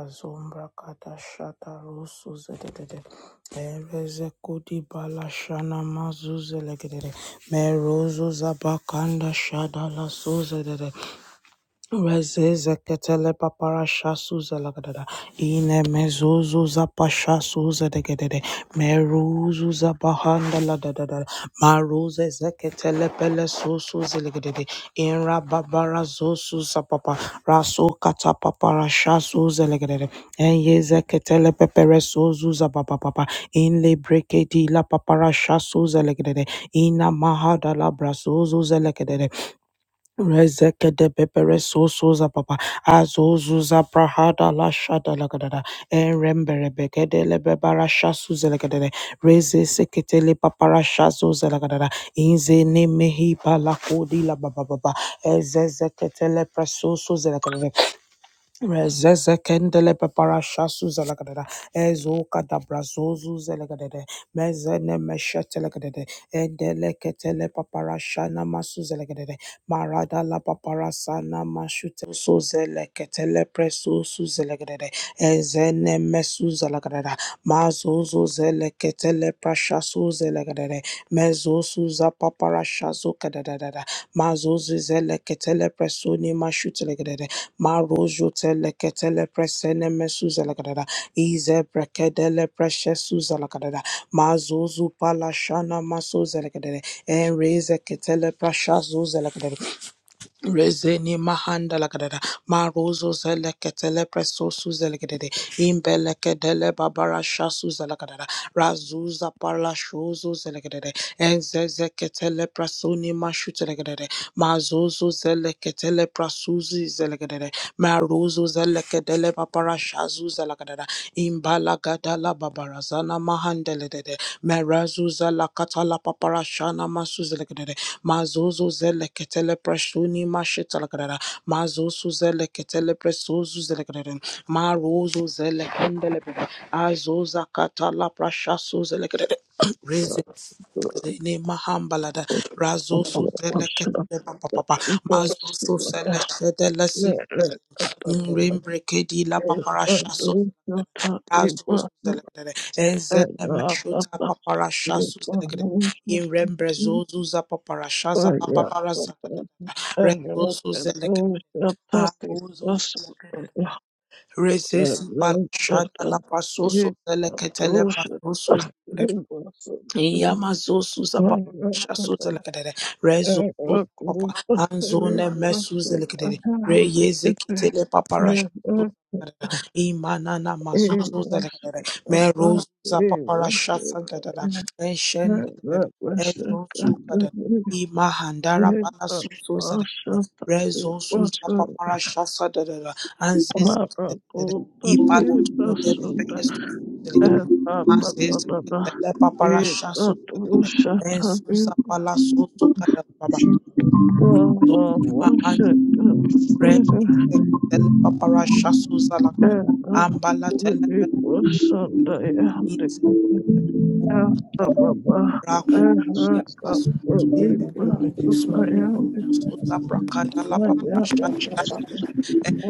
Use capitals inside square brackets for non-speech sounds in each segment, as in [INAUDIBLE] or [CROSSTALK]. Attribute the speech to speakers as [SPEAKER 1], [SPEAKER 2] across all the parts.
[SPEAKER 1] Azombra kata shata rusu zedede. Ereze kudi bala shana mazu zelegede. Meruzu zabakanda shada la su zedede. Razeze ketele papara shasuza lagadada. Ine mezuzu za pasha suza degedede. Meruzu za bahanda ladadada. Maruze zeketele pele susu zilegedede. Inra babara zosu za papa. Rasu kata papara shasuza legedede. Enye zeketele pepere suzu za papa papa. Inle breke di la papara shasuza legedede. Ina mahada la brasuzu Rezeke Rezekede bebere sosoza papa azozuza prahada la shada la lagadada erembere begede lebebara shasu zelegadede reze sekete le papara shazo zelegadada inze ne nemehi palakodi la baba baba ezezekete le presoso Rezeze kendele pepara shasu zelagadada. Ezo kada brazozu zelagadada. Mezene meshete legadada. Endele ketele papara shana masu zelagadada. Marada la papara sana mashute. So zele ketele preso su zelagadada. Ezene mesu zelagadada. Mazozo zele ketele prasha su zelagadada. Mezo su za papara shazo kadadada. Mazozo zele ketele preso ni mashute legadada. Marojo teleketele presene mesuza lakadada. Ize brekedele preshesuza lakadada. Mazozu palashana masoza lakadada. Enreze ketele prashazuza lakadada. Rezeni mahanda lagadada marozo zeleketele presosu zelegadede imbelekedele babara shasu zelegadada razuza parla shozo zelegadede enzezeketele prasoni mashu zelegadede mazozo zeleketele prasuzi zelegadede marozo zelekedele babara shazu zelegadada imbalagadala babarazana mahandeledede merazu zelekatala papara shana masu zelegadede Mazozo zele ketele preshuni mashitalagadara. Mazozo zele ketele presozu zelegadara. Marozo zele kendele. Azoza katala prashasu zelegadara.
[SPEAKER 2] Bullshit.
[SPEAKER 1] [CLEARS THROAT] Zene mahambalada razo su selekete papa papa
[SPEAKER 2] [LAUGHS] It was,
[SPEAKER 1] mazo su selekete lesi rimbrekedi la paparasha su razo su selekete enzene meshuta paparasha su selekete in rembrezo zu za paparasha za la paparaza rezo selekete abuzo selekete Resesi palashada la pasoso selekete le pasoso Yamazo Susa Papa
[SPEAKER 2] uh,
[SPEAKER 1] Shasuza Lakadere Rezo
[SPEAKER 2] Well,
[SPEAKER 1] Susa Papa
[SPEAKER 2] I
[SPEAKER 1] Anzone Mesuza Lakadere Reyeze Kitele Papa Rasha Imanana Mazuzo Lakadere Meroza Papa Rasha Sankadada Eshend Bebe Ezo Sukada Imahandara Bala Suso Zalakadere Rezo Susa Papa Rasha Sadadada Anziz Ipada Tulo Dele Peyesu Mas eza ketele paparasha sotelele. Ensusa pala soto kadala baba. Rezoni
[SPEAKER 2] was
[SPEAKER 1] mahandi. Re
[SPEAKER 2] it.
[SPEAKER 1] eze ketele paparasha suza la kadala.
[SPEAKER 2] era
[SPEAKER 1] Ambala tele pele.
[SPEAKER 2] kulikusanda yandikitaba era
[SPEAKER 1] kutila baba.
[SPEAKER 2] kakulikusanda yandikitaba
[SPEAKER 1] Rako
[SPEAKER 3] worship
[SPEAKER 2] era
[SPEAKER 3] you,
[SPEAKER 1] tia sasu.
[SPEAKER 3] give you
[SPEAKER 2] kakulikusanda
[SPEAKER 3] glory this morning, in
[SPEAKER 1] Rembo
[SPEAKER 3] the
[SPEAKER 2] yandikitaba
[SPEAKER 1] suza
[SPEAKER 3] mighty name of
[SPEAKER 1] prakadala
[SPEAKER 2] Maya
[SPEAKER 1] paparasha
[SPEAKER 2] tata era I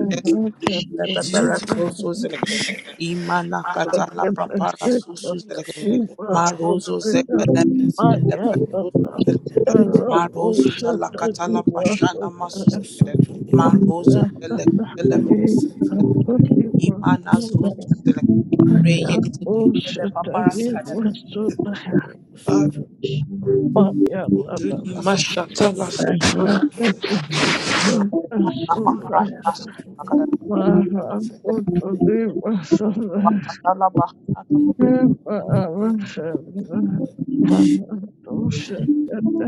[SPEAKER 1] Lebebere
[SPEAKER 3] Jesus.
[SPEAKER 1] soso zelegede. Imana katala papara soso zelegede. Marozo
[SPEAKER 3] Let me
[SPEAKER 1] zekede.
[SPEAKER 3] bless you and
[SPEAKER 1] Lebe
[SPEAKER 3] give you
[SPEAKER 1] soso
[SPEAKER 3] glory in the
[SPEAKER 1] zelegede.
[SPEAKER 3] mighty name of
[SPEAKER 1] Marozo
[SPEAKER 3] Jesus.
[SPEAKER 1] zala katala pashana masu
[SPEAKER 3] Lord,
[SPEAKER 2] liwasanda
[SPEAKER 3] we so
[SPEAKER 1] zelegede.
[SPEAKER 3] to thee, Abba.
[SPEAKER 2] Maya
[SPEAKER 1] Marozo zelegede.
[SPEAKER 2] tata
[SPEAKER 1] Lebe
[SPEAKER 3] Abba, Santa,
[SPEAKER 1] zelegede.
[SPEAKER 3] Abba, Abba,
[SPEAKER 1] Imana
[SPEAKER 2] ikakulikusanda
[SPEAKER 1] zoso zelegede.
[SPEAKER 2] Aya
[SPEAKER 1] Reye
[SPEAKER 3] Ni Baba
[SPEAKER 1] zekele papara
[SPEAKER 2] ushatari
[SPEAKER 3] Santa,
[SPEAKER 1] shadada.
[SPEAKER 3] Abba, Abba,
[SPEAKER 2] wasudaya
[SPEAKER 3] Abba, so to thee.
[SPEAKER 2] paya
[SPEAKER 1] Aduni
[SPEAKER 3] Abba,
[SPEAKER 2] dadadaya
[SPEAKER 3] Santa, Abba,
[SPEAKER 1] mashatala soso
[SPEAKER 3] Abba,
[SPEAKER 1] zelegede.
[SPEAKER 3] so to thee, Abba. Abba, so to thee,
[SPEAKER 2] tetari
[SPEAKER 1] Papara
[SPEAKER 2] wasudaya
[SPEAKER 1] shasa
[SPEAKER 3] Santa,
[SPEAKER 1] zelegede.
[SPEAKER 2] mara
[SPEAKER 3] Abba, Abba,
[SPEAKER 2] utari
[SPEAKER 3] so
[SPEAKER 2] wasudaya
[SPEAKER 1] Papara bahana
[SPEAKER 2] mara
[SPEAKER 3] Should we put the whole of
[SPEAKER 2] vasudaya
[SPEAKER 3] them? Should
[SPEAKER 2] mara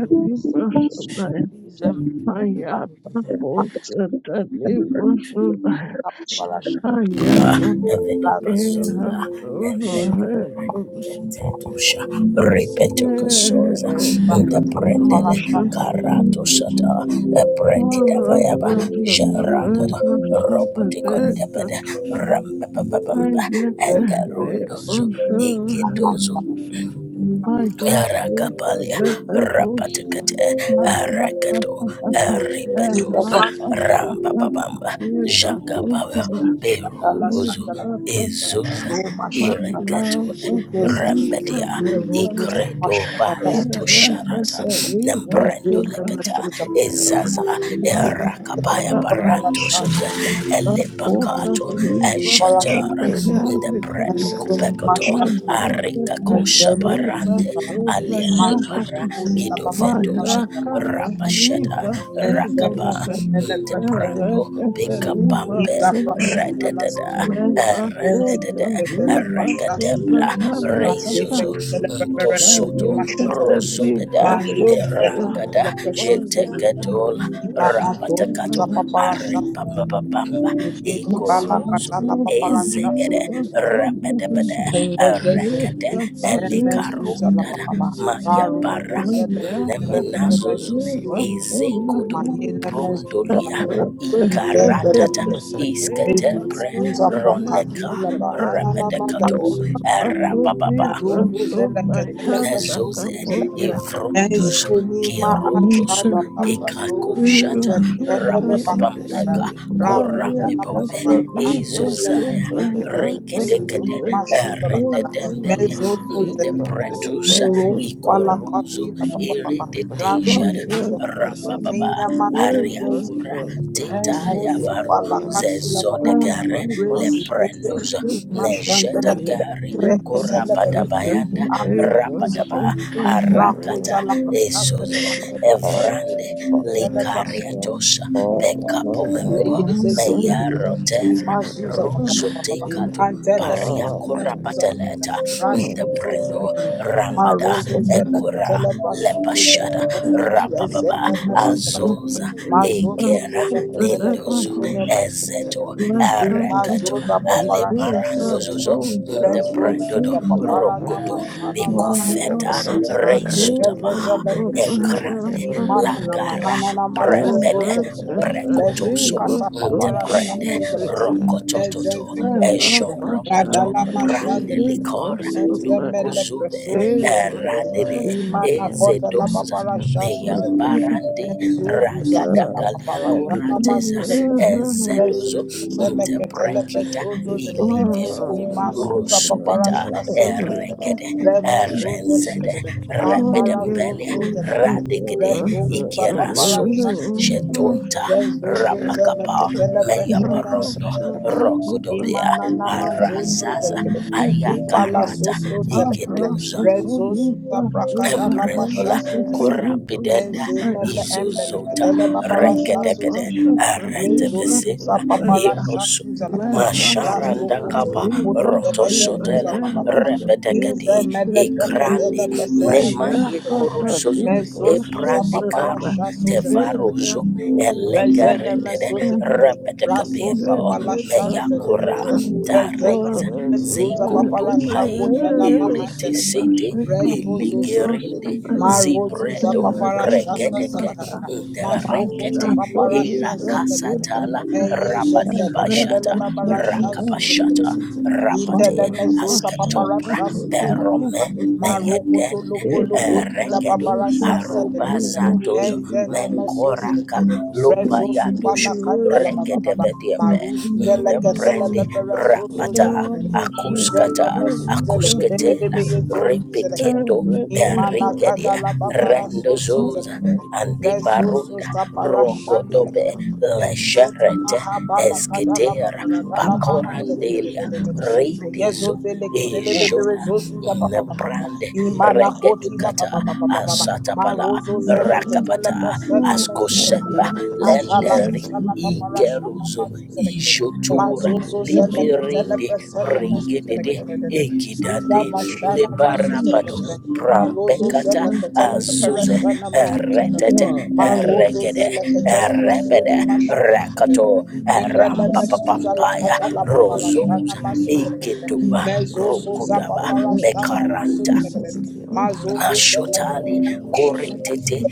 [SPEAKER 3] we worship?
[SPEAKER 2] wasudaya
[SPEAKER 1] mizembe.
[SPEAKER 2] maya takutatari
[SPEAKER 3] Should
[SPEAKER 2] wasudaya
[SPEAKER 3] we
[SPEAKER 1] Papara
[SPEAKER 2] maya
[SPEAKER 3] worship?
[SPEAKER 2] kata
[SPEAKER 1] shasa
[SPEAKER 2] eha
[SPEAKER 4] Elekapasunda,
[SPEAKER 2] tuwa
[SPEAKER 3] Should we
[SPEAKER 4] elekare,
[SPEAKER 2] hetu
[SPEAKER 3] have a
[SPEAKER 4] tetetosha,
[SPEAKER 3] sentiment?
[SPEAKER 4] repetokosoza,
[SPEAKER 1] Thank
[SPEAKER 4] indeprendele, karatoshata, eprekidavayaba,
[SPEAKER 2] Yeah.
[SPEAKER 4] jaradada, ropotikondebede, rambababamba, engerondozo, igidozo, Rakapalia, Rapatakate, Arakato, Ramba Rambabamba, Jacabaya, Beruzu,
[SPEAKER 3] Something
[SPEAKER 4] Izuza, Iretole, Rambedia, Redubato
[SPEAKER 3] Thank
[SPEAKER 4] Sharata, Nambata, ezaza, Erakabaya Barasuza,
[SPEAKER 2] Akota
[SPEAKER 4] Elebacato,
[SPEAKER 2] iba soda
[SPEAKER 4] Ajatara,
[SPEAKER 2] hande
[SPEAKER 4] the bread.
[SPEAKER 1] you.
[SPEAKER 2] kitnebra
[SPEAKER 4] Arika
[SPEAKER 2] kete
[SPEAKER 1] Thank
[SPEAKER 4] kosha
[SPEAKER 1] you.
[SPEAKER 2] iba
[SPEAKER 4] barande
[SPEAKER 2] soda
[SPEAKER 4] aliendo
[SPEAKER 2] yata
[SPEAKER 4] bara gido
[SPEAKER 2] kapaya
[SPEAKER 4] vedoza
[SPEAKER 2] kata
[SPEAKER 4] rabashada
[SPEAKER 2] iba soda lebe
[SPEAKER 4] ba.
[SPEAKER 2] ere
[SPEAKER 4] Prando
[SPEAKER 2] kete
[SPEAKER 4] Pika
[SPEAKER 2] iba
[SPEAKER 4] Pampe
[SPEAKER 2] soda
[SPEAKER 4] Radadada
[SPEAKER 2] lebe kota iba soda
[SPEAKER 4] Radadadabra
[SPEAKER 2] yanda
[SPEAKER 4] Rezo
[SPEAKER 2] kata lebe
[SPEAKER 4] Soto
[SPEAKER 2] kete iba
[SPEAKER 4] Rosopeda
[SPEAKER 2] soda ya
[SPEAKER 4] Berangada
[SPEAKER 2] Oya
[SPEAKER 4] Jetekatol
[SPEAKER 2] kata iba soda
[SPEAKER 4] Takato
[SPEAKER 2] ya
[SPEAKER 4] Ripapapamba
[SPEAKER 1] Regedi bala
[SPEAKER 2] Oya
[SPEAKER 3] you.
[SPEAKER 1] katala papara shasu
[SPEAKER 4] Izegede
[SPEAKER 2] kota iba soda
[SPEAKER 4] Bada,
[SPEAKER 1] Mayena
[SPEAKER 2] Thank
[SPEAKER 4] Gada
[SPEAKER 3] It
[SPEAKER 4] El
[SPEAKER 3] is your grace, O Lord,
[SPEAKER 4] Rundada
[SPEAKER 3] it's a
[SPEAKER 4] Maya
[SPEAKER 3] time, O
[SPEAKER 4] Para
[SPEAKER 3] Lord.
[SPEAKER 4] Nemenazozo Ezekodo Dolia Ikarata Iskatepre kato erababa
[SPEAKER 1] Meruzu zeleke telepe shofu
[SPEAKER 4] zoze
[SPEAKER 1] zelekere.
[SPEAKER 4] evrundus
[SPEAKER 1] Ezenima ashada la
[SPEAKER 4] ikako
[SPEAKER 1] brazozu
[SPEAKER 3] Follow
[SPEAKER 4] shata
[SPEAKER 3] me.
[SPEAKER 1] zelehedele
[SPEAKER 3] We say,
[SPEAKER 1] bakadadada.
[SPEAKER 3] Blessed
[SPEAKER 4] rampeka
[SPEAKER 3] be holy name in
[SPEAKER 4] korabombe
[SPEAKER 1] Rakuda
[SPEAKER 3] the
[SPEAKER 1] la
[SPEAKER 3] mighty
[SPEAKER 1] bababa.
[SPEAKER 3] name of Jesus.
[SPEAKER 1] Atole
[SPEAKER 4] ezozaya
[SPEAKER 3] Be back
[SPEAKER 1] fesedele.
[SPEAKER 3] at the sons
[SPEAKER 4] rekedeke
[SPEAKER 3] of
[SPEAKER 1] Reyeni
[SPEAKER 3] the
[SPEAKER 1] mashuta la dada.
[SPEAKER 4] erdedembe
[SPEAKER 3] living.
[SPEAKER 1] Mezozu
[SPEAKER 3] Thank you.
[SPEAKER 1] zelekere.
[SPEAKER 4] pretusa
[SPEAKER 1] Merosu
[SPEAKER 4] ikuzu
[SPEAKER 2] you.
[SPEAKER 1] pala kati la
[SPEAKER 4] iri
[SPEAKER 1] bababa.
[SPEAKER 4] dedeshada
[SPEAKER 2] Thank
[SPEAKER 1] Razozu
[SPEAKER 2] you.
[SPEAKER 1] zelekere.
[SPEAKER 4] rambababa
[SPEAKER 1] Enyama zozo
[SPEAKER 4] ariakura
[SPEAKER 1] zelekere. Eso
[SPEAKER 4] tetaya
[SPEAKER 1] sopa
[SPEAKER 4] varu
[SPEAKER 1] la kakila papa papa.
[SPEAKER 4] zezodegare
[SPEAKER 1] Raise it,
[SPEAKER 4] leprenduza nejari
[SPEAKER 1] mashan delegate. Rekete delegate.
[SPEAKER 4] tabayanda
[SPEAKER 1] [CLEARS THROAT] Anzo papa papa.
[SPEAKER 4] rabadaba
[SPEAKER 1] Rakoza la prasha
[SPEAKER 4] Esozo Evrande likaria Likariatosha Pekapo
[SPEAKER 1] Yes, yes, yes, look at it. In
[SPEAKER 4] Memoriarotera
[SPEAKER 1] Mazuza, pa pa pa pa pa.
[SPEAKER 4] Zotekatu
[SPEAKER 1] Antele sene mesuza la kanada.
[SPEAKER 4] Korapateleta
[SPEAKER 1] Rasho so
[SPEAKER 4] Ndeprendo
[SPEAKER 1] zele kanada. Ma
[SPEAKER 4] Ramba
[SPEAKER 1] rozo zele ketele pa so so zele
[SPEAKER 4] Lepashada
[SPEAKER 1] kanada.
[SPEAKER 4] Rapa
[SPEAKER 1] Yes, sene
[SPEAKER 3] Nibaga
[SPEAKER 1] mesuza la kanada.
[SPEAKER 4] Azoza
[SPEAKER 1] Ma so so
[SPEAKER 4] Egera
[SPEAKER 1] zele ketele pa
[SPEAKER 4] Nindozu
[SPEAKER 1] so ne mesuza la
[SPEAKER 4] Ezeto
[SPEAKER 1] kanada. In Mazuza pa pa rasha so zele
[SPEAKER 4] Arabarandozozo
[SPEAKER 1] kanada. Rezo
[SPEAKER 4] Ndeprendodo
[SPEAKER 1] suza papara nama
[SPEAKER 4] Godo
[SPEAKER 1] shana mahandele
[SPEAKER 2] Well,
[SPEAKER 4] Feta
[SPEAKER 1] de de de.
[SPEAKER 4] Reisut
[SPEAKER 1] Reze zebeke te de de de.
[SPEAKER 4] Enkrande
[SPEAKER 1] Imana nama
[SPEAKER 4] Agara
[SPEAKER 1] hana nama zozo
[SPEAKER 4] Prebede
[SPEAKER 1] de de de de. Rezu
[SPEAKER 4] Precotoso
[SPEAKER 1] kata papara shaso
[SPEAKER 4] Brande
[SPEAKER 1] de de
[SPEAKER 3] Jesus,
[SPEAKER 1] de
[SPEAKER 3] we
[SPEAKER 1] de.
[SPEAKER 3] back up
[SPEAKER 4] Rocototo
[SPEAKER 1] Eze
[SPEAKER 3] Santana
[SPEAKER 1] zeke te de de de.
[SPEAKER 4] Eshoro
[SPEAKER 1] Radala
[SPEAKER 3] Thank
[SPEAKER 4] Brande
[SPEAKER 3] you.
[SPEAKER 1] mashandele de de
[SPEAKER 4] Licor
[SPEAKER 1] de. Eze
[SPEAKER 4] Lu
[SPEAKER 1] mele preso so de de de de.
[SPEAKER 4] Eradede
[SPEAKER 1] Imana
[SPEAKER 4] Ez
[SPEAKER 1] kota la papara shaso
[SPEAKER 4] Yambarande
[SPEAKER 1] Enzo, Enzuzuza
[SPEAKER 4] Ragadagaliacoraza
[SPEAKER 1] kadababara jana masuza legedele.
[SPEAKER 4] Ezedozo
[SPEAKER 1] Resutu
[SPEAKER 4] Nda
[SPEAKER 1] seleketele pesuzu zelegedele.
[SPEAKER 4] Ilivero
[SPEAKER 1] Nima suza
[SPEAKER 4] Rusa
[SPEAKER 1] papara shasu zelegedele.
[SPEAKER 4] Eregede
[SPEAKER 1] Leme suze
[SPEAKER 4] Erenzede
[SPEAKER 1] legedele.
[SPEAKER 4] Rebedalia
[SPEAKER 1] Ambara zuzu zelegedele.
[SPEAKER 4] Radegede
[SPEAKER 1] Resuku
[SPEAKER 4] Ikioza
[SPEAKER 1] sa papara shasi zelegedele.
[SPEAKER 4] Shetonta
[SPEAKER 1] Rezuzu
[SPEAKER 4] Rapakapa
[SPEAKER 1] zeleketele
[SPEAKER 2] Thank
[SPEAKER 1] preshana masu
[SPEAKER 4] Rondo,
[SPEAKER 1] zelegedele.
[SPEAKER 2] you.
[SPEAKER 4] Rogodobia,
[SPEAKER 1] Imana nama zuzu
[SPEAKER 4] Arazaza,
[SPEAKER 1] zelegedele.
[SPEAKER 3] They
[SPEAKER 4] Ayaka,
[SPEAKER 3] were
[SPEAKER 1] Ipala
[SPEAKER 3] the
[SPEAKER 1] suzu
[SPEAKER 3] Santa,
[SPEAKER 1] zelegedele.
[SPEAKER 3] the
[SPEAKER 4] Edoza,
[SPEAKER 3] Santa,
[SPEAKER 1] Rezuzu za
[SPEAKER 3] Jesus.
[SPEAKER 1] prakada lapa
[SPEAKER 4] Dola,
[SPEAKER 1] shasu zelegedele.
[SPEAKER 4] Korapidenda,
[SPEAKER 1] Ezemele
[SPEAKER 4] Dota,
[SPEAKER 1] embelekadele babara shasu
[SPEAKER 4] Rekedegede,
[SPEAKER 1] zelekadele. Rezo
[SPEAKER 4] Aretebese,
[SPEAKER 1] susa papara shasu
[SPEAKER 4] Osu,
[SPEAKER 1] zelekadele. Raso
[SPEAKER 4] Masharanda
[SPEAKER 1] koto
[SPEAKER 4] Kapa,
[SPEAKER 1] lupolo debeye zuza
[SPEAKER 4] Rototela,
[SPEAKER 1] babababa.
[SPEAKER 4] Repeteke,
[SPEAKER 1] Ize mele brekedele presene mesu
[SPEAKER 4] Nemaye
[SPEAKER 1] zelekadele.
[SPEAKER 4] Korosozo,
[SPEAKER 1] Meso suza
[SPEAKER 4] Brand.
[SPEAKER 1] papara shasu zelekadele.
[SPEAKER 4] Tevarozo,
[SPEAKER 1] Rezende mesuza
[SPEAKER 4] Elegaretede, Repete,
[SPEAKER 2] We
[SPEAKER 1] rasusa
[SPEAKER 2] worship
[SPEAKER 1] palashanza de de de
[SPEAKER 4] Meyakura,
[SPEAKER 1] de rezende
[SPEAKER 4] Taiza, Z
[SPEAKER 1] mesuza papara shako
[SPEAKER 4] Upai
[SPEAKER 1] de la
[SPEAKER 4] irite
[SPEAKER 1] mahandele
[SPEAKER 4] sete
[SPEAKER 1] reyozo zele
[SPEAKER 4] iligerinde
[SPEAKER 1] marozu za papara
[SPEAKER 4] zbrek
[SPEAKER 1] shasa salakadada
[SPEAKER 4] interekete
[SPEAKER 1] masoko ta papara shaza tele
[SPEAKER 4] irakasatala
[SPEAKER 1] enye
[SPEAKER 3] Thank
[SPEAKER 1] zezele
[SPEAKER 4] rabadiabasha
[SPEAKER 1] kedele babara shazu
[SPEAKER 4] rakabashata
[SPEAKER 1] zele
[SPEAKER 4] raba
[SPEAKER 1] Indele mezoza
[SPEAKER 4] azra
[SPEAKER 1] paparasha suza
[SPEAKER 4] derome
[SPEAKER 1] papapa. Maroko to
[SPEAKER 4] meyeden
[SPEAKER 1] loko loko
[SPEAKER 4] rek
[SPEAKER 1] dila paparasa sedelegere.
[SPEAKER 4] arubazatozo
[SPEAKER 2] you,
[SPEAKER 1] Enzene mesoze
[SPEAKER 2] Jesus.
[SPEAKER 4] koraka
[SPEAKER 1] legere. Rezo
[SPEAKER 2] We give
[SPEAKER 1] supa
[SPEAKER 4] lopayado
[SPEAKER 1] la kanda la
[SPEAKER 4] rek
[SPEAKER 2] you
[SPEAKER 1] bababa.
[SPEAKER 4] debediembe
[SPEAKER 1] Maruvu zeleke
[SPEAKER 2] all
[SPEAKER 1] ketele
[SPEAKER 2] the
[SPEAKER 1] pepere so so
[SPEAKER 2] Thank
[SPEAKER 4] rapata
[SPEAKER 1] zelegere.
[SPEAKER 4] akoskata
[SPEAKER 1] Izene mesuze legere
[SPEAKER 4] akoskete
[SPEAKER 1] lebebe yezo suze
[SPEAKER 4] repeketo
[SPEAKER 1] legere.
[SPEAKER 4] der
[SPEAKER 1] Imana kada la babara so so
[SPEAKER 4] Rendozoza
[SPEAKER 1] zelegere. Rezo so
[SPEAKER 4] Andibarunda
[SPEAKER 1] saparasha delegere.
[SPEAKER 4] Rogodobe
[SPEAKER 1] Ezoni
[SPEAKER 4] Lesherete
[SPEAKER 1] mahabala
[SPEAKER 4] Skira
[SPEAKER 1] kadala babara
[SPEAKER 3] you.
[SPEAKER 1] dala mahandele
[SPEAKER 3] Thank you.
[SPEAKER 4] Bacorandelia
[SPEAKER 1] kededededede.
[SPEAKER 4] Redi
[SPEAKER 1] Meyezo zele
[SPEAKER 4] E
[SPEAKER 1] ketele bedere zozu za pa pa pa pa pa.
[SPEAKER 4] Brande
[SPEAKER 1] Imana koti la ba ba ba ba ba ba ba.
[SPEAKER 4] Asatapasko
[SPEAKER 1] Marozo zele ketele persene mesu zele
[SPEAKER 4] Seba
[SPEAKER 1] kedede. Atala
[SPEAKER 4] Lenderi
[SPEAKER 1] katala papara shana
[SPEAKER 4] Geruzo
[SPEAKER 1] masu zele kedede.
[SPEAKER 4] Ishotu
[SPEAKER 1] Mazozo zele
[SPEAKER 4] biri,
[SPEAKER 1] ketele persene mesu zele
[SPEAKER 4] Ringedede
[SPEAKER 1] kededededede.
[SPEAKER 4] Egida
[SPEAKER 1] Iza mashana masu zele
[SPEAKER 4] Barabado
[SPEAKER 1] kedede. Ma rozo
[SPEAKER 4] Prampekataze
[SPEAKER 1] zela katela paparasha na mashutra.
[SPEAKER 4] Retete
[SPEAKER 1] Ma rozo
[SPEAKER 4] Gede
[SPEAKER 1] zela katela
[SPEAKER 3] Thank
[SPEAKER 1] pasuni
[SPEAKER 3] you.
[SPEAKER 4] Rebede
[SPEAKER 1] mashutra.
[SPEAKER 4] Rakato
[SPEAKER 1] Indele mesuza la
[SPEAKER 4] Rampapapampaya
[SPEAKER 1] katala paparasha na
[SPEAKER 4] Rosos
[SPEAKER 1] masutra.
[SPEAKER 4] Iketuba
[SPEAKER 1] Mezo soza paparasha na
[SPEAKER 4] Bekaranta
[SPEAKER 1] masutra. Mazozo zela.
[SPEAKER 4] Ashotali Koritete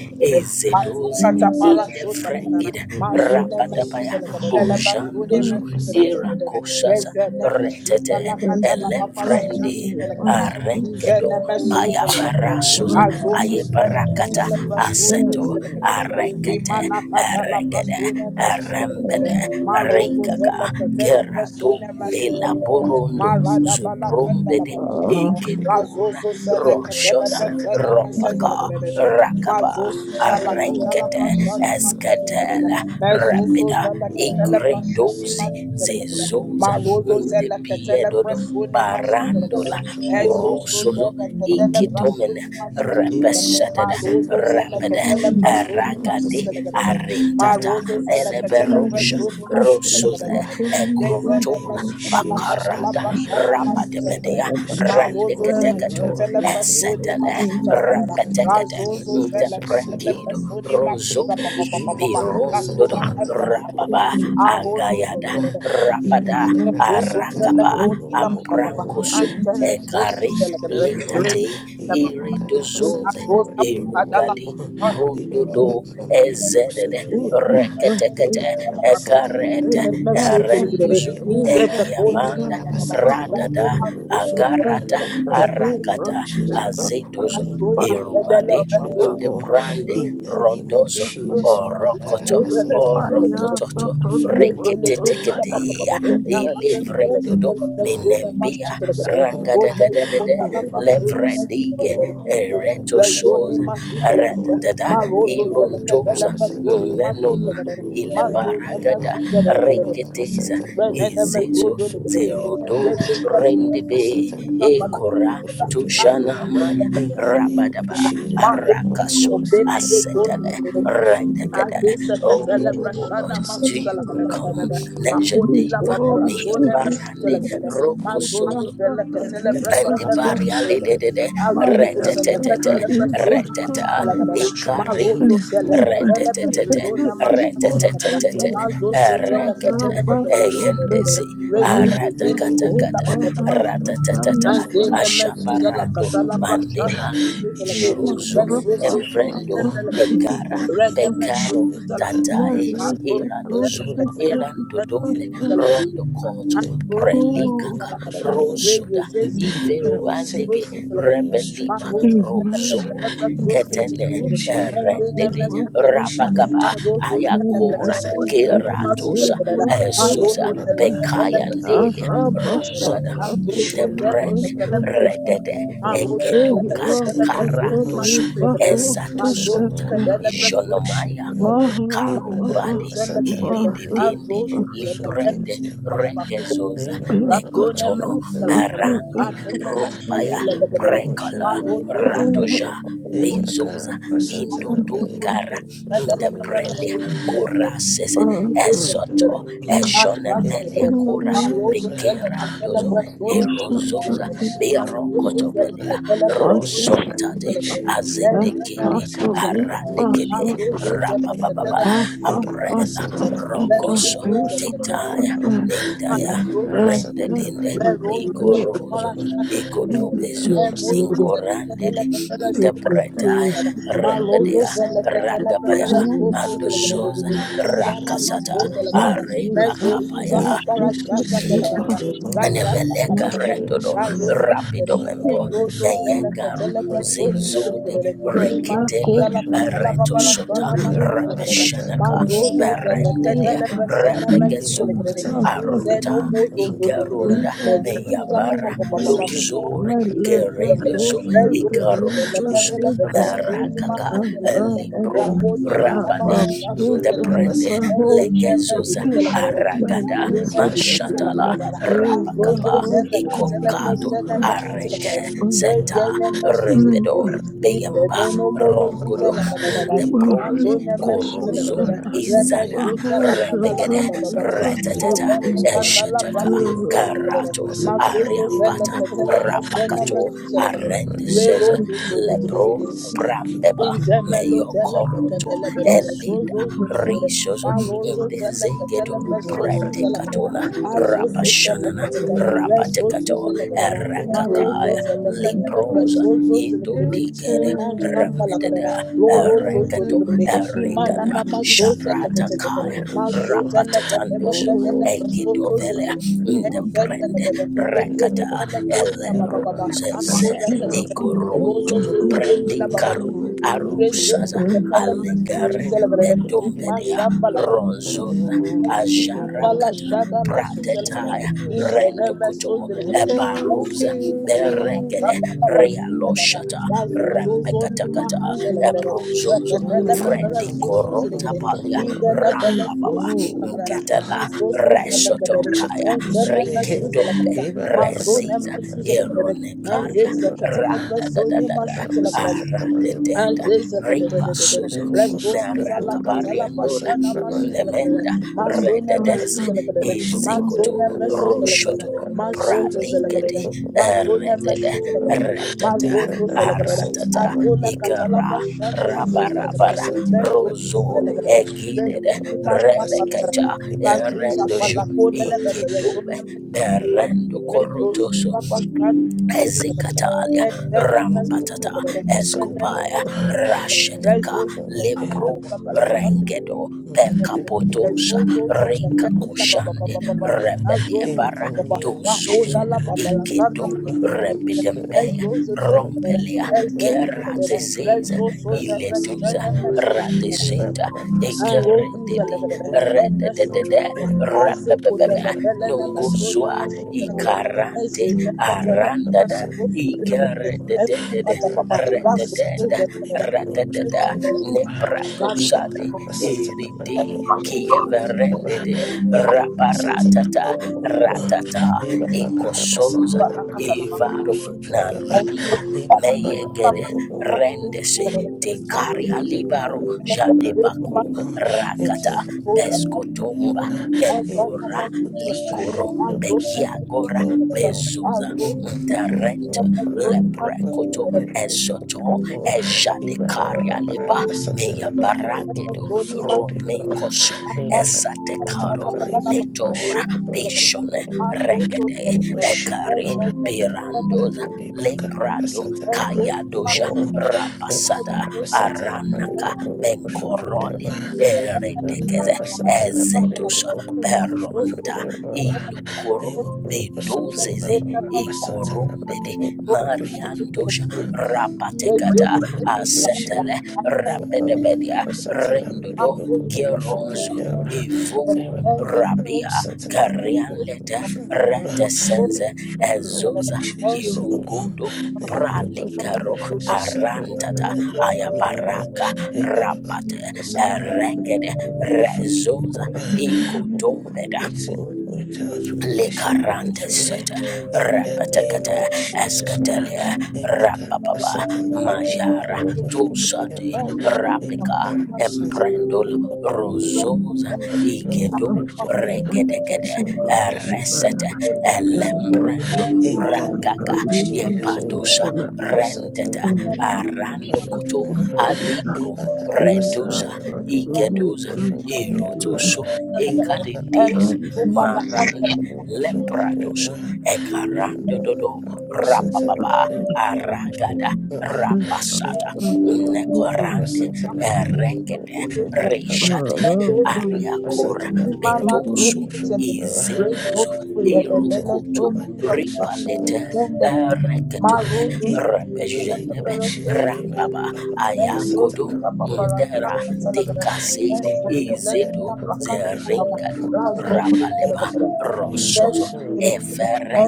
[SPEAKER 4] Zedozi
[SPEAKER 1] Mazukata
[SPEAKER 4] Indefrengida
[SPEAKER 1] parashota lagadada. Mazune
[SPEAKER 4] Rapdapaya
[SPEAKER 1] mesuze lagadada. Lemashune
[SPEAKER 4] Manzo
[SPEAKER 1] mesuze lagadada.
[SPEAKER 4] Irakosasa
[SPEAKER 1] Rezene meshuta
[SPEAKER 4] Retete
[SPEAKER 1] lakata la paparashasa
[SPEAKER 4] Rendi
[SPEAKER 1] la lagadada.
[SPEAKER 4] Areng
[SPEAKER 1] Lizene mesuze
[SPEAKER 4] Paya
[SPEAKER 1] lagadada.
[SPEAKER 4] Barasuza
[SPEAKER 1] Azosuze lakata la
[SPEAKER 2] you.
[SPEAKER 4] Barakata
[SPEAKER 1] kata la
[SPEAKER 4] Aseto
[SPEAKER 1] prashuze la
[SPEAKER 2] Thank
[SPEAKER 1] lagadada.
[SPEAKER 4] Arekede
[SPEAKER 1] Imana kata la
[SPEAKER 3] Thank
[SPEAKER 1] prasune mesuze lagadada.
[SPEAKER 4] Rembede
[SPEAKER 1] Marozo
[SPEAKER 4] Rika
[SPEAKER 1] zela kata Celebresune
[SPEAKER 4] Vela
[SPEAKER 1] Mashikada,
[SPEAKER 4] Borondo
[SPEAKER 1] Marada Balakanda la
[SPEAKER 4] Zubrombede
[SPEAKER 1] Baba Baba,
[SPEAKER 4] Eke
[SPEAKER 1] Razoso Select Celebresune
[SPEAKER 4] Ropaka
[SPEAKER 1] Messelacada,
[SPEAKER 4] Rakapa
[SPEAKER 1] Mazosuza la Catala
[SPEAKER 4] Arengete
[SPEAKER 1] Prashana Masuzelacada,
[SPEAKER 4] Eskatela
[SPEAKER 1] Mezoso
[SPEAKER 4] Rapida
[SPEAKER 1] Zelect Celebrashoni
[SPEAKER 4] Dosi
[SPEAKER 1] Masuzelacada.
[SPEAKER 4] Zoza
[SPEAKER 1] Marozo zela ketele
[SPEAKER 4] Piedo
[SPEAKER 1] presone masu zela kadada.
[SPEAKER 4] Barandola
[SPEAKER 1] Ezo so
[SPEAKER 4] Corosozo
[SPEAKER 1] zela
[SPEAKER 4] Ikemen
[SPEAKER 1] ketele presone masu zela kadada.
[SPEAKER 4] Rapesata
[SPEAKER 1] Marozo
[SPEAKER 4] Rap
[SPEAKER 1] zela ketele presone masu
[SPEAKER 4] Aragade
[SPEAKER 1] zela
[SPEAKER 3] you.
[SPEAKER 1] kadada.
[SPEAKER 3] In
[SPEAKER 4] Arintatusha
[SPEAKER 1] Marozo zela
[SPEAKER 3] the
[SPEAKER 1] ketele
[SPEAKER 2] you.
[SPEAKER 1] presone masu
[SPEAKER 4] Ros
[SPEAKER 1] zela kadada.
[SPEAKER 4] Eko
[SPEAKER 1] Lezene
[SPEAKER 3] name of
[SPEAKER 1] masu zela
[SPEAKER 3] Jesus
[SPEAKER 1] katala
[SPEAKER 3] Christ,
[SPEAKER 1] prashana
[SPEAKER 3] Father,
[SPEAKER 1] masu
[SPEAKER 3] we
[SPEAKER 1] zela
[SPEAKER 3] thank you for
[SPEAKER 4] Rapadepedea
[SPEAKER 1] kadada.
[SPEAKER 3] destroying the
[SPEAKER 1] Marozo
[SPEAKER 3] work of the
[SPEAKER 1] zela
[SPEAKER 3] devil.
[SPEAKER 1] ketele
[SPEAKER 4] Ransetele
[SPEAKER 3] One
[SPEAKER 1] presone
[SPEAKER 3] family,
[SPEAKER 1] masu zela kadada.
[SPEAKER 4] Rapeteke
[SPEAKER 1] Razozo
[SPEAKER 3] manifest
[SPEAKER 1] zela
[SPEAKER 3] yourself
[SPEAKER 1] ketele
[SPEAKER 3] now in our
[SPEAKER 1] presone masu
[SPEAKER 3] family.
[SPEAKER 1] zela
[SPEAKER 4] Rozope
[SPEAKER 1] pa pa pa pa pa pa.
[SPEAKER 3] Ibakaraba
[SPEAKER 4] Ron
[SPEAKER 3] Santa
[SPEAKER 1] Ratola
[SPEAKER 3] Lama
[SPEAKER 1] kanda la
[SPEAKER 3] Libo
[SPEAKER 1] pa pa pa
[SPEAKER 3] Guru
[SPEAKER 1] pa.
[SPEAKER 4] Rababa
[SPEAKER 3] Suntunia
[SPEAKER 1] Arozo zela
[SPEAKER 4] Agayada
[SPEAKER 1] kadada.
[SPEAKER 4] Rabada
[SPEAKER 3] Ibakaraba
[SPEAKER 1] Thank
[SPEAKER 3] Santa Lama
[SPEAKER 4] Araba
[SPEAKER 3] Libo
[SPEAKER 4] Abrancoso
[SPEAKER 3] Thank you,
[SPEAKER 4] Carete
[SPEAKER 3] Holy Spirit, for Lord. Iba ba ka ra ba san
[SPEAKER 4] Iridozon
[SPEAKER 3] ka ra ba ri bu bu bu bu bu. Iba ba ba
[SPEAKER 4] Prondodo
[SPEAKER 3] ka ra ba ba ri bu
[SPEAKER 4] Ezed
[SPEAKER 3] sun tu ni ya ba. Iba
[SPEAKER 4] Reketekete
[SPEAKER 3] ka ra ba san ka ra ba ri
[SPEAKER 4] Ekarete
[SPEAKER 3] bu ku ru bu sun tu ni ya ba. Iba ka ra ba san ka ra
[SPEAKER 4] Rada
[SPEAKER 3] ba ri bu ku ru bu sun tu ni.
[SPEAKER 4] Agarata
[SPEAKER 3] In the name of
[SPEAKER 4] Arakata
[SPEAKER 3] Jesus, thank you for holy,
[SPEAKER 4] Azetozo
[SPEAKER 3] thank you for your power, your
[SPEAKER 2] Thank
[SPEAKER 3] strength to
[SPEAKER 4] De
[SPEAKER 3] go.
[SPEAKER 4] Brande
[SPEAKER 2] you.
[SPEAKER 3] In the name of
[SPEAKER 4] Rondoso
[SPEAKER 3] Jesus, Iba ka ra
[SPEAKER 4] orokoto
[SPEAKER 3] ba san ka ra
[SPEAKER 4] orokoto
[SPEAKER 3] ba ri bu
[SPEAKER 1] you.
[SPEAKER 3] ku ru bu sun
[SPEAKER 4] re.
[SPEAKER 3] tu ni
[SPEAKER 1] Rezoni
[SPEAKER 3] and beautiful children
[SPEAKER 4] Ilivre dodo
[SPEAKER 3] and honey to
[SPEAKER 4] bia
[SPEAKER 3] the sovereign
[SPEAKER 4] rangada
[SPEAKER 3] I all your
[SPEAKER 4] levre
[SPEAKER 3] eyes
[SPEAKER 4] dig
[SPEAKER 3] will have
[SPEAKER 4] eretos
[SPEAKER 3] been
[SPEAKER 1] masu talagadara,
[SPEAKER 3] all I
[SPEAKER 4] aradada
[SPEAKER 3] will
[SPEAKER 1] ma
[SPEAKER 3] call
[SPEAKER 1] rozo
[SPEAKER 3] you
[SPEAKER 1] zala
[SPEAKER 3] like a
[SPEAKER 4] dos
[SPEAKER 1] katala
[SPEAKER 3] rabba santa
[SPEAKER 1] pasoni masu
[SPEAKER 4] lenon
[SPEAKER 3] label
[SPEAKER 1] talagadara,
[SPEAKER 3] guru was
[SPEAKER 1] ma
[SPEAKER 4] ilagada
[SPEAKER 3] so to
[SPEAKER 1] zoni
[SPEAKER 3] the ever
[SPEAKER 1] masu talagadara,
[SPEAKER 3] even a santa
[SPEAKER 1] venele
[SPEAKER 3] label
[SPEAKER 1] me
[SPEAKER 3] guru was
[SPEAKER 1] zozo
[SPEAKER 3] so to
[SPEAKER 1] legadara,
[SPEAKER 3] the
[SPEAKER 4] zero
[SPEAKER 3] ever
[SPEAKER 4] do
[SPEAKER 1] rezoni pasoni
[SPEAKER 3] even a
[SPEAKER 4] rendebe
[SPEAKER 3] santa
[SPEAKER 1] masu
[SPEAKER 3] label guru
[SPEAKER 4] ekora
[SPEAKER 3] was so
[SPEAKER 1] talagadara,
[SPEAKER 3] to
[SPEAKER 1] ma
[SPEAKER 3] the ever
[SPEAKER 4] tushana
[SPEAKER 1] rozo
[SPEAKER 4] maya
[SPEAKER 1] zala
[SPEAKER 3] in
[SPEAKER 1] katala
[SPEAKER 3] the name
[SPEAKER 1] pasoni
[SPEAKER 3] of
[SPEAKER 4] rabadaba
[SPEAKER 1] masu talagadara,
[SPEAKER 3] Jesus
[SPEAKER 1] ma
[SPEAKER 3] even
[SPEAKER 1] rozo
[SPEAKER 4] arakaso
[SPEAKER 3] a
[SPEAKER 1] zala
[SPEAKER 3] santa
[SPEAKER 4] as
[SPEAKER 1] katala pasoni masu
[SPEAKER 3] label
[SPEAKER 1] talagadara,
[SPEAKER 3] guru was so to the
[SPEAKER 4] ragada
[SPEAKER 3] ever
[SPEAKER 1] Azese katele
[SPEAKER 3] even
[SPEAKER 1] prashana
[SPEAKER 3] a
[SPEAKER 4] to
[SPEAKER 1] masuza
[SPEAKER 4] you
[SPEAKER 1] la kada
[SPEAKER 4] will
[SPEAKER 1] da
[SPEAKER 3] santa
[SPEAKER 4] come.
[SPEAKER 1] da da da.
[SPEAKER 4] Nesha
[SPEAKER 1] Makodi la
[SPEAKER 4] Deva,
[SPEAKER 1] papara
[SPEAKER 4] Mia
[SPEAKER 1] sone mesute la kada da.
[SPEAKER 3] Thank
[SPEAKER 1] Mazozo zele katele prashana
[SPEAKER 4] Maria
[SPEAKER 1] mesute la kada da.
[SPEAKER 4] Lidede,
[SPEAKER 1] Azoso
[SPEAKER 4] Red,
[SPEAKER 1] zele katele prashoni masute
[SPEAKER 4] Reteta,
[SPEAKER 1] la kada da.
[SPEAKER 4] Ikar,
[SPEAKER 1] Mazozo zele
[SPEAKER 4] Red,
[SPEAKER 1] katele pepele zone masute la kada
[SPEAKER 4] Retetete,
[SPEAKER 1] da. Mazozo
[SPEAKER 4] Er,
[SPEAKER 1] zele katele pepele
[SPEAKER 4] Eye,
[SPEAKER 1] kada da da da da. Reyozo
[SPEAKER 2] Ika
[SPEAKER 1] zele
[SPEAKER 4] Takata,
[SPEAKER 1] kendi la
[SPEAKER 4] Kata,
[SPEAKER 1] ba
[SPEAKER 2] kopa
[SPEAKER 1] ba ba ba.
[SPEAKER 4] Ratatata,
[SPEAKER 1] And
[SPEAKER 2] hasa
[SPEAKER 1] then Anzena mesuza
[SPEAKER 4] Para,
[SPEAKER 1] la katala prashana
[SPEAKER 4] Mandebalu,
[SPEAKER 1] mesuza la katala.
[SPEAKER 2] Oh,
[SPEAKER 4] Giruzu,
[SPEAKER 2] Amen.
[SPEAKER 1] Resoso sele
[SPEAKER 4] Vrendo,
[SPEAKER 1] kendele bebe.
[SPEAKER 4] Legara,
[SPEAKER 1] Rene
[SPEAKER 4] Pecaro,
[SPEAKER 1] mesuza la katala.
[SPEAKER 4] Tatae, Iradozo,
[SPEAKER 1] red, sele katala prashana mesuza
[SPEAKER 4] Irandodome,
[SPEAKER 1] la
[SPEAKER 3] you.
[SPEAKER 1] katala.
[SPEAKER 4] Rondo Coto,
[SPEAKER 3] Thank you
[SPEAKER 1] Angoni
[SPEAKER 3] because you
[SPEAKER 1] masi
[SPEAKER 3] couldn't
[SPEAKER 4] Prelikaka,
[SPEAKER 3] cause
[SPEAKER 1] kalakadada.
[SPEAKER 3] to all
[SPEAKER 1] Re
[SPEAKER 4] Rosso,
[SPEAKER 3] different them.
[SPEAKER 1] yezeze
[SPEAKER 3] Father, we thank
[SPEAKER 4] Iveruandege,
[SPEAKER 3] you
[SPEAKER 1] rosu
[SPEAKER 3] for, for
[SPEAKER 1] kalakadada.
[SPEAKER 3] your
[SPEAKER 4] Rebelli,
[SPEAKER 1] Ma
[SPEAKER 3] strength, O
[SPEAKER 1] rozu
[SPEAKER 3] Lord.
[SPEAKER 4] Rosso,
[SPEAKER 1] kalakadada pras
[SPEAKER 3] You
[SPEAKER 1] rosu
[SPEAKER 3] praise
[SPEAKER 4] Tene,
[SPEAKER 3] every
[SPEAKER 1] kalakadada.
[SPEAKER 2] Worship
[SPEAKER 4] Er
[SPEAKER 1] Ma
[SPEAKER 3] chain
[SPEAKER 2] that
[SPEAKER 1] yene
[SPEAKER 2] we
[SPEAKER 3] and
[SPEAKER 1] masu
[SPEAKER 3] you
[SPEAKER 2] worship
[SPEAKER 3] put
[SPEAKER 2] you.
[SPEAKER 1] kalakadada.
[SPEAKER 3] children.
[SPEAKER 1] Ma
[SPEAKER 4] Rabakaba,
[SPEAKER 1] rozu
[SPEAKER 3] We back
[SPEAKER 2] Amen.
[SPEAKER 3] up
[SPEAKER 2] I
[SPEAKER 3] our
[SPEAKER 4] Ayakora,
[SPEAKER 1] kalakadada
[SPEAKER 3] sons
[SPEAKER 2] put
[SPEAKER 1] pras
[SPEAKER 2] that
[SPEAKER 3] and
[SPEAKER 1] rosu
[SPEAKER 4] Keratos,
[SPEAKER 3] our
[SPEAKER 1] masu
[SPEAKER 2] it
[SPEAKER 1] kalakadada.
[SPEAKER 2] was
[SPEAKER 3] daughters to
[SPEAKER 1] Ma
[SPEAKER 4] Esude,
[SPEAKER 2] good
[SPEAKER 3] be
[SPEAKER 1] rozu
[SPEAKER 2] that
[SPEAKER 3] our
[SPEAKER 2] I may
[SPEAKER 1] kalakadada
[SPEAKER 3] sons
[SPEAKER 1] pras
[SPEAKER 3] our
[SPEAKER 2] have
[SPEAKER 1] rosu masu
[SPEAKER 2] a
[SPEAKER 1] kalakadada.
[SPEAKER 3] Oh,
[SPEAKER 2] worship
[SPEAKER 4] Rosada,
[SPEAKER 1] Ma
[SPEAKER 2] God
[SPEAKER 1] rozu
[SPEAKER 2] to
[SPEAKER 3] children,
[SPEAKER 2] be
[SPEAKER 3] our
[SPEAKER 4] Interend,
[SPEAKER 2] worship
[SPEAKER 3] sons
[SPEAKER 1] kalakadada
[SPEAKER 3] and
[SPEAKER 2] us.
[SPEAKER 1] bedadada.
[SPEAKER 3] our family,
[SPEAKER 4] Redede,
[SPEAKER 1] Ma
[SPEAKER 3] God.
[SPEAKER 1] rozu
[SPEAKER 2] If
[SPEAKER 3] We
[SPEAKER 2] you
[SPEAKER 1] kalakadada
[SPEAKER 3] thank
[SPEAKER 2] are
[SPEAKER 1] pras
[SPEAKER 3] you, O
[SPEAKER 1] rosu
[SPEAKER 2] God to
[SPEAKER 3] God.
[SPEAKER 1] masu
[SPEAKER 2] be
[SPEAKER 4] Karatoso,
[SPEAKER 1] kalakadada.
[SPEAKER 2] worship,
[SPEAKER 3] Man,
[SPEAKER 4] Satota,
[SPEAKER 1] Ma
[SPEAKER 2] that
[SPEAKER 3] precious and
[SPEAKER 1] rozu
[SPEAKER 3] all God,
[SPEAKER 1] kalakadada
[SPEAKER 3] we
[SPEAKER 1] pras rosu masu
[SPEAKER 3] worship
[SPEAKER 4] Onomayako,
[SPEAKER 3] you.
[SPEAKER 1] kalakadada.
[SPEAKER 3] We
[SPEAKER 1] Ma
[SPEAKER 3] back
[SPEAKER 4] Karubadi,
[SPEAKER 1] rozu
[SPEAKER 3] up our sons
[SPEAKER 1] kalakadada. Ang rozu
[SPEAKER 4] Librede,
[SPEAKER 1] kalakadada.
[SPEAKER 4] Regezosa,
[SPEAKER 3] Jesus,
[SPEAKER 1] La zona me
[SPEAKER 2] Ibasho
[SPEAKER 1] la
[SPEAKER 4] Arandi,
[SPEAKER 2] atatu
[SPEAKER 3] oh,
[SPEAKER 1] a
[SPEAKER 4] Rupaya, Color,
[SPEAKER 1] mango zo
[SPEAKER 4] Radosha, Benzosa, Indotungara, Prelia, Coraces, Cora Kando
[SPEAKER 3] my
[SPEAKER 4] Erozosa
[SPEAKER 3] dreams,
[SPEAKER 4] Bearokotia
[SPEAKER 3] my God,
[SPEAKER 4] Rosontate
[SPEAKER 3] Jesus, we love you, Baba
[SPEAKER 4] Azedekede
[SPEAKER 3] Santa Lama, we love you,
[SPEAKER 1] Thank
[SPEAKER 4] Aradekede
[SPEAKER 3] Baba Santa Lama, we love Baba
[SPEAKER 4] Prela
[SPEAKER 3] Santa Lama, we
[SPEAKER 4] Rokoso
[SPEAKER 3] love Baba Santa
[SPEAKER 1] you.
[SPEAKER 3] Lama,
[SPEAKER 4] Itaya
[SPEAKER 1] Rose,
[SPEAKER 3] we
[SPEAKER 4] Nindaya
[SPEAKER 3] love
[SPEAKER 1] rose,
[SPEAKER 3] Baba
[SPEAKER 1] rose,
[SPEAKER 3] Santa Lama, we
[SPEAKER 4] Nindadinde
[SPEAKER 3] love
[SPEAKER 1] Rose,
[SPEAKER 4] Gorozo Igodobezo
[SPEAKER 3] Baba
[SPEAKER 1] rose,
[SPEAKER 3] Santa Lama,
[SPEAKER 4] Gorandede
[SPEAKER 1] Rose Rose
[SPEAKER 3] we love Baba Santa Lama, we love Baba Santa Lama, we love
[SPEAKER 4] Interpretaya
[SPEAKER 3] you, Baba
[SPEAKER 1] Malozo
[SPEAKER 3] Santa
[SPEAKER 1] zeleketele
[SPEAKER 4] Rekabaya
[SPEAKER 1] pepere soso zelegrede.
[SPEAKER 3] Lama.
[SPEAKER 4] Rakasata
[SPEAKER 1] Iyana maso
[SPEAKER 3] Thank
[SPEAKER 1] zelegrede.
[SPEAKER 3] you,
[SPEAKER 4] Are
[SPEAKER 3] Lord,
[SPEAKER 1] Mezo
[SPEAKER 3] for
[SPEAKER 1] suza
[SPEAKER 3] the
[SPEAKER 1] papara
[SPEAKER 3] grace of the
[SPEAKER 1] shaza
[SPEAKER 3] Savior, for
[SPEAKER 1] zelegrede. Raja
[SPEAKER 4] Emeleka
[SPEAKER 3] your
[SPEAKER 1] zakadede.
[SPEAKER 3] grace, O
[SPEAKER 4] Dodo
[SPEAKER 1] Raye
[SPEAKER 3] Lord,
[SPEAKER 2] Thank
[SPEAKER 4] Rapid
[SPEAKER 1] zelegrede.
[SPEAKER 3] for your
[SPEAKER 4] Mempo
[SPEAKER 2] you.
[SPEAKER 3] grace,
[SPEAKER 1] Enyozo
[SPEAKER 3] O
[SPEAKER 4] Meyezo
[SPEAKER 3] Lord,
[SPEAKER 1] zeleketele
[SPEAKER 3] for your
[SPEAKER 1] preso su
[SPEAKER 3] grace, O Lord.
[SPEAKER 1] zelegrede. Lima
[SPEAKER 2] La
[SPEAKER 4] Rekedeli
[SPEAKER 1] suza la
[SPEAKER 3] Ibadah
[SPEAKER 2] kosha
[SPEAKER 4] Are
[SPEAKER 1] katala babara
[SPEAKER 2] tapiwa
[SPEAKER 1] shana mashu
[SPEAKER 2] soda
[SPEAKER 3] apa
[SPEAKER 1] zelegrede.
[SPEAKER 3] santaran,
[SPEAKER 4] Rabeshanaka
[SPEAKER 3] apa
[SPEAKER 1] Mazozo
[SPEAKER 4] Ber
[SPEAKER 2] eleta
[SPEAKER 1] zeleketele
[SPEAKER 2] tosha
[SPEAKER 4] Rebezo
[SPEAKER 1] presene mesu
[SPEAKER 2] ipa
[SPEAKER 1] zelegrede.
[SPEAKER 2] sasa
[SPEAKER 1] Inze no mozo
[SPEAKER 2] tulipa
[SPEAKER 1] zelegrede.
[SPEAKER 4] Arunda
[SPEAKER 2] wipo
[SPEAKER 1] Meruzu za papa
[SPEAKER 2] shipiri
[SPEAKER 1] papa papa.
[SPEAKER 2] Jesus
[SPEAKER 4] Yablozor Gerezo
[SPEAKER 2] meleka bosha
[SPEAKER 4] Ikaro
[SPEAKER 2] kalipa soda
[SPEAKER 4] Marakaka Libro
[SPEAKER 2] arapa
[SPEAKER 1] Rakodi la babara
[SPEAKER 2] arapa
[SPEAKER 4] Rabade
[SPEAKER 1] shasu
[SPEAKER 2] suta
[SPEAKER 3] ibadah
[SPEAKER 1] zelagada,
[SPEAKER 3] apa
[SPEAKER 4] Prende
[SPEAKER 2] laba
[SPEAKER 1] and
[SPEAKER 2] hosha
[SPEAKER 1] zina
[SPEAKER 4] Legeza
[SPEAKER 1] machis
[SPEAKER 2] tuya
[SPEAKER 1] zelagada,
[SPEAKER 4] Ragada
[SPEAKER 1] azuna
[SPEAKER 2] meleka
[SPEAKER 1] machis
[SPEAKER 4] Mashatala
[SPEAKER 2] tekele
[SPEAKER 3] santaran,
[SPEAKER 1] zelagada,
[SPEAKER 3] Oh
[SPEAKER 4] Rapiko
[SPEAKER 2] ipa
[SPEAKER 1] azozo
[SPEAKER 3] Lord,
[SPEAKER 1] zela
[SPEAKER 2] hosha
[SPEAKER 1] katela presena
[SPEAKER 2] tulipa
[SPEAKER 1] machis
[SPEAKER 4] Rek
[SPEAKER 1] zelagada,
[SPEAKER 4] Zet
[SPEAKER 1] and yena machis
[SPEAKER 4] Rebedo
[SPEAKER 1] zelagada, ite no no molo zuza
[SPEAKER 4] Bengodo
[SPEAKER 5] Thank
[SPEAKER 4] Prole
[SPEAKER 2] Maria
[SPEAKER 1] Azone mercies
[SPEAKER 4] Rom
[SPEAKER 1] and
[SPEAKER 2] Pasota
[SPEAKER 1] the
[SPEAKER 4] is
[SPEAKER 2] Talipa
[SPEAKER 1] Remesosa la
[SPEAKER 2] Rosa
[SPEAKER 4] Rebe
[SPEAKER 1] Cadala Baba Baba Baba.
[SPEAKER 2] Talipa
[SPEAKER 4] Retete
[SPEAKER 1] Atala
[SPEAKER 2] Sotana
[SPEAKER 1] Catala Brascosos and the
[SPEAKER 4] Karato,
[SPEAKER 1] Masozo Zella Catella Persena
[SPEAKER 4] Arato,
[SPEAKER 1] Mercies and the
[SPEAKER 4] and
[SPEAKER 1] Re Rosos on the
[SPEAKER 4] Lepro,
[SPEAKER 3] thank you.
[SPEAKER 4] Brambeba,
[SPEAKER 3] Oh,
[SPEAKER 1] Izemelo tele peke
[SPEAKER 4] Yokoroto,
[SPEAKER 1] dele
[SPEAKER 3] Lord,
[SPEAKER 1] bebere
[SPEAKER 3] yes,
[SPEAKER 4] Eli,
[SPEAKER 1] zozo
[SPEAKER 3] and
[SPEAKER 1] zele kedere
[SPEAKER 4] Risos,
[SPEAKER 1] marozo
[SPEAKER 3] then-
[SPEAKER 1] zele
[SPEAKER 3] thank thank you,
[SPEAKER 1] ketele peso su zele kedere
[SPEAKER 4] Predicatona,
[SPEAKER 1] azoso
[SPEAKER 4] Rabashan,
[SPEAKER 1] zele ketete
[SPEAKER 4] Rabakato,
[SPEAKER 1] reso su
[SPEAKER 3] thank
[SPEAKER 1] zele kedere
[SPEAKER 4] Erakarosa,
[SPEAKER 1] marozo zele kedele peso zo zele kedere
[SPEAKER 4] Idiged,
[SPEAKER 1] ima
[SPEAKER 4] Ramda,
[SPEAKER 1] chamba la kedere ro rozo zele
[SPEAKER 4] Eto,
[SPEAKER 1] kedere
[SPEAKER 4] Eri,
[SPEAKER 1] ima nana maso se ketete
[SPEAKER 4] Shataka,
[SPEAKER 1] ketete maso
[SPEAKER 4] Rap,
[SPEAKER 1] tele ketele kedele peso so zele
[SPEAKER 4] Egidovela,
[SPEAKER 1] kedere
[SPEAKER 4] in the
[SPEAKER 1] Ekendele bebe
[SPEAKER 3] you,
[SPEAKER 4] Reka,
[SPEAKER 1] repele pele kodi la
[SPEAKER 4] Lerons,
[SPEAKER 1] baba baba anto zele ketete
[SPEAKER 4] Zegoron,
[SPEAKER 1] merozo zele kendi la baba
[SPEAKER 4] Predicaru,
[SPEAKER 1] baba
[SPEAKER 4] Arus.
[SPEAKER 1] Rezende ketele prese
[SPEAKER 4] ligare
[SPEAKER 1] size lagarere.
[SPEAKER 4] dumbe
[SPEAKER 1] Ima shamba lagarere.
[SPEAKER 4] rozoza
[SPEAKER 1] Esu
[SPEAKER 5] you.
[SPEAKER 4] ajara
[SPEAKER 1] bala shada la
[SPEAKER 3] Thank
[SPEAKER 1] size lagarere.
[SPEAKER 4] tetaya
[SPEAKER 5] I'm
[SPEAKER 3] you.
[SPEAKER 1] Ize
[SPEAKER 4] ren
[SPEAKER 1] neme soze
[SPEAKER 3] Thank
[SPEAKER 1] lagarere.
[SPEAKER 3] you,
[SPEAKER 1] Yesu
[SPEAKER 4] ebaruza
[SPEAKER 1] kuza papa la
[SPEAKER 3] thank
[SPEAKER 4] beregedia
[SPEAKER 3] you.
[SPEAKER 1] shada la bagadadadada.
[SPEAKER 4] loshata
[SPEAKER 1] Razo zozo ni
[SPEAKER 4] rempata
[SPEAKER 1] mahande lagarere.
[SPEAKER 4] rozo
[SPEAKER 1] Reketele ketele ketele
[SPEAKER 4] fredi
[SPEAKER 1] so size
[SPEAKER 4] korota
[SPEAKER 1] lagarere.
[SPEAKER 4] palia
[SPEAKER 1] Inde lebele so
[SPEAKER 4] bababa
[SPEAKER 1] size
[SPEAKER 3] Oh,
[SPEAKER 1] lagarere.
[SPEAKER 4] nketela
[SPEAKER 1] Maso so
[SPEAKER 3] that's what
[SPEAKER 1] lagarere.
[SPEAKER 3] shut
[SPEAKER 4] resokaya
[SPEAKER 3] up
[SPEAKER 1] Ese
[SPEAKER 3] is
[SPEAKER 1] neme
[SPEAKER 3] today.
[SPEAKER 1] soze
[SPEAKER 4] dobe
[SPEAKER 1] lagarere.
[SPEAKER 3] Hey, Baba, Baba,
[SPEAKER 4] reza
[SPEAKER 1] so
[SPEAKER 3] Santa,
[SPEAKER 1] neme
[SPEAKER 3] Baba,
[SPEAKER 1] soze
[SPEAKER 4] ironeka
[SPEAKER 3] Dibo,
[SPEAKER 1] lagarere.
[SPEAKER 3] Sun, Sun,
[SPEAKER 1] Ezeze ketele
[SPEAKER 3] Baba,
[SPEAKER 4] randa
[SPEAKER 1] prese ni
[SPEAKER 3] Hey,
[SPEAKER 1] mashu
[SPEAKER 3] Baba, Santa,
[SPEAKER 1] lagarere.
[SPEAKER 3] Baba, Dibo,
[SPEAKER 4] aradete riuzo
[SPEAKER 1] Azezakadadadadada.
[SPEAKER 3] Dibo, Sun,
[SPEAKER 1] Resources
[SPEAKER 3] Sun, Baba,
[SPEAKER 1] alakatala
[SPEAKER 4] merakabariandola
[SPEAKER 3] Santa,
[SPEAKER 1] pashana
[SPEAKER 3] Baba,
[SPEAKER 1] masuza
[SPEAKER 3] Dibo,
[SPEAKER 1] lakadada.
[SPEAKER 4] nemenda
[SPEAKER 3] Sun, Sun,
[SPEAKER 4] redze
[SPEAKER 1] Masone
[SPEAKER 3] Baba.
[SPEAKER 1] masuza lakadada.
[SPEAKER 3] Thank
[SPEAKER 1] Masone masuza lakadada.
[SPEAKER 4] Roshoto Pra
[SPEAKER 1] Mazozo zalakadada.
[SPEAKER 4] Erdede
[SPEAKER 1] Masone mashuta lakadada.
[SPEAKER 4] Retatata
[SPEAKER 1] Mazozo zalakadada. Atola
[SPEAKER 4] Iker
[SPEAKER 1] katala pashana masuza lakadada.
[SPEAKER 4] Rabarabara
[SPEAKER 1] Mezozo
[SPEAKER 4] Rozo
[SPEAKER 1] zalakadada.
[SPEAKER 4] Egidede
[SPEAKER 1] Rezeni mashamba
[SPEAKER 4] Rebeketa
[SPEAKER 1] lakadada. Razuza
[SPEAKER 4] Erendo
[SPEAKER 1] palakoda lebeberezona mashukeleberede.
[SPEAKER 4] Berendo Korotoso
[SPEAKER 1] Rezozuza pashana mashukeleberede.
[SPEAKER 4] Ezekatalia
[SPEAKER 1] Endene
[SPEAKER 4] Rampatata
[SPEAKER 1] mashukeleberede. Endene
[SPEAKER 4] Escopaya
[SPEAKER 1] mashukeleberede.
[SPEAKER 4] Rasheta
[SPEAKER 1] Rezozuza lekete
[SPEAKER 4] Libro
[SPEAKER 1] lebeberezona
[SPEAKER 3] you.
[SPEAKER 4] Rengedo
[SPEAKER 3] In the
[SPEAKER 1] mashukeleberede.
[SPEAKER 4] Pekapotosa
[SPEAKER 1] Rezozoza
[SPEAKER 4] Reka
[SPEAKER 1] lekete
[SPEAKER 4] Koshan
[SPEAKER 1] lebababababa.
[SPEAKER 4] Rebebara
[SPEAKER 1] Azozuza baba.
[SPEAKER 3] name of
[SPEAKER 1] Rakoda
[SPEAKER 3] Jesus, thank
[SPEAKER 1] lebeberezona
[SPEAKER 3] you for Holy
[SPEAKER 1] mashukeleberede.
[SPEAKER 4] Skido
[SPEAKER 3] Spirit.
[SPEAKER 1] Ezozuza
[SPEAKER 3] Son,
[SPEAKER 1] lekete.
[SPEAKER 4] rompelia
[SPEAKER 3] Mary, we go to
[SPEAKER 4] kera
[SPEAKER 3] the
[SPEAKER 1] Ezezekelele.
[SPEAKER 3] Son, to the Lord, God,
[SPEAKER 1] Rezozoza
[SPEAKER 3] our
[SPEAKER 4] zetuza
[SPEAKER 1] pashana
[SPEAKER 3] Savior,
[SPEAKER 1] mashukeleberede
[SPEAKER 3] Abraham,
[SPEAKER 4] radeseta
[SPEAKER 3] our
[SPEAKER 4] eke
[SPEAKER 3] Son,
[SPEAKER 1] and
[SPEAKER 3] to the
[SPEAKER 1] Rosuza Legade, and
[SPEAKER 3] Lord, Son,
[SPEAKER 1] Messunga,
[SPEAKER 3] to
[SPEAKER 4] rededede
[SPEAKER 3] the Lord,
[SPEAKER 1] also could have the
[SPEAKER 3] Abraham,
[SPEAKER 1] Pelena
[SPEAKER 3] our Son, to
[SPEAKER 1] Messona
[SPEAKER 4] ranguzwa
[SPEAKER 1] Messagade,
[SPEAKER 4] ikarandada
[SPEAKER 1] as is a
[SPEAKER 3] Iba
[SPEAKER 1] Catala, Rosuza Legade,
[SPEAKER 4] igerededede
[SPEAKER 1] as Pata Papa, Basso
[SPEAKER 4] rededende
[SPEAKER 1] Zagade,
[SPEAKER 4] radedada nembrato sade
[SPEAKER 1] Rama.
[SPEAKER 4] iride kieverendede raparatata ratata ekosoza ivaro na
[SPEAKER 1] Thank
[SPEAKER 4] limeyegede Tekaria libaro jadeba rakata kotomba emra ligoro begiagora bezos ntarent leprekoto esoto ejadekaria leba meya barakedo romekoso Satekaro letora peshone regede
[SPEAKER 3] Worship
[SPEAKER 4] ekare
[SPEAKER 3] and
[SPEAKER 4] pirandoza
[SPEAKER 1] you
[SPEAKER 3] Santa Barbara,
[SPEAKER 4] leprado
[SPEAKER 3] Santa
[SPEAKER 1] and this
[SPEAKER 4] kaya
[SPEAKER 1] is
[SPEAKER 4] do
[SPEAKER 1] my I
[SPEAKER 3] Maria, which,
[SPEAKER 1] will
[SPEAKER 3] uh,
[SPEAKER 4] Rapasada
[SPEAKER 1] say that
[SPEAKER 3] they were probably
[SPEAKER 4] Aranaka
[SPEAKER 3] a person to them,
[SPEAKER 4] Benkoroli
[SPEAKER 3] and they
[SPEAKER 4] Eretekeze Ezetusha
[SPEAKER 3] were good,
[SPEAKER 4] Peronda Ilukoro Bedozeze Korombede Mariandosha Rapate Asete Rapedebedia
[SPEAKER 3] but
[SPEAKER 4] Rendodo
[SPEAKER 3] so to
[SPEAKER 4] Geronzo
[SPEAKER 3] the hour.
[SPEAKER 4] Evovo Rabbi Leta,
[SPEAKER 3] Satan,
[SPEAKER 4] Karian Leta, Rete Sense,
[SPEAKER 3] Thank you, Lord in
[SPEAKER 4] Ezoza,
[SPEAKER 1] Thank
[SPEAKER 3] Jesus. Lord.
[SPEAKER 4] Irugudu,
[SPEAKER 3] Thank you, Lord, for
[SPEAKER 4] Pralikaro,
[SPEAKER 3] manifest yourself in our
[SPEAKER 4] Arantata,
[SPEAKER 3] lives, our family, Lord.
[SPEAKER 4] Ayabaraka,
[SPEAKER 3] Hey, Baba, Baba,
[SPEAKER 4] Rapate,
[SPEAKER 3] Baba, Son, and Lord, we give you
[SPEAKER 4] Erekede,
[SPEAKER 3] glory, Lord, thank you,
[SPEAKER 4] Rezoza,
[SPEAKER 3] Lord. Oh,
[SPEAKER 4] Ikodombeda,
[SPEAKER 3] we sing without worship we will
[SPEAKER 4] Likarante
[SPEAKER 3] today.
[SPEAKER 4] sete
[SPEAKER 3] In the name of
[SPEAKER 4] repetekete
[SPEAKER 3] Jesus, Lord.
[SPEAKER 4] esketelia
[SPEAKER 3] Hey, Baba, Baba, Son,
[SPEAKER 4] rapapapa
[SPEAKER 3] and Lord, we give you
[SPEAKER 4] majara
[SPEAKER 3] glory, Lord, thank you, Lord.
[SPEAKER 4] tusati
[SPEAKER 3] Hey, Baba,
[SPEAKER 4] rapika
[SPEAKER 3] Baba, Son, and Lord, we give
[SPEAKER 1] you.
[SPEAKER 4] emprendul
[SPEAKER 3] you glory,
[SPEAKER 4] rozoza
[SPEAKER 3] Lord,
[SPEAKER 4] igedo
[SPEAKER 3] we lift your name high this
[SPEAKER 4] regedegede
[SPEAKER 3] morning because you are the
[SPEAKER 4] eresete
[SPEAKER 3] true replacement, Lord.
[SPEAKER 4] elemprendo
[SPEAKER 3] In the name of
[SPEAKER 4] rakaka
[SPEAKER 3] Jesus, we
[SPEAKER 4] yepatosa
[SPEAKER 3] love our Santa
[SPEAKER 4] rendeta
[SPEAKER 3] Lama,
[SPEAKER 4] arando
[SPEAKER 3] Washington, to
[SPEAKER 4] koto
[SPEAKER 3] them. We
[SPEAKER 4] alipro
[SPEAKER 3] love our Santa
[SPEAKER 4] redusa
[SPEAKER 3] Lama, we will go
[SPEAKER 2] Thank
[SPEAKER 3] to
[SPEAKER 4] igedoza
[SPEAKER 2] you.
[SPEAKER 3] Washington, to
[SPEAKER 2] Thank
[SPEAKER 3] them.
[SPEAKER 4] irotoso
[SPEAKER 3] We
[SPEAKER 4] eka
[SPEAKER 3] love our Santa Lama, we
[SPEAKER 1] Thank
[SPEAKER 3] will
[SPEAKER 1] you.
[SPEAKER 3] go to Washington, to
[SPEAKER 4] Lembradoso,
[SPEAKER 3] them. In the name of
[SPEAKER 4] Ekarandodo,
[SPEAKER 3] Jesus,
[SPEAKER 4] Rapapapa,
[SPEAKER 3] we remember
[SPEAKER 4] Aragada, Rapasata, Nekorande,
[SPEAKER 1] Razo
[SPEAKER 4] Erekede, Beshate, Ariakora, be Izedos, to Ripalete, Ereketo, Rebejeneb, Rapapa,
[SPEAKER 3] our
[SPEAKER 4] Ayakoto,
[SPEAKER 3] Santa Mama, people, and
[SPEAKER 4] Dera,
[SPEAKER 3] we
[SPEAKER 4] Depase,
[SPEAKER 3] Thank you for your blessing, for
[SPEAKER 4] Izedo,
[SPEAKER 3] your blessing, Lord,
[SPEAKER 4] Zeringado,
[SPEAKER 3] for me. Thank
[SPEAKER 4] Rapaleba,
[SPEAKER 3] you for
[SPEAKER 4] ros
[SPEAKER 3] your blessing,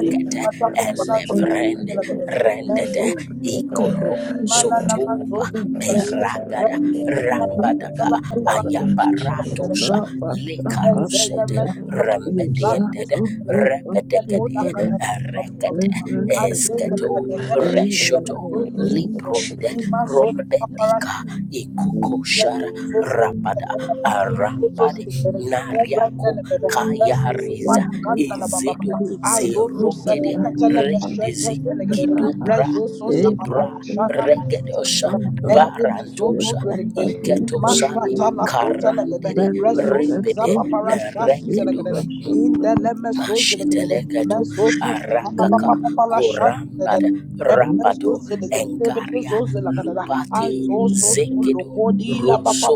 [SPEAKER 3] Eva Baba Satana
[SPEAKER 4] Evren,
[SPEAKER 3] Maribu Kuru
[SPEAKER 4] Rende,
[SPEAKER 3] Bushu Baba
[SPEAKER 4] Ikoro,
[SPEAKER 3] Eva Baba Baba
[SPEAKER 2] you.
[SPEAKER 3] Satana
[SPEAKER 4] Peragada,
[SPEAKER 3] Maribu Kuru
[SPEAKER 4] Rambadaga,
[SPEAKER 3] Bushu Baba Eva
[SPEAKER 4] Yabaratusa,
[SPEAKER 3] Baba
[SPEAKER 4] Likaru,
[SPEAKER 3] Satana
[SPEAKER 4] Rambediende, Repede,
[SPEAKER 3] Maribu
[SPEAKER 4] Erekete, Eto, Reshoto, Liprunde,
[SPEAKER 3] Kuru
[SPEAKER 4] Beda,
[SPEAKER 1] I
[SPEAKER 4] Ikukoshara,
[SPEAKER 1] in
[SPEAKER 4] Rabada,
[SPEAKER 5] Thank you.
[SPEAKER 4] Aram, Nari, Kayariza, Edo, Zigede, Kidu Libra Gedosha
[SPEAKER 2] Thank
[SPEAKER 4] Mandu Ketosani Kariri Ribid
[SPEAKER 1] the lemesos,
[SPEAKER 4] Chiteleketu Rakora Ad Rapatu
[SPEAKER 1] Azoso
[SPEAKER 4] Engupati
[SPEAKER 1] so
[SPEAKER 4] Zekido
[SPEAKER 1] lokodi la papa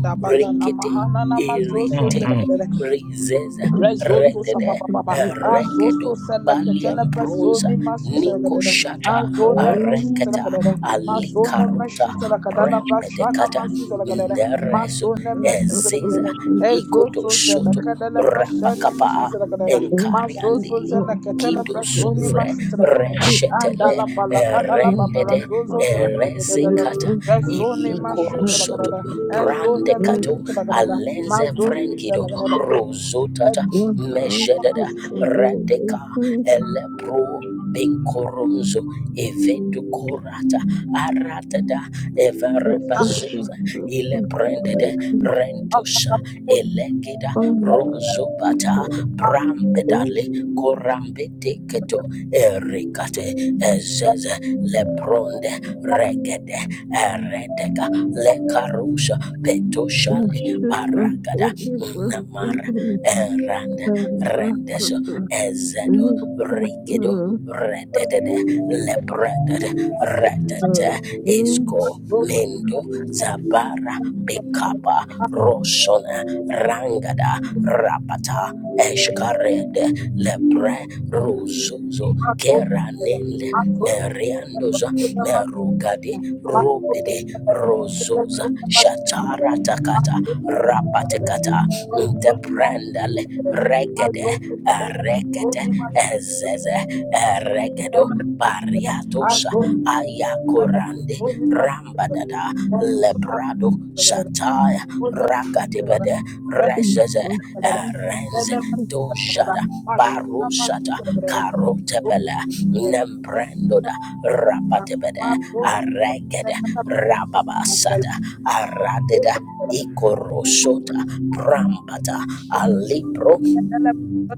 [SPEAKER 1] da bayana
[SPEAKER 4] Rikete
[SPEAKER 1] mahana na
[SPEAKER 4] Iri
[SPEAKER 1] mazoso zela
[SPEAKER 4] Rizeza
[SPEAKER 1] Resources, papa, papa, ah, so so
[SPEAKER 4] Rekedo
[SPEAKER 1] selectele
[SPEAKER 4] Baliam
[SPEAKER 1] masu
[SPEAKER 4] Bronza Niko
[SPEAKER 1] masuzerede,
[SPEAKER 4] Shata
[SPEAKER 1] ah, zone mesuzerede, ma zone
[SPEAKER 4] Alikaruta
[SPEAKER 1] mesuzerede, bashana masuzerede, ma
[SPEAKER 4] Dere
[SPEAKER 1] masu mesuzerede,
[SPEAKER 4] Ezeza
[SPEAKER 1] ezo so
[SPEAKER 4] Shoto
[SPEAKER 1] selectele persona
[SPEAKER 4] Rapakapa
[SPEAKER 1] mesuzerede,
[SPEAKER 4] Kar
[SPEAKER 1] ma so so selectele personi
[SPEAKER 4] Sure
[SPEAKER 1] masuzerede,
[SPEAKER 4] Reshet
[SPEAKER 1] andala
[SPEAKER 4] Er
[SPEAKER 1] balakadala babara zozo selectele,
[SPEAKER 4] Erezekata
[SPEAKER 1] personi
[SPEAKER 4] Koros
[SPEAKER 1] masuzerede, ezo
[SPEAKER 4] Pranto
[SPEAKER 1] ne mesuzerede, ma
[SPEAKER 4] Lenze
[SPEAKER 1] zo so
[SPEAKER 4] Vrengi
[SPEAKER 1] selectele.
[SPEAKER 4] Zota Meshedada Radeka Elepro Benkoronzo Evedu Korata Aratada
[SPEAKER 1] Thank
[SPEAKER 4] Evarabazuza Ile Brendede Rento Elegida
[SPEAKER 2] you.
[SPEAKER 4] Rozopata
[SPEAKER 2] Thank
[SPEAKER 4] Brambedale Korambedeketo Ericate Ezeze Lebronde Regede Eredega Lekarusa Petoshale Baragada Namara Eranda Rendeso Ezedo Rigido Rededede,
[SPEAKER 6] Yakov Jacobi
[SPEAKER 4] lebredede,
[SPEAKER 6] Lakatov
[SPEAKER 4] redede, Esco Mendo Zabara Bekapa Roshona Rangada Rapata Eshkarede Lebre Ruzuzo Eranele Meriandoza Rugade Rubede Rozo Shatara takata rapatikata ndeprendale rekete ezeze regedo pariatosha ayakorande rambadada lebrado taya rakatibede
[SPEAKER 1] you.
[SPEAKER 4] rezeze rendoshada barushata karotebele nembrendoda rapatebede aregede rababasada aradeda Korosota, Brambata, Alipro,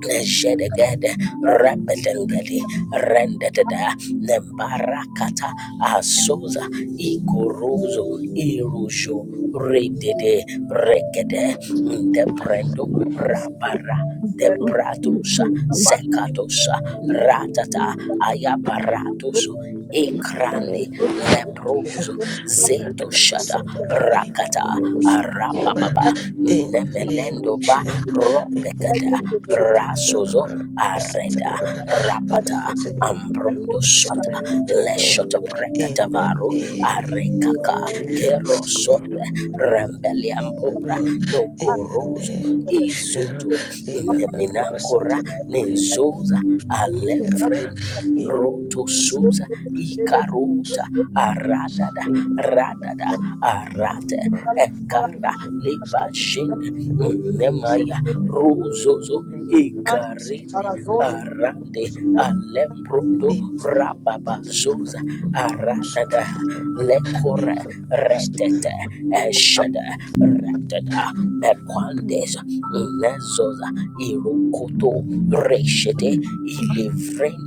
[SPEAKER 4] Jedegede, Rembedengedi, Rendededa, Nembarakata, Azusa, Iguruzo, Irujo, Redede, Regede, Deprendo, Rabara, Pratusa, Secatosa, Ratata, Ayaparatus, Ecrandi, Leproso,
[SPEAKER 3] Eva
[SPEAKER 4] Zeto
[SPEAKER 3] Baba
[SPEAKER 4] Shada
[SPEAKER 3] Satana Maribu
[SPEAKER 4] Rakata
[SPEAKER 3] Kuru Bushu Baba
[SPEAKER 4] Arababa
[SPEAKER 3] In the name of
[SPEAKER 4] Nemelendo Ba
[SPEAKER 3] Jesus, we
[SPEAKER 4] Ropekada
[SPEAKER 3] go to the one
[SPEAKER 4] Rasozo Areda
[SPEAKER 3] Father, we
[SPEAKER 4] Rapata
[SPEAKER 3] thank you for your
[SPEAKER 4] Ambrondo
[SPEAKER 3] mercy
[SPEAKER 4] Sota Leshoto
[SPEAKER 3] in the
[SPEAKER 4] Prekatavaru
[SPEAKER 3] name of
[SPEAKER 4] Arekaka
[SPEAKER 3] Jesus.
[SPEAKER 4] Kerosombe
[SPEAKER 3] In the
[SPEAKER 4] Rembeliambora Nogorozo
[SPEAKER 3] name of
[SPEAKER 4] izutu
[SPEAKER 3] Jesus. Eva Baraba
[SPEAKER 4] Yemenakora
[SPEAKER 3] Santana Maria
[SPEAKER 4] Nenzoza
[SPEAKER 3] Baraba.
[SPEAKER 4] Alefrendi
[SPEAKER 3] Eva Santana
[SPEAKER 4] Rotosuza
[SPEAKER 3] Maria Baraba. Eva Santana Maria Baraba.
[SPEAKER 4] Ikaruta Aradada
[SPEAKER 3] Eva
[SPEAKER 4] Radada
[SPEAKER 3] Santana Maria
[SPEAKER 4] Arate
[SPEAKER 3] Baraba.
[SPEAKER 1] Thank you.
[SPEAKER 3] Eva
[SPEAKER 4] Kara
[SPEAKER 3] Santana Maria
[SPEAKER 4] Lebashin
[SPEAKER 3] Baraba.
[SPEAKER 4] Nemaya Rozozo Ika arande alembrundo
[SPEAKER 3] Eva
[SPEAKER 4] rababazuza aradada
[SPEAKER 3] Santana
[SPEAKER 4] lekore
[SPEAKER 3] Maria Baraba.
[SPEAKER 4] retete eshada radada
[SPEAKER 3] Okay.
[SPEAKER 4] bekwandeza inezoza irukoto reshete ilivren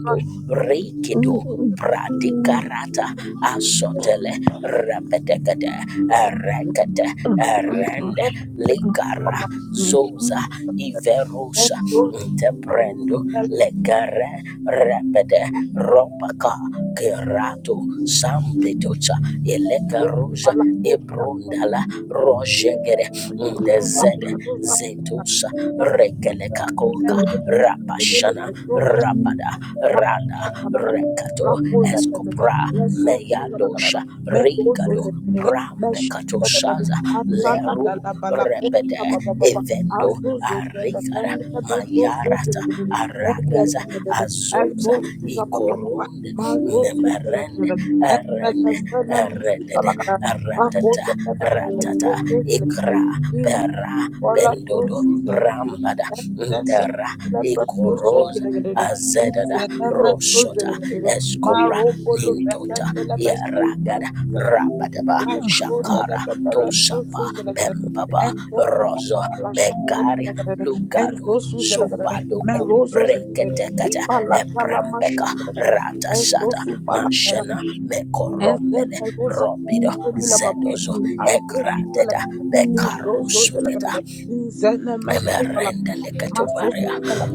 [SPEAKER 4] Rikido Pratikarata Asotele Rapetekade Erekete Erende Ligara Zoza Iverusa Inteprendo Legare Repede Ropaka Kerato Sampitocha Elegarosa Ibundala Rojegere Ndezede Zetusa rapasha. Rabada,
[SPEAKER 1] Mazozu
[SPEAKER 4] Rada, Rekato, Escopra, Meyadosha, Ri, Prambecato Shaza, Le, Repede, Vendo, Ara, Zo, Iorund, Nemer, Erend, Red, Ra- Ratata, Ikra, Pera, Dodo, Rambada,
[SPEAKER 1] Enzo
[SPEAKER 4] Ndera, Ikoroz Azedada, Rosh, Esco ya ragada rabadaba shakusapa embaba rozo bekari luga luketekata beka ratas mashana
[SPEAKER 1] and
[SPEAKER 4] mekorombe
[SPEAKER 1] then I go sa-
[SPEAKER 4] robido
[SPEAKER 1] go ni la ba-
[SPEAKER 4] edozo
[SPEAKER 1] I go su- sa la-
[SPEAKER 4] egrateda
[SPEAKER 1] Yes,
[SPEAKER 4] bekaro
[SPEAKER 1] go so- sa la- In the name of Jesus, la-
[SPEAKER 4] emerenda
[SPEAKER 1] Ma so- su-
[SPEAKER 4] leketobaria
[SPEAKER 1] sa la-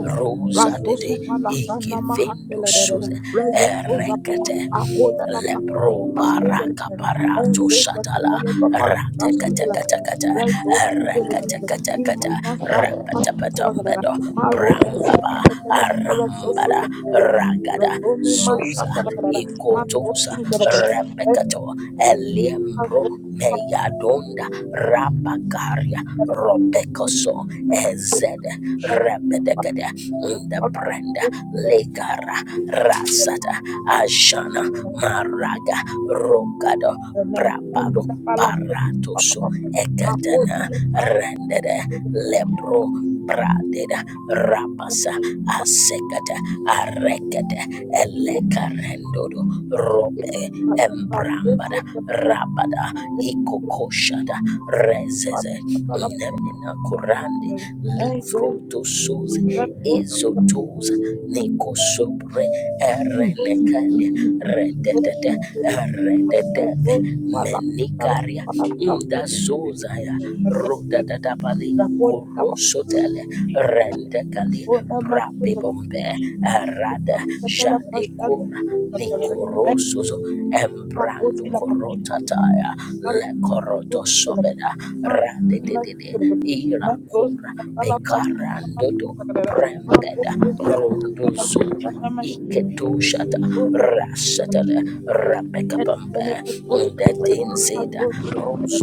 [SPEAKER 1] Ra
[SPEAKER 4] ruza
[SPEAKER 1] so su pa la
[SPEAKER 4] ikete
[SPEAKER 1] sa na ma ha de la de de de. Re ye go
[SPEAKER 6] Yakov
[SPEAKER 1] za ba ba. A go de la ba sa
[SPEAKER 4] lepro
[SPEAKER 1] na ma so
[SPEAKER 4] bara
[SPEAKER 1] ze la de de. En
[SPEAKER 4] kaparato
[SPEAKER 1] ze ze ze ze
[SPEAKER 4] shatala
[SPEAKER 1] le ba ba la sa
[SPEAKER 4] rate
[SPEAKER 1] su ze
[SPEAKER 4] kete
[SPEAKER 1] la de
[SPEAKER 4] kete
[SPEAKER 1] de. Re so su
[SPEAKER 4] kete
[SPEAKER 1] ze la de de.
[SPEAKER 4] Chakachakata,
[SPEAKER 1] I ma na sa ma su ze
[SPEAKER 4] rapatapatado,
[SPEAKER 1] la de de. Ma ro su sa
[SPEAKER 4] baba,
[SPEAKER 1] ze ze le ba ba
[SPEAKER 4] aram,
[SPEAKER 1] la so su ze la de de.
[SPEAKER 4] ragada,
[SPEAKER 1] Razoni mashata lagada,
[SPEAKER 4] kotosa,
[SPEAKER 1] mazosu lagada,
[SPEAKER 4] repetato, eliembro,
[SPEAKER 1] mazosu lagada,
[SPEAKER 4] meyadonda, rabakaria, robekoso, ezed, repedekede, indabrenda, ligara, rasata, ashana, maraga, rogado,
[SPEAKER 1] and then and
[SPEAKER 4] brabado,
[SPEAKER 1] the pala
[SPEAKER 4] ratoso,
[SPEAKER 1] I
[SPEAKER 4] Ekata
[SPEAKER 1] hold you the right
[SPEAKER 4] rendede
[SPEAKER 1] to the correct
[SPEAKER 4] lepro pradeda rapasa asekata arekete elekarendodo robe embramba rabada ikokoshada rezeze nemina kurandi
[SPEAKER 1] and then
[SPEAKER 4] litosuze
[SPEAKER 6] made
[SPEAKER 4] ezotuza nikosobre erenekale rededede rededede
[SPEAKER 1] the
[SPEAKER 4] menikaria
[SPEAKER 6] in development
[SPEAKER 4] Dazuzaya
[SPEAKER 1] and
[SPEAKER 4] Rudatabali
[SPEAKER 1] Rakotika
[SPEAKER 4] Rosotele Rendekali
[SPEAKER 1] pakona mafuta
[SPEAKER 4] Bibombe Arada
[SPEAKER 1] katala
[SPEAKER 4] Jakuna
[SPEAKER 1] pashada katala ai
[SPEAKER 4] Nikorosuzo
[SPEAKER 6] of his
[SPEAKER 1] pakoti la papa papa papa
[SPEAKER 4] Embrokorotataya
[SPEAKER 1] la
[SPEAKER 4] Lekoroto
[SPEAKER 1] koti la
[SPEAKER 4] Sobeda
[SPEAKER 1] ma
[SPEAKER 4] Radidide
[SPEAKER 1] ma kuzi la ma
[SPEAKER 4] Ira
[SPEAKER 1] rozi katala pashada ma
[SPEAKER 4] Karandodo
[SPEAKER 1] katala ma
[SPEAKER 4] Brembeda
[SPEAKER 1] koti la katala
[SPEAKER 4] Runduzuza
[SPEAKER 1] pashada ma shiko
[SPEAKER 4] Iketushata
[SPEAKER 1] ma katala
[SPEAKER 4] Rasatele Rabekabamba
[SPEAKER 1] koti
[SPEAKER 4] that thing
[SPEAKER 6] management
[SPEAKER 1] ma
[SPEAKER 4] said
[SPEAKER 1] koti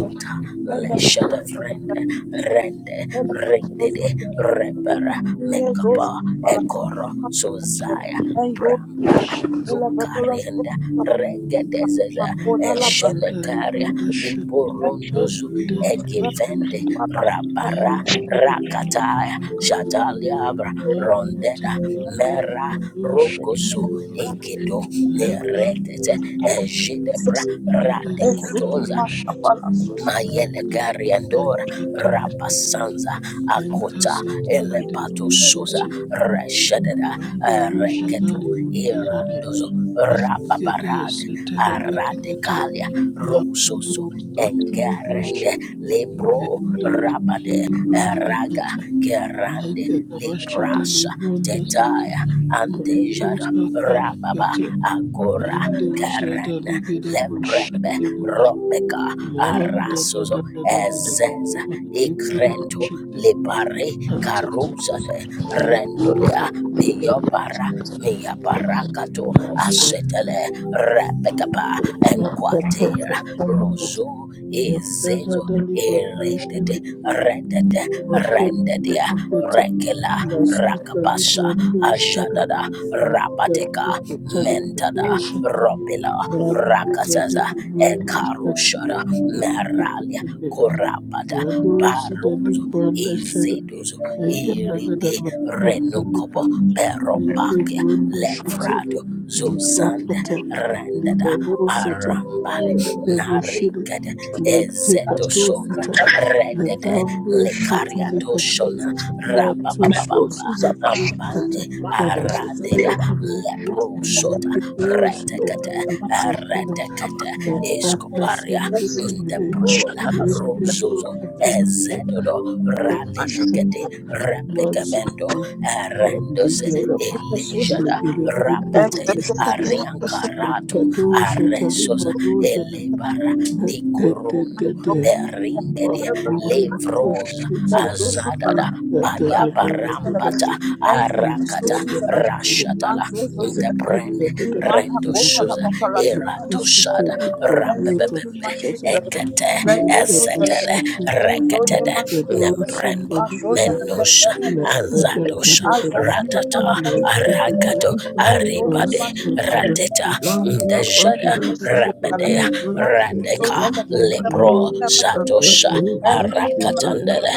[SPEAKER 1] la en
[SPEAKER 6] of
[SPEAKER 4] Leshada Friend
[SPEAKER 1] katala katala
[SPEAKER 4] Rende
[SPEAKER 1] koti
[SPEAKER 6] a
[SPEAKER 4] Rede
[SPEAKER 6] concept
[SPEAKER 4] Rebera
[SPEAKER 1] la katala
[SPEAKER 6] yet
[SPEAKER 1] zoza
[SPEAKER 6] be
[SPEAKER 4] Ekoro
[SPEAKER 1] Thank
[SPEAKER 4] Sozaya
[SPEAKER 1] you.
[SPEAKER 4] Bara Lukenda Regedezeza
[SPEAKER 5] Metafudali
[SPEAKER 4] Shelekaria
[SPEAKER 5] Buddha Shit
[SPEAKER 6] settled
[SPEAKER 4] Liborondozu
[SPEAKER 5] Masidali
[SPEAKER 4] Egivende
[SPEAKER 5] Kadbuzada
[SPEAKER 4] Rabara
[SPEAKER 5] Ended Buddha
[SPEAKER 4] Rakataya
[SPEAKER 5] Mukata
[SPEAKER 4] Shataliabra
[SPEAKER 5] Makuta
[SPEAKER 4] Rondeda
[SPEAKER 5] Satali
[SPEAKER 4] Mera
[SPEAKER 5] Buddha
[SPEAKER 6] by the reach
[SPEAKER 4] Rokosu
[SPEAKER 5] Shindaligidi
[SPEAKER 4] Ekedo
[SPEAKER 5] Lekar
[SPEAKER 4] Neretete
[SPEAKER 5] da da da da
[SPEAKER 4] Ejide Rat
[SPEAKER 5] Zidele Vendo Sheta, Venta Satale
[SPEAKER 4] Mayelegariandora
[SPEAKER 5] Eton Sheta,
[SPEAKER 4] Rapasanza
[SPEAKER 5] Enta
[SPEAKER 4] Akota
[SPEAKER 5] Satale de
[SPEAKER 4] Elepato
[SPEAKER 5] Vendo
[SPEAKER 4] Suza
[SPEAKER 5] Sheta,
[SPEAKER 4] Reshededa
[SPEAKER 5] Brando
[SPEAKER 4] Reketu
[SPEAKER 5] Jadali
[SPEAKER 6] of
[SPEAKER 5] Brazade,
[SPEAKER 4] Irandozo
[SPEAKER 5] Etigede
[SPEAKER 4] Rapaparad
[SPEAKER 5] Setele Ketekete,
[SPEAKER 4] Aradekalia Rososo
[SPEAKER 5] Lakato Satandu
[SPEAKER 4] engarende Lebro
[SPEAKER 5] Shendo
[SPEAKER 4] Rabade
[SPEAKER 5] Zili Brando
[SPEAKER 4] Raga
[SPEAKER 5] Kete,
[SPEAKER 4] Gerande
[SPEAKER 5] Legada Vashidele
[SPEAKER 4] Lebrasa
[SPEAKER 5] Vendo Sheta,
[SPEAKER 4] Tetaya
[SPEAKER 5] Bato
[SPEAKER 4] Andejada
[SPEAKER 5] Satale
[SPEAKER 4] Rababa
[SPEAKER 5] Kete,
[SPEAKER 4] Agora
[SPEAKER 5] Endo
[SPEAKER 4] Garande
[SPEAKER 5] Jadali
[SPEAKER 4] Ren
[SPEAKER 5] Gede
[SPEAKER 4] Lebrembe
[SPEAKER 5] Bushete
[SPEAKER 4] Robeka
[SPEAKER 5] Man, da, da,
[SPEAKER 4] Arasozo
[SPEAKER 5] da, da, da, da, da.
[SPEAKER 4] Ezeza
[SPEAKER 5] My neighborhood
[SPEAKER 4] Ikrento
[SPEAKER 5] shit that shaped the
[SPEAKER 4] Libare
[SPEAKER 5] ancestors
[SPEAKER 4] Karuzade
[SPEAKER 5] you lose
[SPEAKER 4] Rendolia
[SPEAKER 5] and values
[SPEAKER 4] Biobara
[SPEAKER 5] and
[SPEAKER 4] Mia Barakato
[SPEAKER 5] nonsense.
[SPEAKER 4] Asetele Rebekaba
[SPEAKER 5] Not kata
[SPEAKER 4] Enquatera
[SPEAKER 5] kata kata.
[SPEAKER 4] Rozo
[SPEAKER 5] And there's
[SPEAKER 4] Izezo
[SPEAKER 5] other liberal shit
[SPEAKER 4] Eredede
[SPEAKER 5] that they did.
[SPEAKER 4] Redede
[SPEAKER 5] Not kata
[SPEAKER 4] Rendedia
[SPEAKER 5] kata kata.
[SPEAKER 4] Rekela
[SPEAKER 5] Nasita
[SPEAKER 4] Rakabasha
[SPEAKER 5] liberal shit.
[SPEAKER 4] Ajadada
[SPEAKER 5] And the
[SPEAKER 4] Rabateka,
[SPEAKER 5] others that tell it that oh
[SPEAKER 4] Mentada,
[SPEAKER 5] shit.
[SPEAKER 4] Robila,
[SPEAKER 5] Man, these are the
[SPEAKER 4] rakasaza
[SPEAKER 5] liberal shit.
[SPEAKER 4] Ekarushara,
[SPEAKER 5] Kata
[SPEAKER 4] Meralia,
[SPEAKER 5] kata kata.
[SPEAKER 4] Korabata,
[SPEAKER 5] Baduzi dali
[SPEAKER 4] Baruzo,
[SPEAKER 5] banda shara
[SPEAKER 4] Iziduzo,
[SPEAKER 5] aigaragara
[SPEAKER 4] Iridi,
[SPEAKER 5] matantandika
[SPEAKER 4] Renukobo,
[SPEAKER 5] yende
[SPEAKER 4] Perobakia,
[SPEAKER 5] bundi shite
[SPEAKER 4] Levrado, Zuzanda,
[SPEAKER 5] diprakata
[SPEAKER 4] Randada,
[SPEAKER 5] lidabosata
[SPEAKER 4] Arambale,
[SPEAKER 5] lende bushiri
[SPEAKER 4] Narikada, Ezeto
[SPEAKER 5] leitekato
[SPEAKER 4] Shona,
[SPEAKER 5] fita
[SPEAKER 4] Redede,
[SPEAKER 5] ledambo
[SPEAKER 4] Lekariato
[SPEAKER 5] shatalikata
[SPEAKER 4] Shona, Rababa.
[SPEAKER 5] vato shatalikata
[SPEAKER 4] Bande arade
[SPEAKER 5] kutabashidelibi
[SPEAKER 4] Lepro sota
[SPEAKER 5] ligedozi dali
[SPEAKER 4] retekete
[SPEAKER 5] banda shara
[SPEAKER 4] retekete
[SPEAKER 5] la
[SPEAKER 4] iskoparia the
[SPEAKER 5] akasendeligide
[SPEAKER 4] pro
[SPEAKER 5] yende
[SPEAKER 4] rozozo
[SPEAKER 5] bukata
[SPEAKER 4] ezedodo
[SPEAKER 5] Mashaka
[SPEAKER 4] raletekete repekamendo
[SPEAKER 5] mazeke
[SPEAKER 4] arendose
[SPEAKER 5] mandigara
[SPEAKER 4] elada
[SPEAKER 5] negere bondo
[SPEAKER 4] rapat
[SPEAKER 5] kotoshite
[SPEAKER 4] arang Aratu
[SPEAKER 5] nekato shatani
[SPEAKER 4] aresosa
[SPEAKER 5] marozana
[SPEAKER 4] elebara di corondo
[SPEAKER 5] dededede
[SPEAKER 4] beringedia
[SPEAKER 1] Thank you.
[SPEAKER 5] makono
[SPEAKER 4] levrosa
[SPEAKER 5] koshite
[SPEAKER 1] Mas
[SPEAKER 4] adada baya
[SPEAKER 5] izadadadadadada
[SPEAKER 4] barambata arakata
[SPEAKER 5] izadadashire
[SPEAKER 4] Rashata the brain
[SPEAKER 5] lekadadadadadada
[SPEAKER 4] ren era to shada
[SPEAKER 5] lekositani
[SPEAKER 4] ram
[SPEAKER 5] pakrota katakata
[SPEAKER 4] ete ezele
[SPEAKER 5] ledadashite
[SPEAKER 4] reketede
[SPEAKER 5] ndigada
[SPEAKER 4] nembrembo
[SPEAKER 5] washinda
[SPEAKER 4] Nusha
[SPEAKER 5] Thank
[SPEAKER 2] you.
[SPEAKER 4] Anzadosha Ratata
[SPEAKER 2] Thank
[SPEAKER 4] Arakato Aribade Rateta Ndeje
[SPEAKER 1] let her mistress have
[SPEAKER 4] Rabadea
[SPEAKER 1] a
[SPEAKER 4] Radeka
[SPEAKER 1] resource and
[SPEAKER 4] Lepro
[SPEAKER 1] the
[SPEAKER 4] Zatosha
[SPEAKER 1] and then
[SPEAKER 4] Arakatandele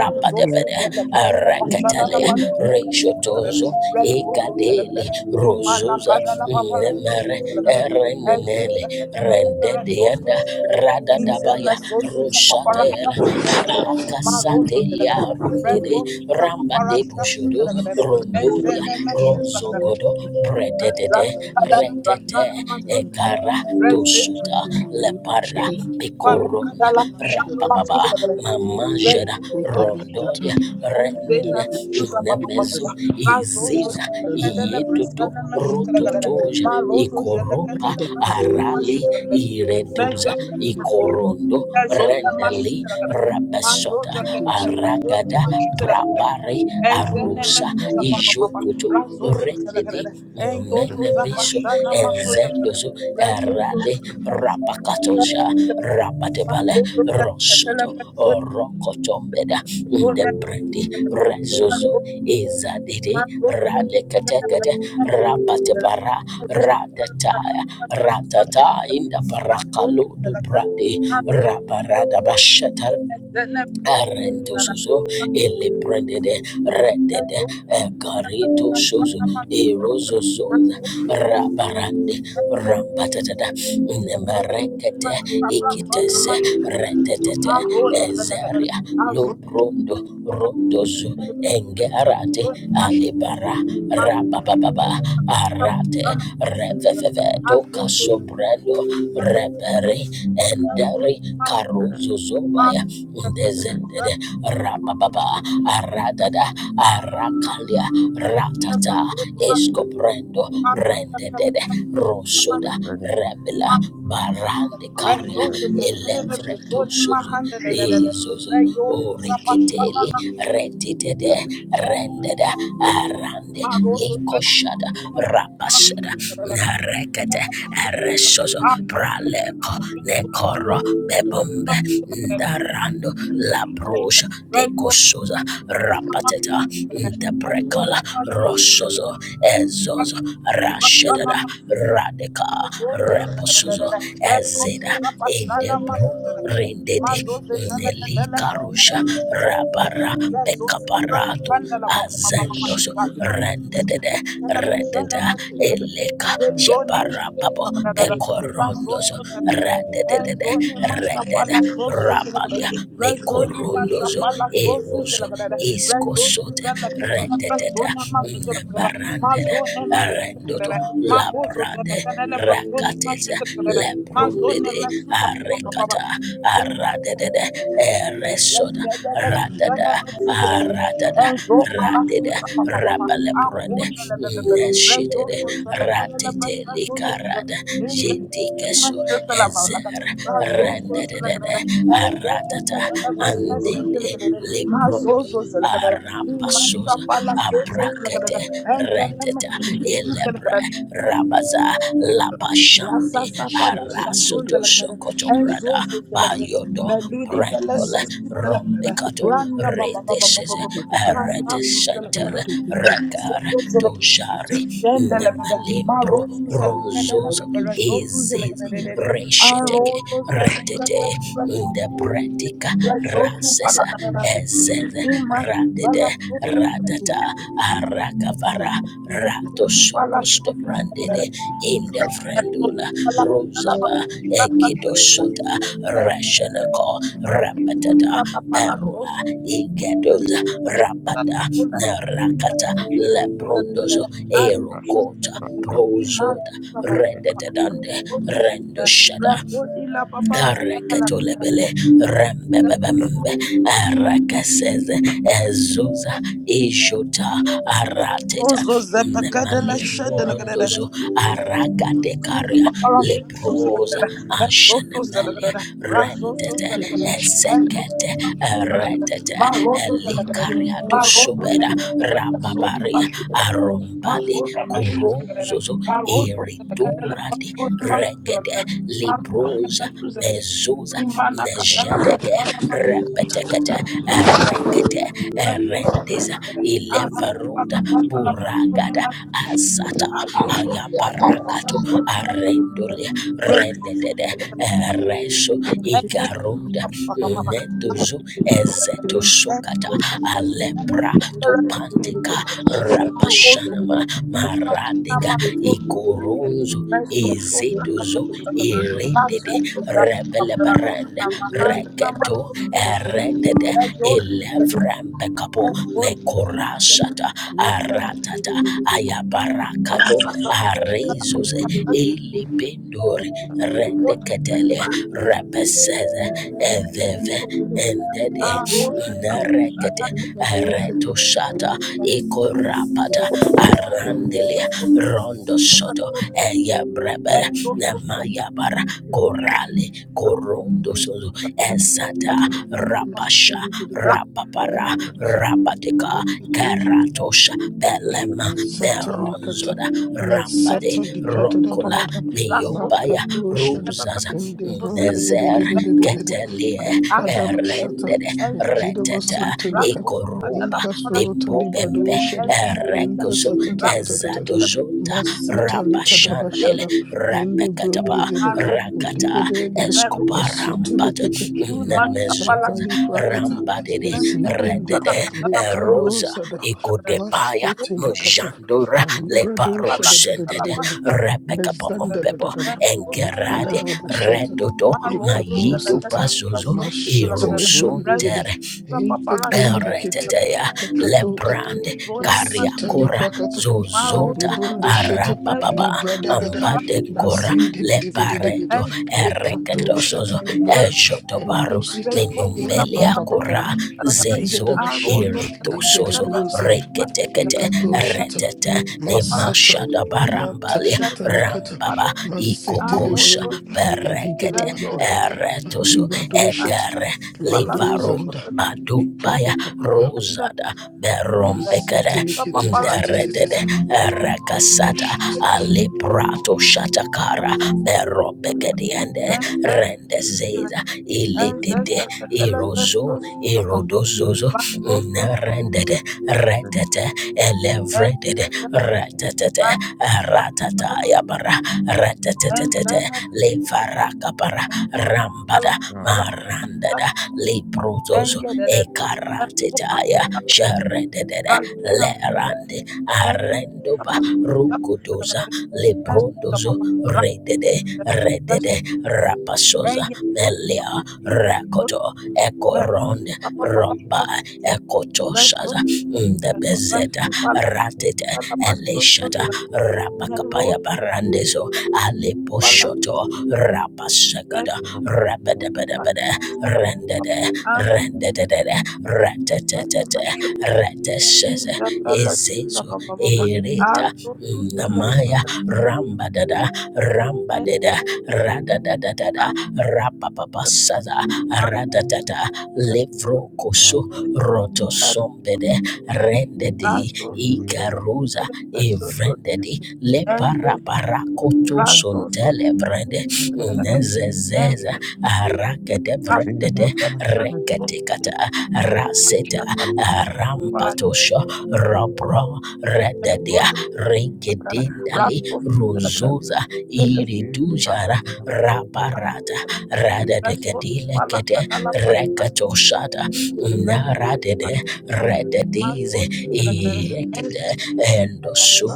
[SPEAKER 1] my Zosus and the Cadella
[SPEAKER 4] Arakale
[SPEAKER 1] Pashadala
[SPEAKER 2] you.
[SPEAKER 1] Bazuna
[SPEAKER 4] Rejotozo
[SPEAKER 1] Messi, Resources,
[SPEAKER 4] Ikadeli
[SPEAKER 1] and the
[SPEAKER 4] Ros,
[SPEAKER 1] Imana Cadala Babara
[SPEAKER 4] Remere
[SPEAKER 1] Sosus and as this
[SPEAKER 4] erenenele
[SPEAKER 1] the Catella
[SPEAKER 4] rende
[SPEAKER 1] Pepper
[SPEAKER 4] dienda
[SPEAKER 1] Sosus
[SPEAKER 4] rada
[SPEAKER 1] in the
[SPEAKER 4] daba
[SPEAKER 1] Mesosus of
[SPEAKER 4] rusha
[SPEAKER 6] one
[SPEAKER 1] Papara
[SPEAKER 6] other
[SPEAKER 1] Shasu and the
[SPEAKER 4] rakasate
[SPEAKER 1] Marosos and the
[SPEAKER 6] must be
[SPEAKER 4] liarunde
[SPEAKER 1] Resources of
[SPEAKER 4] ramba
[SPEAKER 1] Papara Shasu and
[SPEAKER 4] bushudo
[SPEAKER 1] the and then
[SPEAKER 4] rondolia
[SPEAKER 1] the Messi
[SPEAKER 4] rozogodo prededede
[SPEAKER 1] Azazakadala brashana masuzakada.
[SPEAKER 4] kara tosuta
[SPEAKER 1] Rezezakadakadakada.
[SPEAKER 4] lepara
[SPEAKER 6] the
[SPEAKER 4] picoro
[SPEAKER 1] Zuzupalakadala brashana
[SPEAKER 4] bababa
[SPEAKER 1] masuzakada.
[SPEAKER 4] mama jada
[SPEAKER 1] Rezone masuzakada.
[SPEAKER 4] rondolia rende
[SPEAKER 1] Enzena misuzapapapapapa. Razozo
[SPEAKER 4] iziza
[SPEAKER 1] zelekadele
[SPEAKER 4] yetutu
[SPEAKER 1] brashana masuzakada.
[SPEAKER 4] rototoja
[SPEAKER 1] Marozo
[SPEAKER 4] Oropa
[SPEAKER 1] zelekadele brashani
[SPEAKER 4] arali
[SPEAKER 1] masuzakada.
[SPEAKER 4] iredu
[SPEAKER 1] Mezezakadakadakada.
[SPEAKER 4] ikorondo
[SPEAKER 1] Zona
[SPEAKER 4] ali
[SPEAKER 1] mashute rakada.
[SPEAKER 4] rabasha
[SPEAKER 1] Mazoza kadele pasoni
[SPEAKER 4] aragada
[SPEAKER 1] mashute rakada.
[SPEAKER 4] brabare
[SPEAKER 1] Enzene
[SPEAKER 4] arusa
[SPEAKER 1] mesuza
[SPEAKER 5] you.
[SPEAKER 1] papa papa.
[SPEAKER 4] ijokuto
[SPEAKER 1] Razo suza
[SPEAKER 4] rende
[SPEAKER 1] rakada.
[SPEAKER 6] vision of
[SPEAKER 1] Engozo
[SPEAKER 4] nemiso
[SPEAKER 1] zapashana masuza rakada.
[SPEAKER 4] enzendoso
[SPEAKER 1] Rezozo
[SPEAKER 4] erale
[SPEAKER 1] zakadele.
[SPEAKER 5] Thank you.
[SPEAKER 4] rapakatosha rapatebale
[SPEAKER 1] Mazozo
[SPEAKER 4] rosun
[SPEAKER 1] zakadele pasoni.
[SPEAKER 4] rokotombeda
[SPEAKER 1] Zona
[SPEAKER 4] ndebredi
[SPEAKER 1] mashute rakada.
[SPEAKER 4] rezozo ezadede
[SPEAKER 1] Mazozo zakadele
[SPEAKER 4] Radekatekate, Rapatebara, Radataya, Ratata, Inda Barakalu, Dubradi, Rabarada Bashata. Arento
[SPEAKER 1] Thank
[SPEAKER 4] suzu ele prendede redede garito suzu erozo suzu rabarande rampatatada nemerekete ikitese redetete. Rondo, Rondos, Enge Arate, Alibara, Rabababa, Arate, Reveve, Doka
[SPEAKER 6] the
[SPEAKER 4] Sobrando, Repere, Endere,
[SPEAKER 6] other
[SPEAKER 4] Caruso Zoba,
[SPEAKER 6] present with a
[SPEAKER 4] Descended,
[SPEAKER 1] you.
[SPEAKER 4] Rabababa, Aradada, Arakalia, Ratata, Escoprendo, Rended, Rosoda, Rebela, Barandika, Elebrendo. Jesus,
[SPEAKER 6] third
[SPEAKER 4] oh rikete, Retitede,
[SPEAKER 6] evolution or
[SPEAKER 4] Rendeda, Arande,
[SPEAKER 6] the
[SPEAKER 4] Likoshada, Rabasada, Narekete, Eresoso, Praleco,
[SPEAKER 6] movers
[SPEAKER 4] Necoro, Bebombe, Darando, Labrosha, Kosoza, Rapateta, Debrecola, Rosozo,
[SPEAKER 1] Right,
[SPEAKER 4] Ezozo, Rasheda, Radica, Reposozo, Edida, Indro, Rendede, Karusha Rabara Bekaparato Zendos
[SPEAKER 5] Machete de de de
[SPEAKER 4] Rendede
[SPEAKER 6] will
[SPEAKER 4] Rendede
[SPEAKER 5] de
[SPEAKER 4] Eleka
[SPEAKER 5] Thank you.
[SPEAKER 4] Shepara Babo Koroso
[SPEAKER 1] Razon
[SPEAKER 6] not
[SPEAKER 4] Rendede
[SPEAKER 1] Rezoni
[SPEAKER 4] Rendede
[SPEAKER 1] mashapala sosu
[SPEAKER 4] Rabali
[SPEAKER 1] zelagadada. Rezoni
[SPEAKER 4] Undozo
[SPEAKER 1] mashapala
[SPEAKER 4] E
[SPEAKER 1] sosu zelagadada.
[SPEAKER 4] Istot
[SPEAKER 1] Rezosu zelakatana
[SPEAKER 4] Rendede
[SPEAKER 1] persona masu zelagadada.
[SPEAKER 4] Baran
[SPEAKER 1] Mazone mesu
[SPEAKER 4] Rendoto
[SPEAKER 1] zelagadada.
[SPEAKER 4] Lade
[SPEAKER 1] Magozo zelakana le personi masu
[SPEAKER 4] Tesa
[SPEAKER 1] zelagadada. Mazone
[SPEAKER 4] Lebrundede
[SPEAKER 1] mesu
[SPEAKER 6] the
[SPEAKER 4] Arekata
[SPEAKER 1] zelakapapapa.
[SPEAKER 4] Aradede Eresota Aratada dede rabalebo neshitede ratele karada jetikeso
[SPEAKER 6] other
[SPEAKER 4] dede ata andede lebrampasos abda ele
[SPEAKER 1] Mazozo
[SPEAKER 4] rabaza
[SPEAKER 1] Rasa
[SPEAKER 4] labashande
[SPEAKER 1] sapala shasun
[SPEAKER 4] arasoto
[SPEAKER 1] zalagnada.
[SPEAKER 4] sokoto brada
[SPEAKER 1] Enzo zalagnada.
[SPEAKER 4] yodo
[SPEAKER 1] Meludi pela sesi zalagnada.
[SPEAKER 4] rombekato
[SPEAKER 1] Randa baba baba baba baba. Rasa
[SPEAKER 4] erete
[SPEAKER 1] sun
[SPEAKER 4] santa
[SPEAKER 1] zalagnada.
[SPEAKER 4] reka
[SPEAKER 1] zos Zalagnada.
[SPEAKER 4] ojari
[SPEAKER 1] ishenda lagnada, Ma rosu zalagnada la
[SPEAKER 4] Rozozo
[SPEAKER 1] pepe. Rasosu
[SPEAKER 4] is
[SPEAKER 1] zalagnada. de de,
[SPEAKER 4] reshetete
[SPEAKER 1] An rosu zalagnada.
[SPEAKER 4] in
[SPEAKER 1] Rasosu
[SPEAKER 4] the
[SPEAKER 1] zalagnada.
[SPEAKER 4] pratica
[SPEAKER 1] Rasosu
[SPEAKER 5] that we
[SPEAKER 1] palagnada.
[SPEAKER 5] should
[SPEAKER 4] As
[SPEAKER 5] believe
[SPEAKER 1] Imash
[SPEAKER 4] radede
[SPEAKER 1] palagnada.
[SPEAKER 5] that we
[SPEAKER 4] radata
[SPEAKER 5] should
[SPEAKER 4] arakavara
[SPEAKER 5] must uh,
[SPEAKER 4] ratososto
[SPEAKER 1] Rasosu
[SPEAKER 5] must
[SPEAKER 4] brandede
[SPEAKER 1] palagnada.
[SPEAKER 5] be
[SPEAKER 4] in the
[SPEAKER 6] exam
[SPEAKER 5] realistic,
[SPEAKER 4] vrendula rozaba ekidosota
[SPEAKER 5] we should be
[SPEAKER 4] rashanako rapatata perua igedoza rapata narakata lebrondozo erokota
[SPEAKER 5] that we should
[SPEAKER 4] Redededande, rendo shada, areketolebele, rembebebembe, arakaseze, ezuza, ijota, aratetetu,
[SPEAKER 1] Zozo zapakada la shada la kadada.
[SPEAKER 4] arakadekaria, proza, ashen, redete
[SPEAKER 5] that we should be realistic.
[SPEAKER 4] ezekete, eretete, kariato.
[SPEAKER 5] Calibrandos,
[SPEAKER 4] Tobera,
[SPEAKER 5] Aliganto, Matic,
[SPEAKER 4] rababaria, arombade, koromzozo, ituni, gege,
[SPEAKER 6] not
[SPEAKER 4] libroza,
[SPEAKER 6] sure
[SPEAKER 1] Imana
[SPEAKER 6] that
[SPEAKER 1] katala basana
[SPEAKER 4] jedege repetekete erekete erendesa
[SPEAKER 6] making it
[SPEAKER 4] ilevaruda buragada asata
[SPEAKER 6] correct to
[SPEAKER 4] ayaparakato arendole rendedede eresho igarunda
[SPEAKER 1] Break
[SPEAKER 4] netuzu ezetosokata topanteka rabashanama maradega ikoronzo ezedozo eredede rebelebaranda regedo eredede elevrempekapo mekorashata aratata ayabarakato
[SPEAKER 5] Matic,
[SPEAKER 4] arezose
[SPEAKER 5] Matic,
[SPEAKER 4] elibendori
[SPEAKER 6] attack
[SPEAKER 4] rendeketele repeseze eveve endede Narek Retoshata Ikorapata Arandelia Rondo Soto Eya Brebera
[SPEAKER 5] Thank
[SPEAKER 4] Namayabara Korale Korondo Soto Esata
[SPEAKER 1] Thank you.
[SPEAKER 4] Rapasha
[SPEAKER 1] Marozo, Zelekatela,
[SPEAKER 4] Rapapara Rapateka
[SPEAKER 5] you.
[SPEAKER 4] Karatosha
[SPEAKER 6] the
[SPEAKER 4] Belema
[SPEAKER 5] Isata likata
[SPEAKER 4] Meronzoda Rambade
[SPEAKER 5] masata likata da da
[SPEAKER 4] Rokola
[SPEAKER 5] da da makato
[SPEAKER 4] Miobaya
[SPEAKER 5] shada
[SPEAKER 4] Zaza
[SPEAKER 5] ende brombe de de
[SPEAKER 4] Nezer
[SPEAKER 5] de de de de de de
[SPEAKER 4] Ketelie
[SPEAKER 5] lekada bashata
[SPEAKER 4] Erendede
[SPEAKER 5] ekido
[SPEAKER 4] Reteta
[SPEAKER 5] bosinto likata
[SPEAKER 4] Ikoroba
[SPEAKER 5] inta sota
[SPEAKER 4] Bimbo
[SPEAKER 5] libado
[SPEAKER 4] Bembe
[SPEAKER 5] shada enta
[SPEAKER 4] Erekozo
[SPEAKER 5] sata ta ta ta ta ta ta
[SPEAKER 4] Ezadozonda
[SPEAKER 5] masita likada
[SPEAKER 4] Rabashandele
[SPEAKER 5] bashada ende brombe
[SPEAKER 4] Rabekataba
[SPEAKER 5] zede
[SPEAKER 4] Rakata
[SPEAKER 5] ligede gede masita
[SPEAKER 4] Escoparambat
[SPEAKER 5] likete ma
[SPEAKER 6] market
[SPEAKER 4] Nemezo
[SPEAKER 5] Shatali prakata,
[SPEAKER 4] Rambadede
[SPEAKER 5] izidende,
[SPEAKER 4] Rede
[SPEAKER 5] lekado
[SPEAKER 6] would
[SPEAKER 4] Rosa Igodebaya
[SPEAKER 5] Mashitelikata,
[SPEAKER 6] not
[SPEAKER 4] Mojandora
[SPEAKER 6] go
[SPEAKER 5] Malibrado
[SPEAKER 4] Leparosende
[SPEAKER 5] shadadadadadada,
[SPEAKER 4] Rebecca Papa Bebo
[SPEAKER 5] Mezandadadadada,
[SPEAKER 4] engerade
[SPEAKER 5] Lakadada shata,
[SPEAKER 4] redodo
[SPEAKER 5] Ekato
[SPEAKER 4] ayido
[SPEAKER 5] sata,
[SPEAKER 4] bazozo
[SPEAKER 1] Pasos, Zelekatela, Rez,
[SPEAKER 5] Mashitilibrunduzade,
[SPEAKER 4] irosontere
[SPEAKER 5] Eite
[SPEAKER 1] Papa,
[SPEAKER 5] brundikete,
[SPEAKER 4] ereteteya
[SPEAKER 5] Ekato kata,
[SPEAKER 4] lebrande
[SPEAKER 1] Zoni
[SPEAKER 5] Wasitali
[SPEAKER 1] mashakala
[SPEAKER 4] kariakora
[SPEAKER 5] prakata,
[SPEAKER 4] zozo.
[SPEAKER 1] maroso
[SPEAKER 5] Malibrunda shete,
[SPEAKER 4] Araba
[SPEAKER 1] reza
[SPEAKER 4] baba
[SPEAKER 5] Libradagada,
[SPEAKER 1] papala
[SPEAKER 4] ambade gora
[SPEAKER 5] Lazendididididididi,
[SPEAKER 4] lepareto
[SPEAKER 1] reza
[SPEAKER 5] Lekato shata,
[SPEAKER 4] erekedosozo
[SPEAKER 5] Librada,
[SPEAKER 1] reza
[SPEAKER 4] ejotobaru
[SPEAKER 5] Entusita,
[SPEAKER 1] reza opula
[SPEAKER 4] mbele
[SPEAKER 5] Intra
[SPEAKER 1] papala
[SPEAKER 4] yako
[SPEAKER 5] papa
[SPEAKER 4] ra
[SPEAKER 5] papa,
[SPEAKER 1] shakala
[SPEAKER 6] good
[SPEAKER 5] maliga da
[SPEAKER 4] zezo
[SPEAKER 5] bashada,
[SPEAKER 1] aroso
[SPEAKER 5] Ligede
[SPEAKER 1] shakala
[SPEAKER 4] iritosozo
[SPEAKER 1] praso
[SPEAKER 5] bruzide,
[SPEAKER 1] mashakala
[SPEAKER 4] reketekete
[SPEAKER 5] Ikato shata
[SPEAKER 4] retete
[SPEAKER 6] number
[SPEAKER 4] ne
[SPEAKER 1] papala
[SPEAKER 5] masata
[SPEAKER 4] mashada
[SPEAKER 5] mata
[SPEAKER 4] barambalia
[SPEAKER 1] reza
[SPEAKER 5] shata likata
[SPEAKER 1] papala
[SPEAKER 4] rambaba
[SPEAKER 5] masete
[SPEAKER 4] ikokosha
[SPEAKER 1] amoso
[SPEAKER 5] lebrunde eligede
[SPEAKER 4] berekete
[SPEAKER 1] rayos
[SPEAKER 5] bakada
[SPEAKER 4] eretoso
[SPEAKER 5] malibra shata
[SPEAKER 4] egere
[SPEAKER 1] imashakala
[SPEAKER 5] la
[SPEAKER 1] papala
[SPEAKER 4] livaro
[SPEAKER 1] soso
[SPEAKER 5] zanda
[SPEAKER 4] badubaya
[SPEAKER 5] iprapa papapa
[SPEAKER 6] of
[SPEAKER 1] enda
[SPEAKER 4] rozada
[SPEAKER 5] masete
[SPEAKER 4] berombekere
[SPEAKER 1] reza
[SPEAKER 5] likete
[SPEAKER 1] papala shakala
[SPEAKER 4] Deredede rakasata
[SPEAKER 5] shite
[SPEAKER 4] aliprato shatakara berobegediende rendezeda
[SPEAKER 1] Thank
[SPEAKER 4] ilidide Irozo, Irodozozo, Narendede,
[SPEAKER 6] Ah,
[SPEAKER 4] Retete, Elevredede, Retetete, Ratata Yabara, Retetete, Levarakapara, Rambada, Randada, Karatitaya Sharedede Lerande Arendoba Rukudoza Lebrondozo Redede Redede Rapasoza Melia Rakoto Ekoronde Roba Ekotoshaza Ndebezeta Ratete Elishata Rapaka
[SPEAKER 1] you.
[SPEAKER 4] Barandezo, Alepo
[SPEAKER 1] Balastos,
[SPEAKER 4] Shoto,
[SPEAKER 1] the
[SPEAKER 4] Rapa
[SPEAKER 1] best
[SPEAKER 4] Shagada,
[SPEAKER 1] of
[SPEAKER 4] Rabadabadabada,
[SPEAKER 1] the
[SPEAKER 4] Rendede,
[SPEAKER 1] as
[SPEAKER 4] Rendede,
[SPEAKER 1] as that the
[SPEAKER 4] Ratatata,
[SPEAKER 1] mushroom is
[SPEAKER 4] Ratashaza,
[SPEAKER 1] that the last of
[SPEAKER 4] Ezezo,
[SPEAKER 1] the
[SPEAKER 4] Ere
[SPEAKER 1] as those who sell it,
[SPEAKER 4] Namaya
[SPEAKER 1] the
[SPEAKER 4] Ramba Dada
[SPEAKER 1] Susel
[SPEAKER 4] Ramba
[SPEAKER 1] men
[SPEAKER 4] Dada Rada Dada Dada
[SPEAKER 1] as
[SPEAKER 4] Rapa Papa
[SPEAKER 1] the
[SPEAKER 4] Sada
[SPEAKER 1] man
[SPEAKER 4] Rada Dada
[SPEAKER 1] that
[SPEAKER 4] Levro Koso
[SPEAKER 1] the
[SPEAKER 4] Roto
[SPEAKER 1] that
[SPEAKER 4] Sombede Rende
[SPEAKER 1] as those who sell it,
[SPEAKER 4] Igaruza
[SPEAKER 1] the best of the
[SPEAKER 4] evrendedi
[SPEAKER 1] and yes, Rasso so
[SPEAKER 4] leparabarakotosondele vrende
[SPEAKER 1] the and
[SPEAKER 4] nezezeza arakede
[SPEAKER 1] Rasso
[SPEAKER 4] vrendede
[SPEAKER 1] for the so
[SPEAKER 4] Rekete kata
[SPEAKER 1] much
[SPEAKER 4] raseta
[SPEAKER 1] that the
[SPEAKER 4] rampatosho
[SPEAKER 1] Balastos
[SPEAKER 4] robro
[SPEAKER 1] and
[SPEAKER 4] rededia
[SPEAKER 1] going
[SPEAKER 4] regedindali
[SPEAKER 1] the Rasso the
[SPEAKER 6] yes.
[SPEAKER 4] rozoza
[SPEAKER 1] Village
[SPEAKER 6] You
[SPEAKER 1] Susa,
[SPEAKER 4] iridujara
[SPEAKER 6] come up with a good
[SPEAKER 4] raparata
[SPEAKER 6] idea.
[SPEAKER 4] radedegedile
[SPEAKER 1] Rasso Palacadala
[SPEAKER 4] rekatoshada
[SPEAKER 1] Pascal.
[SPEAKER 4] naradede
[SPEAKER 1] Thank
[SPEAKER 4] rededize iekede endosu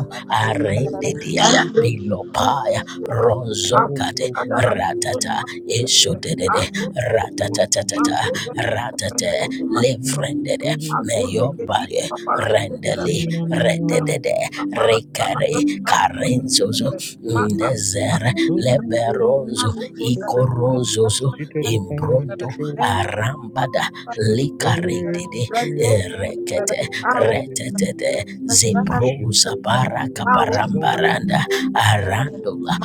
[SPEAKER 6] And
[SPEAKER 4] arendedia
[SPEAKER 6] you I'm
[SPEAKER 4] ilopaya ronzo kate
[SPEAKER 6] so good.
[SPEAKER 4] ratata eshodedede
[SPEAKER 1] you.
[SPEAKER 6] What you
[SPEAKER 4] ratatatatata
[SPEAKER 6] should do.
[SPEAKER 4] ratate
[SPEAKER 6] No matter who
[SPEAKER 4] lefrendede
[SPEAKER 6] you feel,
[SPEAKER 4] faye
[SPEAKER 6] if
[SPEAKER 4] rendeli
[SPEAKER 6] no
[SPEAKER 4] rededede rekare karenzozo ndezere leberonzo
[SPEAKER 6] it.
[SPEAKER 4] Corozozo
[SPEAKER 6] She the
[SPEAKER 4] imbrondo
[SPEAKER 6] tree.
[SPEAKER 4] arambada
[SPEAKER 6] Yeah, yeah,
[SPEAKER 4] likaretede
[SPEAKER 6] yeah,
[SPEAKER 4] rekete
[SPEAKER 6] yeah. Put it in the
[SPEAKER 4] retetete
[SPEAKER 6] tree.
[SPEAKER 4] zebrosa
[SPEAKER 6] no
[SPEAKER 4] baraka barambaranda arandola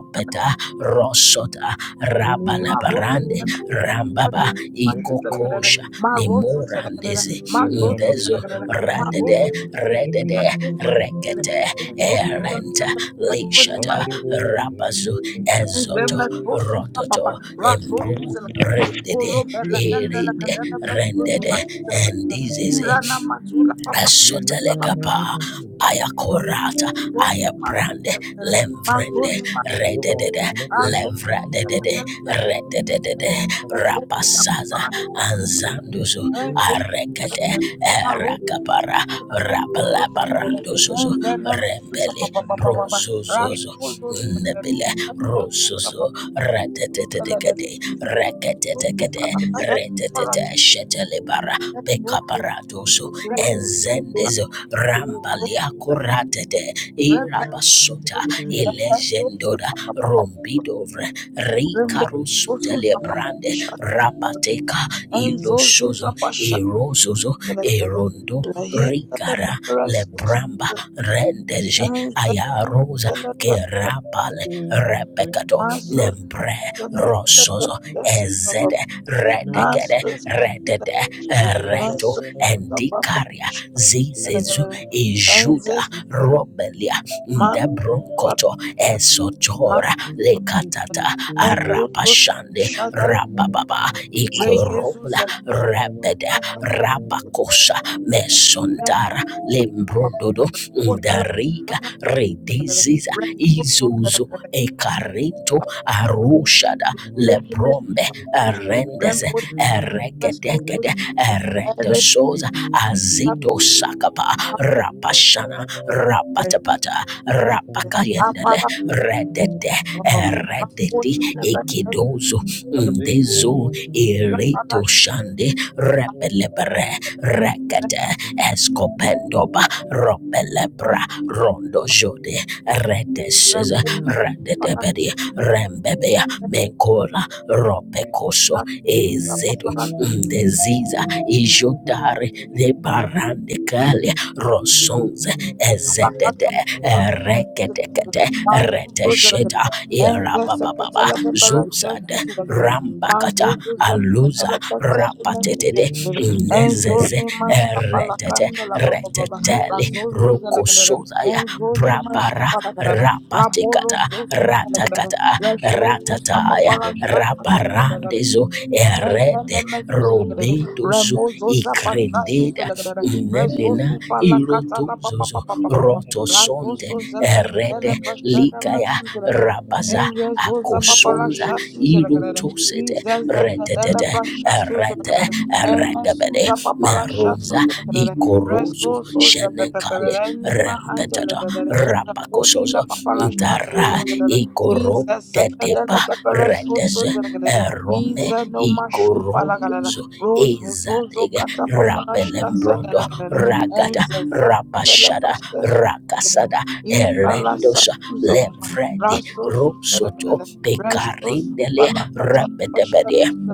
[SPEAKER 1] Thank
[SPEAKER 4] rosota rabalabarande rambaba
[SPEAKER 6] Dobra, let's
[SPEAKER 4] ikokosha
[SPEAKER 6] to
[SPEAKER 4] mura Ndezo radede redede rekete erenta lishata rabazu ez Rot Rated, rated, rendered, and this is a sotelekapa, ayakorata, ayabrande, lemv, rededed, evradeded,
[SPEAKER 6] widmo, żeby zabić
[SPEAKER 4] rededed,
[SPEAKER 6] ale patrzę
[SPEAKER 4] rapasaza,
[SPEAKER 6] Lina na
[SPEAKER 4] anzanduzu,
[SPEAKER 6] tabelę, zimna
[SPEAKER 4] arekete,
[SPEAKER 6] na tabelę,
[SPEAKER 1] Rash
[SPEAKER 4] erakapara, rapalabaranduzuzu, rembele.
[SPEAKER 6] ale to jest
[SPEAKER 4] zuzu,
[SPEAKER 6] fajne, to jest
[SPEAKER 4] Nebile, Rosuso, reketetekete
[SPEAKER 6] fajne, to jest fajne,
[SPEAKER 4] retetete shetelebara
[SPEAKER 1] Ancestors,
[SPEAKER 4] bekaparadoso
[SPEAKER 6] Thank
[SPEAKER 1] Master,
[SPEAKER 4] enzende rambaliakuratete irabasota ilendoda bidovre riusutelebrande rabateka idosozo erosozo erondo ikara bramba rendeje ayarosa rapale rebecato nebre rosso, as redegede redede reto
[SPEAKER 1] Master,
[SPEAKER 4] endikaria zizi iju robelia ndebronkoto esotora lekatata
[SPEAKER 1] and
[SPEAKER 4] arapashande
[SPEAKER 1] you
[SPEAKER 4] Rabababa,
[SPEAKER 1] Re Jesus
[SPEAKER 4] Ikorola,
[SPEAKER 1] Zakaria,
[SPEAKER 4] Rabeda,
[SPEAKER 1] Master
[SPEAKER 4] Rabakosa,
[SPEAKER 1] Mercy
[SPEAKER 4] Mesondara,
[SPEAKER 6] Thank
[SPEAKER 1] Papa,
[SPEAKER 4] Lembrododo,
[SPEAKER 1] Rambota La
[SPEAKER 4] Ndariga,
[SPEAKER 1] Sana Zakaria,
[SPEAKER 4] Redeziza,
[SPEAKER 1] Rambo
[SPEAKER 4] izuzu
[SPEAKER 1] Zakaria,
[SPEAKER 4] ekarito, Arushada,
[SPEAKER 1] Then he missed
[SPEAKER 4] Lebrombe, Arende,
[SPEAKER 1] Rambo
[SPEAKER 4] Erege.
[SPEAKER 1] Vasco Zakaria,
[SPEAKER 4] Erete
[SPEAKER 1] Ere
[SPEAKER 4] Sosa
[SPEAKER 1] La
[SPEAKER 4] Azito Sakapa
[SPEAKER 1] Pambo
[SPEAKER 4] Rapashana
[SPEAKER 1] Zakaria,
[SPEAKER 4] Rapatapata Rapakayen
[SPEAKER 1] Apala
[SPEAKER 4] Redete,
[SPEAKER 1] Papa,
[SPEAKER 4] redeti
[SPEAKER 1] Ramboti Zakaria, Apala
[SPEAKER 4] ekidozo,
[SPEAKER 1] Zakaria,
[SPEAKER 4] ndezo,
[SPEAKER 1] Rambo Zakaria,
[SPEAKER 4] irito shande, repelepere, rekete, escopendoba, ropelepra, rondo jode, redeseza, redetebedi, rembebea, mekora, ropekoso,
[SPEAKER 1] Rambo
[SPEAKER 4] ezedo,
[SPEAKER 1] Zakaria,
[SPEAKER 4] ndeziza, ijotare, de
[SPEAKER 6] you.
[SPEAKER 4] barande kale, rosonze, eze,
[SPEAKER 1] Rapolo so su
[SPEAKER 4] reketekete reteketa
[SPEAKER 1] sa
[SPEAKER 4] irababa zade ramba aluza rapatetede ne er- reteteli rokosozaya brabara rapa
[SPEAKER 1] la kadada,
[SPEAKER 4] ratakata
[SPEAKER 1] la show su sa
[SPEAKER 4] ratataya
[SPEAKER 1] papala sha sa kadada
[SPEAKER 4] rabarandezo erede
[SPEAKER 1] Ezele mefuze legedere.
[SPEAKER 4] robedo
[SPEAKER 1] Remozo zapasha
[SPEAKER 6] Yeah,
[SPEAKER 4] Indeed,
[SPEAKER 1] suze legedere. Reso
[SPEAKER 4] nenina
[SPEAKER 1] supa la kata la pa pa pa pa pa pa pa.
[SPEAKER 4] roto
[SPEAKER 1] Razo
[SPEAKER 4] sonde
[SPEAKER 1] so zele kedele
[SPEAKER 4] erede
[SPEAKER 1] pashene
[SPEAKER 4] ligaya
[SPEAKER 1] mesuze legedere.
[SPEAKER 4] rabaza
[SPEAKER 1] Enye zo zapapa la sha suze legedere.
[SPEAKER 4] irutusete
[SPEAKER 1] Ize ze
[SPEAKER 4] rete
[SPEAKER 1] kedele prasha suze
[SPEAKER 4] erete
[SPEAKER 1] legedere. Eme
[SPEAKER 4] eregebede
[SPEAKER 1] suza papa rasha
[SPEAKER 4] Rosa,
[SPEAKER 1] suze legedere.
[SPEAKER 4] ikoroso,
[SPEAKER 1] Reso so ze
[SPEAKER 4] shen
[SPEAKER 1] pepeperere ni
[SPEAKER 4] rem
[SPEAKER 1] mahande legedere. Rekodi la
[SPEAKER 4] rapakosozo
[SPEAKER 1] papa la sha suze
[SPEAKER 4] dara
[SPEAKER 1] legedere.
[SPEAKER 4] ikoro
[SPEAKER 1] Ize ze kedele pepere so
[SPEAKER 4] dededes
[SPEAKER 1] suze legedere.
[SPEAKER 4] erom
[SPEAKER 1] Iza no
[SPEAKER 4] ikoroso,
[SPEAKER 1] mashupa la kanada. Rose
[SPEAKER 4] eza
[SPEAKER 1] zozo kata papa na
[SPEAKER 6] brother.
[SPEAKER 1] shasa da
[SPEAKER 4] rabelembrondo
[SPEAKER 1] la kanada.
[SPEAKER 4] raga
[SPEAKER 6] Yeah.
[SPEAKER 1] Enza zela la
[SPEAKER 4] Rabashada,
[SPEAKER 1] pasta su da kanada.
[SPEAKER 4] Rakasada,
[SPEAKER 1] Ipa
[SPEAKER 4] Erendosa, Levred,
[SPEAKER 1] Raso su da la
[SPEAKER 4] Rosoto
[SPEAKER 1] kanada. Resho su
[SPEAKER 4] Pecarindele
[SPEAKER 1] pala kata la pasta
[SPEAKER 4] Rabedebede
[SPEAKER 1] da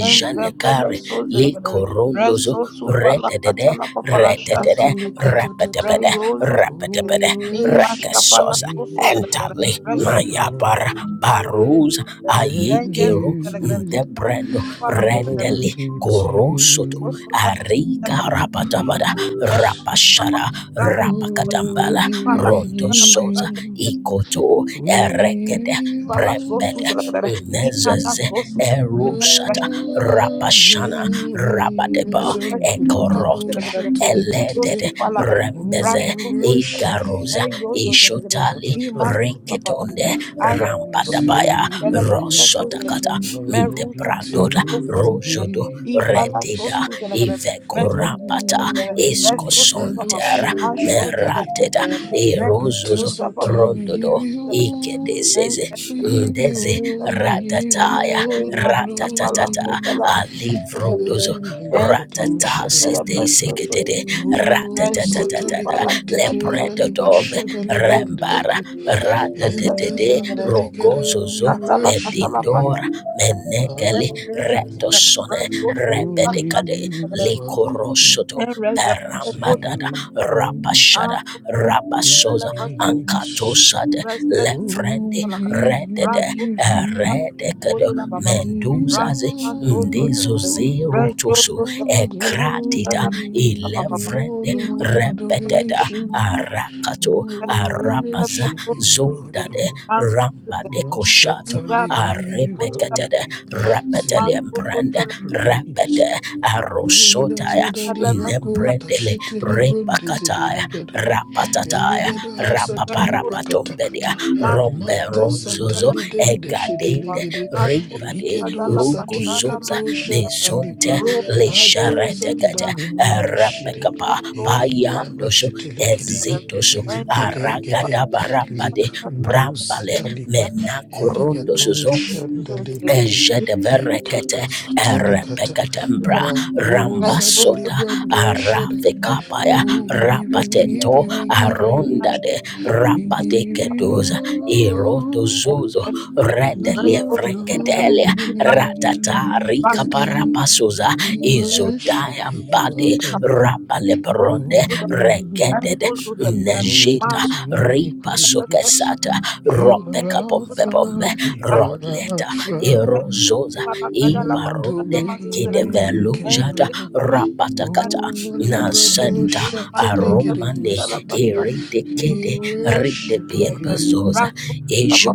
[SPEAKER 1] Enza pela so
[SPEAKER 4] Likorondo
[SPEAKER 1] Reso su
[SPEAKER 4] Retetere
[SPEAKER 1] pala kata la papa la shasa
[SPEAKER 5] shata
[SPEAKER 1] da la kanada.
[SPEAKER 5] likata
[SPEAKER 4] Rabedeb
[SPEAKER 5] tata
[SPEAKER 1] Reyo zo da la
[SPEAKER 5] oh
[SPEAKER 1] kanada.
[SPEAKER 5] we
[SPEAKER 4] Rabedebede
[SPEAKER 1] Ima
[SPEAKER 5] worship
[SPEAKER 1] shapa la
[SPEAKER 5] you
[SPEAKER 1] so so
[SPEAKER 4] Entale
[SPEAKER 5] our
[SPEAKER 4] Nayabara
[SPEAKER 5] God
[SPEAKER 4] Baruz
[SPEAKER 5] and
[SPEAKER 1] Angels,
[SPEAKER 4] Ayegeru
[SPEAKER 5] you
[SPEAKER 4] Ndebrendo
[SPEAKER 5] are
[SPEAKER 4] Rendele
[SPEAKER 5] worthy
[SPEAKER 4] Korosoto
[SPEAKER 5] to
[SPEAKER 4] Ariga
[SPEAKER 5] be
[SPEAKER 4] Rabatabada
[SPEAKER 5] praised.
[SPEAKER 4] Rabashara
[SPEAKER 5] Oh, we
[SPEAKER 4] Rabakatambala
[SPEAKER 5] give you, we
[SPEAKER 4] Rondo
[SPEAKER 5] give
[SPEAKER 4] Soza
[SPEAKER 5] you,
[SPEAKER 4] Ikoto
[SPEAKER 5] we
[SPEAKER 4] Erekede
[SPEAKER 5] give you
[SPEAKER 4] Nez Erushata
[SPEAKER 5] the
[SPEAKER 4] rapashana,
[SPEAKER 1] Thank
[SPEAKER 5] glory.
[SPEAKER 4] Rabadeba
[SPEAKER 5] Mazandulukado
[SPEAKER 4] Ekoroto Elede
[SPEAKER 5] shatalitititi. Oh, I
[SPEAKER 4] Rembeze
[SPEAKER 5] worship
[SPEAKER 4] Igarosa
[SPEAKER 5] you, our
[SPEAKER 4] Ishotali
[SPEAKER 5] God.
[SPEAKER 4] Rikitonde
[SPEAKER 5] I
[SPEAKER 4] Rampadabaya
[SPEAKER 5] receive you.
[SPEAKER 4] Rosotakata
[SPEAKER 5] Only
[SPEAKER 4] Debrandoda
[SPEAKER 5] to
[SPEAKER 4] Rosodo
[SPEAKER 5] be
[SPEAKER 4] Redida
[SPEAKER 5] praised. Oh,
[SPEAKER 4] Ivekorapata
[SPEAKER 5] Mazandulukado
[SPEAKER 4] Iskosonder
[SPEAKER 5] shandaligiri.
[SPEAKER 4] Merateda
[SPEAKER 5] Take a
[SPEAKER 4] Erosozo
[SPEAKER 5] test time, we give
[SPEAKER 4] Rondodo
[SPEAKER 5] you all,
[SPEAKER 4] ikedeseze
[SPEAKER 5] we give you
[SPEAKER 4] ndeze
[SPEAKER 5] all, we give you
[SPEAKER 4] ratataya
[SPEAKER 5] all the
[SPEAKER 4] rata
[SPEAKER 5] glory.
[SPEAKER 1] you.
[SPEAKER 5] It is
[SPEAKER 4] alivrodozo
[SPEAKER 5] on the
[SPEAKER 1] En
[SPEAKER 5] Likato
[SPEAKER 1] esta
[SPEAKER 4] ratatasi
[SPEAKER 1] cartera
[SPEAKER 5] Shadali brother.
[SPEAKER 1] pasó su
[SPEAKER 4] seketede
[SPEAKER 5] Oh,
[SPEAKER 1] resto su
[SPEAKER 5] Masatali
[SPEAKER 4] ratatatatatata
[SPEAKER 1] palabra la
[SPEAKER 5] Kentite Laliba
[SPEAKER 4] lepredotombe
[SPEAKER 5] Shadali brothers
[SPEAKER 1] resto
[SPEAKER 5] it
[SPEAKER 4] rembara
[SPEAKER 1] su
[SPEAKER 5] is.
[SPEAKER 1] de la pasta
[SPEAKER 5] And
[SPEAKER 1] su
[SPEAKER 5] as
[SPEAKER 4] ratatete
[SPEAKER 1] de la
[SPEAKER 5] on
[SPEAKER 1] gran
[SPEAKER 4] rogozozo
[SPEAKER 5] we
[SPEAKER 1] hasta la hasta
[SPEAKER 5] worship
[SPEAKER 1] la pasta
[SPEAKER 5] you,
[SPEAKER 4] ora
[SPEAKER 5] our
[SPEAKER 1] en
[SPEAKER 4] menekeli
[SPEAKER 5] God.
[SPEAKER 1] reza que te
[SPEAKER 4] retosone
[SPEAKER 1] resto
[SPEAKER 5] Oh,
[SPEAKER 1] su pasta
[SPEAKER 4] rebedekade
[SPEAKER 5] you are worthy
[SPEAKER 4] likorosoto
[SPEAKER 1] en reza que te corta la
[SPEAKER 5] to
[SPEAKER 1] pasta a
[SPEAKER 4] Rapashada,
[SPEAKER 1] fotos
[SPEAKER 5] be
[SPEAKER 1] de la
[SPEAKER 4] Rabasoza,
[SPEAKER 1] pasta
[SPEAKER 5] praised.
[SPEAKER 4] Ankatosade,
[SPEAKER 1] resta
[SPEAKER 5] Oh,
[SPEAKER 4] Levrende,
[SPEAKER 1] de
[SPEAKER 5] we
[SPEAKER 1] la cara
[SPEAKER 5] give you, we
[SPEAKER 4] Redede,
[SPEAKER 1] resto su
[SPEAKER 5] give you,
[SPEAKER 4] Redeke,
[SPEAKER 1] pasta de la
[SPEAKER 5] we
[SPEAKER 1] baba
[SPEAKER 5] give you
[SPEAKER 4] Menduza,
[SPEAKER 1] rasta su su de la
[SPEAKER 4] Ndezo
[SPEAKER 5] all,
[SPEAKER 4] Zero,
[SPEAKER 1] gran resto su
[SPEAKER 5] all the
[SPEAKER 1] de la
[SPEAKER 4] Ekratita,
[SPEAKER 1] pasta
[SPEAKER 5] glory,
[SPEAKER 1] la
[SPEAKER 5] all
[SPEAKER 1] baba
[SPEAKER 4] Elevrende,
[SPEAKER 5] the honor, all
[SPEAKER 4] Repeteda,
[SPEAKER 5] adoration.
[SPEAKER 4] Arakato,
[SPEAKER 5] Oh,
[SPEAKER 1] Thank
[SPEAKER 5] we
[SPEAKER 4] Arabaza,
[SPEAKER 5] worship you, Lord.
[SPEAKER 4] Zondade,
[SPEAKER 5] God. You
[SPEAKER 4] Rambade
[SPEAKER 5] must
[SPEAKER 4] Koshato,
[SPEAKER 5] shut our you
[SPEAKER 4] Repetede,
[SPEAKER 5] away
[SPEAKER 4] Rapetele,
[SPEAKER 5] to be praised.
[SPEAKER 4] Repete,
[SPEAKER 5] And as
[SPEAKER 4] Arosotaya,
[SPEAKER 5] Adali Bracota,
[SPEAKER 4] Brendele
[SPEAKER 5] Shitty
[SPEAKER 4] Repakataya
[SPEAKER 5] Lebron,
[SPEAKER 4] Rapatataya
[SPEAKER 5] Enigada satali
[SPEAKER 4] Rapaparapatombenia
[SPEAKER 5] prakatakata.
[SPEAKER 4] Rombe
[SPEAKER 5] Mata
[SPEAKER 4] Ronzozo
[SPEAKER 5] satali dende
[SPEAKER 4] Egade
[SPEAKER 5] shidelegede.
[SPEAKER 4] Ibade
[SPEAKER 5] Enigado satili
[SPEAKER 4] Ruguzuza
[SPEAKER 5] kato shantali pra.
[SPEAKER 4] Mezonte
[SPEAKER 5] Ato
[SPEAKER 4] Lisharetekete
[SPEAKER 5] zandali bronde shide.
[SPEAKER 4] Rapekapa
[SPEAKER 5] Enigada
[SPEAKER 4] Payandoso
[SPEAKER 5] basheteli gede.
[SPEAKER 4] Ezitoso
[SPEAKER 5] Enigede gede.
[SPEAKER 4] Aragadabarambade
[SPEAKER 5] Likando
[SPEAKER 4] Brambale
[SPEAKER 5] satali pra. Enigado
[SPEAKER 4] Menakorundosuzo
[SPEAKER 5] shandali bronde.
[SPEAKER 4] Ejedeverekete
[SPEAKER 5] Ekaka satali kata.
[SPEAKER 4] erepeketembra
[SPEAKER 5] Madu zadali
[SPEAKER 4] rambasota
[SPEAKER 5] brando shada.
[SPEAKER 4] arafikapaya
[SPEAKER 5] Oh, we give you, we give
[SPEAKER 4] rapatento
[SPEAKER 5] you, we give you,
[SPEAKER 4] arondade
[SPEAKER 5] we give
[SPEAKER 4] rapatekedoza
[SPEAKER 5] you all
[SPEAKER 4] irondozozo
[SPEAKER 5] the
[SPEAKER 4] redelievrengedelia
[SPEAKER 1] you.
[SPEAKER 5] glory,
[SPEAKER 1] Rasul
[SPEAKER 5] Daddy.
[SPEAKER 4] ratataarikaparapasoza
[SPEAKER 5] We
[SPEAKER 1] Celebration
[SPEAKER 5] worship you, our
[SPEAKER 4] izodayambade
[SPEAKER 5] God.
[SPEAKER 1] Roma
[SPEAKER 4] rapaleperonde
[SPEAKER 5] Oh,
[SPEAKER 1] Suda
[SPEAKER 4] regede
[SPEAKER 1] and
[SPEAKER 5] you
[SPEAKER 1] Zuzu
[SPEAKER 5] are
[SPEAKER 1] Celebration
[SPEAKER 5] worthy
[SPEAKER 4] Nejita
[SPEAKER 5] to be
[SPEAKER 4] ripa
[SPEAKER 5] praised.
[SPEAKER 4] sukesata
[SPEAKER 5] You
[SPEAKER 4] rope
[SPEAKER 5] are
[SPEAKER 4] kapombe pombe
[SPEAKER 5] Alpha, you are
[SPEAKER 4] rodleta
[SPEAKER 5] Alpha
[SPEAKER 4] erozoza i
[SPEAKER 5] and
[SPEAKER 4] Ronde kidevelujata
[SPEAKER 5] Omega.
[SPEAKER 4] rapatakata
[SPEAKER 5] Oh, Malibra do
[SPEAKER 4] nasenta
[SPEAKER 5] Shatale
[SPEAKER 4] aromane
[SPEAKER 5] University. We
[SPEAKER 4] iridekede
[SPEAKER 5] worship
[SPEAKER 4] ridebiembezoza
[SPEAKER 5] you,
[SPEAKER 1] Rasul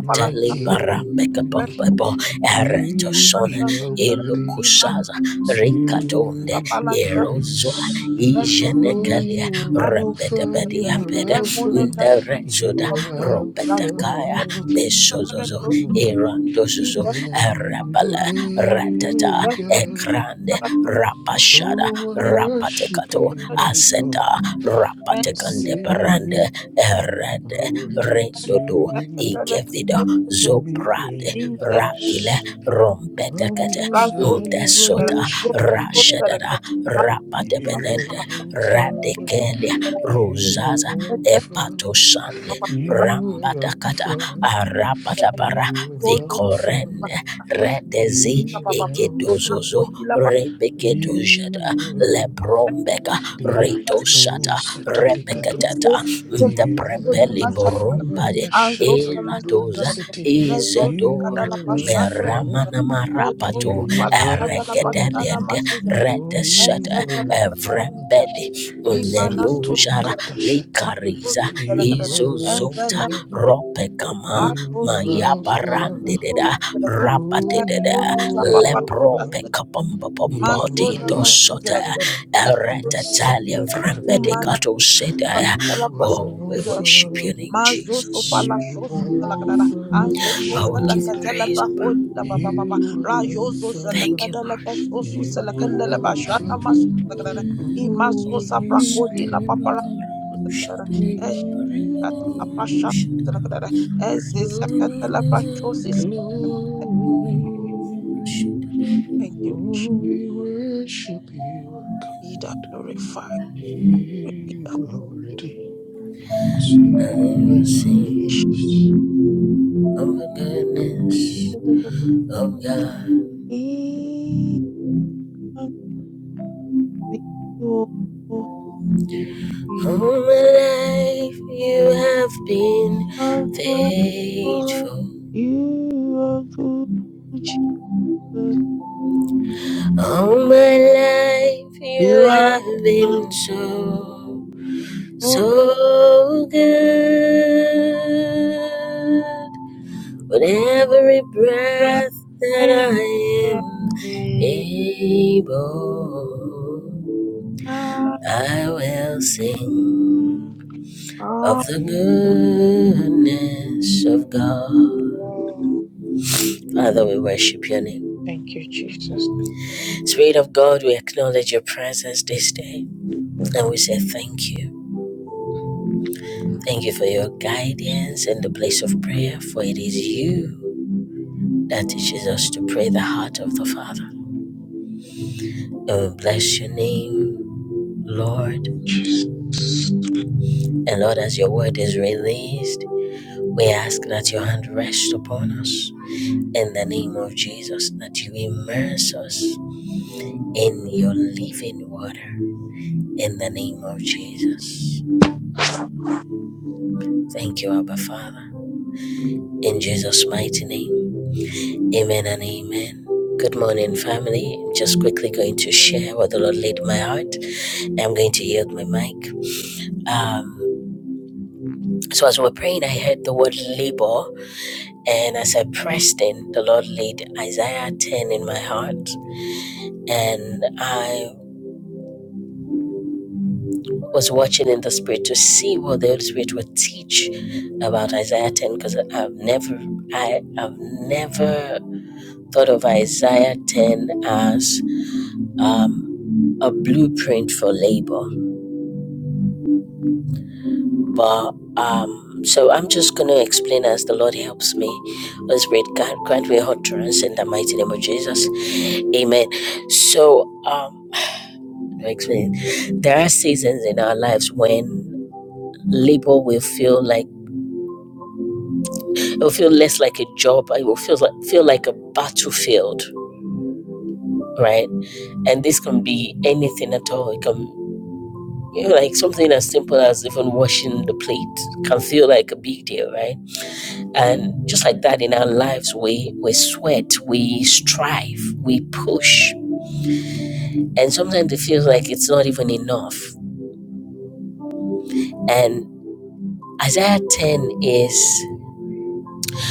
[SPEAKER 5] my King.
[SPEAKER 4] barambeka bambebo eretosone
[SPEAKER 5] You are worthy
[SPEAKER 4] elokusaza
[SPEAKER 1] Razo
[SPEAKER 4] rikatonde
[SPEAKER 5] to be
[SPEAKER 4] erozwa
[SPEAKER 5] praised. Oh,
[SPEAKER 4] ijenekalia
[SPEAKER 5] you are Alpha, you are
[SPEAKER 4] rembedebediambede
[SPEAKER 5] Alpha, you
[SPEAKER 4] nderezoda
[SPEAKER 5] are
[SPEAKER 4] robetakaya
[SPEAKER 5] Alpha
[SPEAKER 4] mesozozo erandozozo
[SPEAKER 5] and
[SPEAKER 4] erabala ratata
[SPEAKER 5] Omega.
[SPEAKER 4] Grande Rapashada
[SPEAKER 5] Oh, I worship
[SPEAKER 4] Rapatekato
[SPEAKER 5] you, my God.
[SPEAKER 4] Aseta
[SPEAKER 5] I say
[SPEAKER 4] Rapatekande Brande
[SPEAKER 5] you are
[SPEAKER 4] Erede
[SPEAKER 5] worthy
[SPEAKER 4] Rendodo
[SPEAKER 5] to
[SPEAKER 4] Ikevida
[SPEAKER 5] be
[SPEAKER 4] Zobrade Rakile
[SPEAKER 5] praised.
[SPEAKER 4] Rompetekete
[SPEAKER 5] Andos the brado
[SPEAKER 4] Desota
[SPEAKER 5] shiddly giddy
[SPEAKER 4] Rashadada Rapatebende
[SPEAKER 5] You are Alpha,
[SPEAKER 4] Radikelia
[SPEAKER 5] you
[SPEAKER 4] rozaza,
[SPEAKER 5] are Alpha,
[SPEAKER 4] Epatosande
[SPEAKER 5] you are
[SPEAKER 4] Rambatakata
[SPEAKER 5] Alpha,
[SPEAKER 4] Arapatabara
[SPEAKER 5] you are Alpha,
[SPEAKER 4] Korende Redezi
[SPEAKER 5] you are Alpha,
[SPEAKER 4] Gedozozo Rebeketo
[SPEAKER 5] you
[SPEAKER 4] Jada
[SPEAKER 5] are Alpha.
[SPEAKER 4] Lebrombeka Reto
[SPEAKER 5] Lakado
[SPEAKER 4] Shata
[SPEAKER 5] Satalikado,
[SPEAKER 4] Rebekatata the
[SPEAKER 5] you
[SPEAKER 4] Brembe
[SPEAKER 5] are Alpha,
[SPEAKER 4] Rumbade
[SPEAKER 5] Mashatali
[SPEAKER 4] Edoza
[SPEAKER 5] Brundisity,
[SPEAKER 4] Izadora
[SPEAKER 5] you are Alpha,
[SPEAKER 4] Meramana Marapato
[SPEAKER 5] you are Alpha.
[SPEAKER 4] Eredeliende Rede
[SPEAKER 5] Oh, you
[SPEAKER 4] Shata
[SPEAKER 5] are Alpha,
[SPEAKER 4] Evrembede
[SPEAKER 5] Esanto
[SPEAKER 4] Nenujara
[SPEAKER 5] Katashata.
[SPEAKER 4] Likariza
[SPEAKER 5] You are
[SPEAKER 4] Izozo
[SPEAKER 5] Alpha,
[SPEAKER 4] ropekama
[SPEAKER 5] you are Alpha.
[SPEAKER 4] mayabarandededa
[SPEAKER 5] Oh,
[SPEAKER 4] rapatededa
[SPEAKER 5] you are Alpha,
[SPEAKER 4] lepropekapampapampidosot
[SPEAKER 5] you
[SPEAKER 1] Masuna
[SPEAKER 5] are
[SPEAKER 1] Masuza,
[SPEAKER 5] Alpha.
[SPEAKER 4] eretatalia
[SPEAKER 5] Masatalikato,
[SPEAKER 4] vrambedekatoseda
[SPEAKER 1] Ela
[SPEAKER 5] you are
[SPEAKER 4] oh we
[SPEAKER 1] pascuza,
[SPEAKER 4] worship your
[SPEAKER 5] Alpha,
[SPEAKER 4] name
[SPEAKER 1] mas o so
[SPEAKER 5] you
[SPEAKER 1] shosu
[SPEAKER 5] are
[SPEAKER 1] la
[SPEAKER 5] Alpha.
[SPEAKER 1] azo so
[SPEAKER 4] oh we
[SPEAKER 1] sala
[SPEAKER 4] give you praise.
[SPEAKER 5] Shadadadadada.
[SPEAKER 1] la ba ba ba ba,
[SPEAKER 5] You
[SPEAKER 1] ra
[SPEAKER 5] are
[SPEAKER 1] yo zo sala
[SPEAKER 4] thank you
[SPEAKER 5] Alpha,
[SPEAKER 1] kadala pa so
[SPEAKER 5] you are Alpha.
[SPEAKER 1] i mas
[SPEAKER 5] Oh,
[SPEAKER 1] o
[SPEAKER 5] we
[SPEAKER 4] I
[SPEAKER 5] give
[SPEAKER 1] la pa para
[SPEAKER 5] you.
[SPEAKER 1] su la kadara,
[SPEAKER 5] We
[SPEAKER 1] e
[SPEAKER 5] give you
[SPEAKER 1] shakata la pa
[SPEAKER 5] all
[SPEAKER 1] e
[SPEAKER 5] the
[SPEAKER 1] si
[SPEAKER 5] glory.
[SPEAKER 1] Thank you, worship
[SPEAKER 5] Oh, we worship you, our
[SPEAKER 1] be
[SPEAKER 5] God.
[SPEAKER 1] thou glorified, be
[SPEAKER 5] You
[SPEAKER 1] thou
[SPEAKER 5] are worthy to
[SPEAKER 4] will
[SPEAKER 5] be
[SPEAKER 4] sing
[SPEAKER 1] worship.
[SPEAKER 5] praised.
[SPEAKER 4] of the goodness
[SPEAKER 1] Even
[SPEAKER 4] of God.
[SPEAKER 1] We Be
[SPEAKER 4] All my life you have been
[SPEAKER 1] thou
[SPEAKER 4] faithful.
[SPEAKER 1] Lord, you are good, Jesus.
[SPEAKER 4] All my life you
[SPEAKER 1] You are
[SPEAKER 4] have been
[SPEAKER 1] good.
[SPEAKER 4] so,
[SPEAKER 1] so
[SPEAKER 4] so good. With every breath
[SPEAKER 1] Right.
[SPEAKER 4] that
[SPEAKER 1] I
[SPEAKER 4] I
[SPEAKER 1] am.
[SPEAKER 4] am able, I will sing
[SPEAKER 1] Ah,
[SPEAKER 4] the goodness of God. Father, we worship your name.
[SPEAKER 1] Thank you, Jesus.
[SPEAKER 4] Spirit of God, we acknowledge your presence this day and we say thank you. Thank you for your guidance in the place of prayer, for it is you that teaches us to pray the heart of the Father. And we bless your name, Lord. And Lord, as your word is released, we ask that your hand rest upon us in the name of Jesus, that you immerse us in your living water in the name of Jesus. Thank you, Abba Father. In Jesus' mighty name. Amen and amen. Good morning, family. I'm just quickly going to share what the Lord laid in my heart. I'm going to yield my mic. Um, so as we were praying, I heard the word labor, and as I pressed in, the Lord laid Isaiah 10 in my heart, and I was watching in the spirit to see what the Holy Spirit would teach about Isaiah 10 because I've never I have never thought of Isaiah 10 as um, a blueprint for labor. But um, so I'm just going to explain as the Lord helps me. Let's read, grant, grant me utterance in the mighty name of Jesus. Amen. So um, I'll explain. There are seasons in our lives when labor will feel like it will feel less like a job. It will feel like feel like a battlefield, right? And this can be anything at all. It can you know, like something as simple as even washing the plate can feel like a big deal, right? And just like that in our lives, we, we sweat, we strive, we push. And sometimes it feels like it's not even enough. And Isaiah 10 is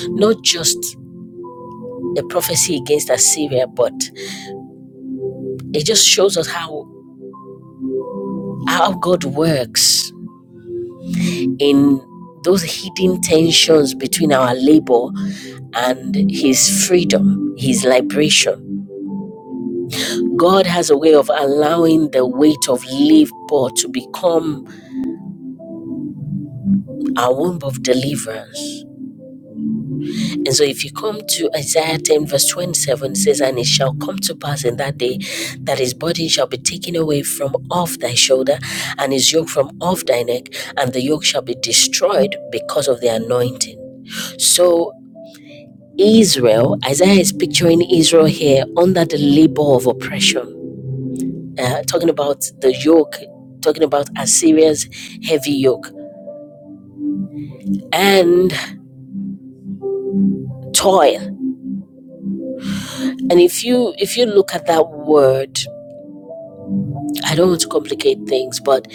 [SPEAKER 4] not just a prophecy against Assyria, but it just shows us how, how God works in those hidden tensions between our labor and his freedom, his liberation. God has a way of allowing the weight of labor to become our womb of deliverance. And so if you come to Isaiah 10, verse 27, it says, And it shall come to pass in that day that his burden shall be taken away from off thy shoulder, and his yoke from off thy neck, and the yoke shall be destroyed because of the anointing. So Israel, Isaiah is picturing Israel here under the labor of oppression. Uh, talking about the yoke, talking about Assyria's heavy yoke and toil And if you if you look at that word, I don't want to complicate things, but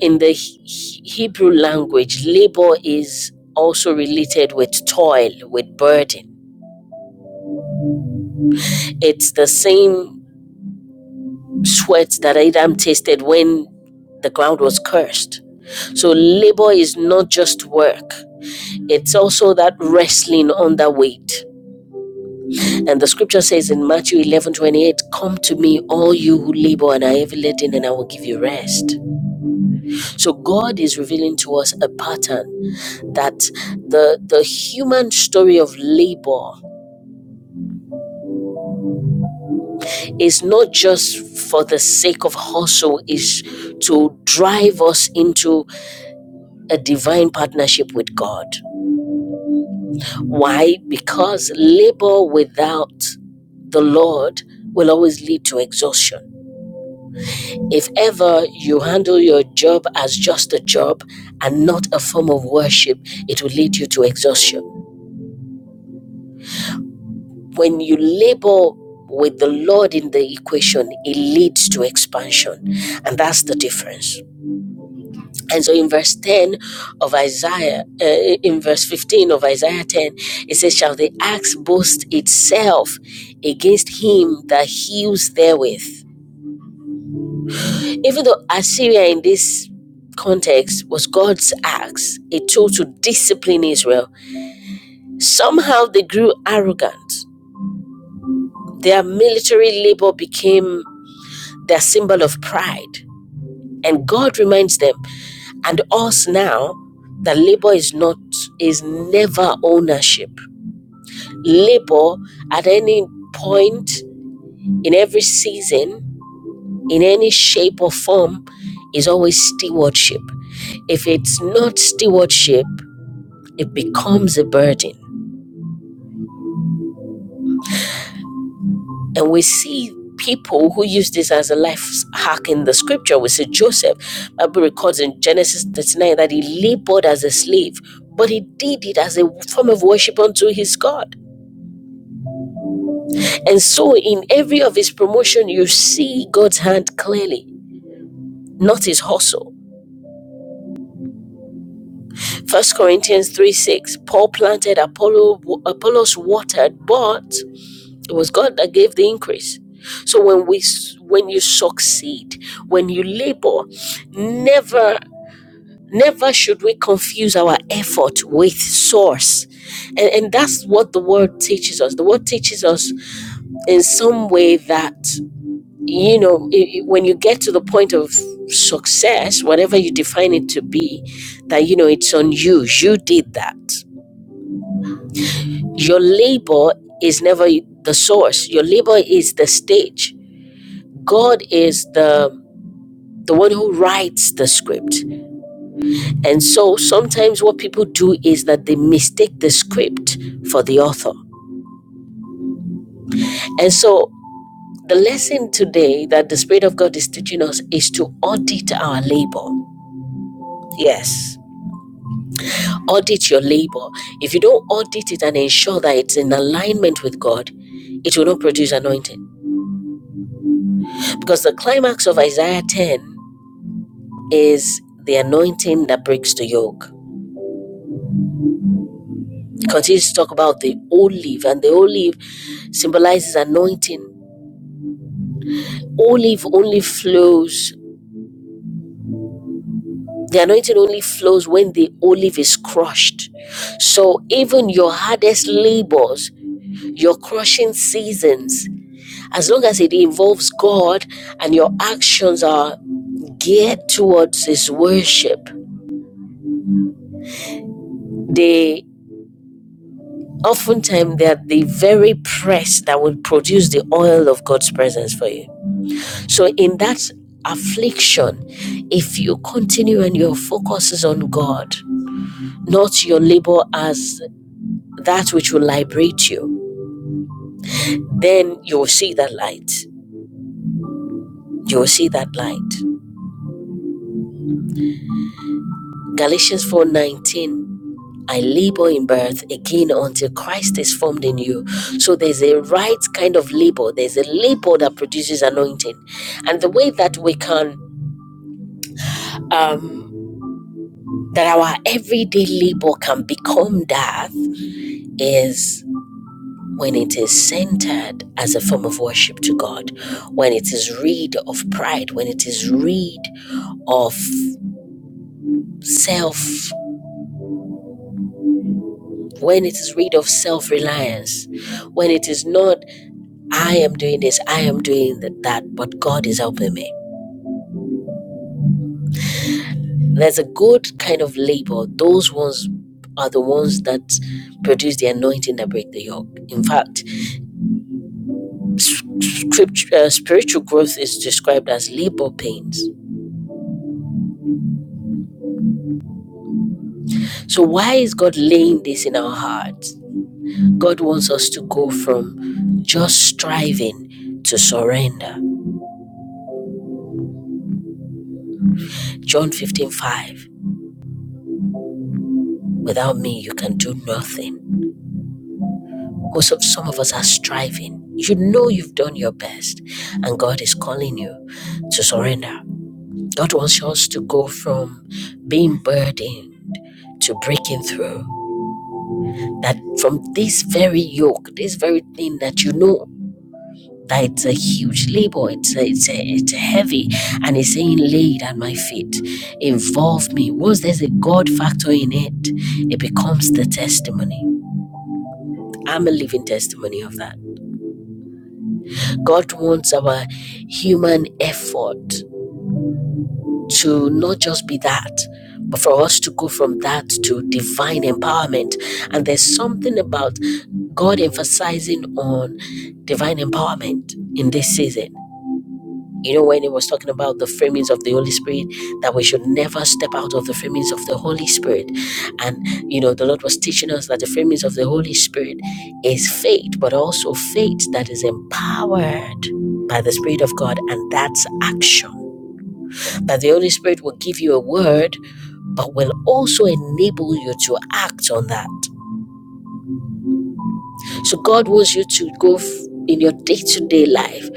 [SPEAKER 4] in the He- Hebrew language, labor is also related with toil, with burden. It's the same sweat that Adam tasted when the ground was cursed. So labor is not just work. It's also that wrestling under weight. And the scripture says in Matthew eleven twenty eight, Come to me, all you who labor and are heavy laden, and I will give you rest. So God is revealing to us a pattern that the the human story of labor is not just for the sake of hustle is to drive us into a divine partnership with God. Why? Because labor without the Lord will always lead to exhaustion. If ever you handle your job as just a job and not a form of worship, it will lead you to exhaustion. When you labor with the Lord in the equation, it leads to expansion. And that's the difference. And so in verse 10 of Isaiah, uh, in verse 15 of Isaiah 10, it says, Shall the axe boast itself against him that heals therewith? Even though Assyria in this context was God's axe, a tool to discipline Israel, somehow they grew arrogant. Their military labor became their symbol of pride. And God reminds them and us now that labor is not is never ownership. Labor at any point in every season, in any shape or form, is always stewardship. If it's not stewardship, it becomes a burden. And we see people who use this as a life hack in the scripture. We see Joseph, The Bible records in Genesis 39 that he labored as a slave, but he did it as a form of worship unto his God. And so in every of his promotion, you see God's hand clearly, not his hustle. First Corinthians 3 6, Paul planted, Apollo, Apollos watered, but It was God that gave the increase. So when we when you succeed, when you labor, never never should we confuse our effort with source. And and that's what the word teaches us. The word teaches us in some way that you know i- i- when you get to the point of success, whatever you define it to be, that you know it's on you. You did that. Your labor is never the source. Your labor is the stage God is the the one who writes the script. And so sometimes what people do is that they mistake the script for the author. And so the lesson today that the Spirit of God is teaching us is to audit our labor. Yes. Audit your labor. If you don't audit it and ensure that it's in alignment with God, it will not produce anointing. Because the climax of Isaiah 10 is the anointing that breaks the yoke. continues to talk about the olive, and the olive symbolizes anointing. Olive only flows, the anointing only flows when the olive is crushed. So even your hardest labors, your crushing seasons, as long as it involves God and your actions are geared towards His worship, they oftentimes they are the very press that will produce the oil of God's presence for you. So, in that affliction, if you continue and your focus is on God, not your labor as that which will liberate you, then you will see that light. You will see that light. Galatians 4:19. I labor in birth again until Christ is formed in you. So there's a right kind of labor. There's a labor that produces anointing. And the way that we can um that our everyday labor can become that is when it is centered as a form of worship to God, when it is rid of pride, when it is rid of self, when it is rid of self reliance, when it is not, I am doing this, I am doing that, but God is helping me. There's a good kind of labor. Those ones are the ones that produce the anointing that break the yoke. In fact, scripture, uh, spiritual growth is described as labor pains So, why is God laying this in our hearts? God wants us to go from just striving to surrender. John 15 5. Without me, you can do nothing. Most of some of us are striving. You know you've done your best, and God is calling you to surrender. God wants us to go from being burdened to breaking through. That from this very yoke, this very thing that you know that it's a huge labor. It's a, it's a, it's a heavy, and he's saying, "Laid at my feet, involve me." Once there's a God factor in it, it becomes the testimony. I'm a living testimony of that. God wants our human effort to not just be that, but for us to go from that to divine empowerment. And there's something about God emphasizing on divine empowerment in this season. You know, when it was talking about the framings of the Holy Spirit, that we should never step out of the framings of the Holy Spirit. And, you know, the Lord was teaching us that the framings of the Holy Spirit is faith, but also faith that is empowered by the Spirit of God, and that's action. That the Holy Spirit will give you a word, but will also enable you to act on that. So God wants you to go f- in your day to day life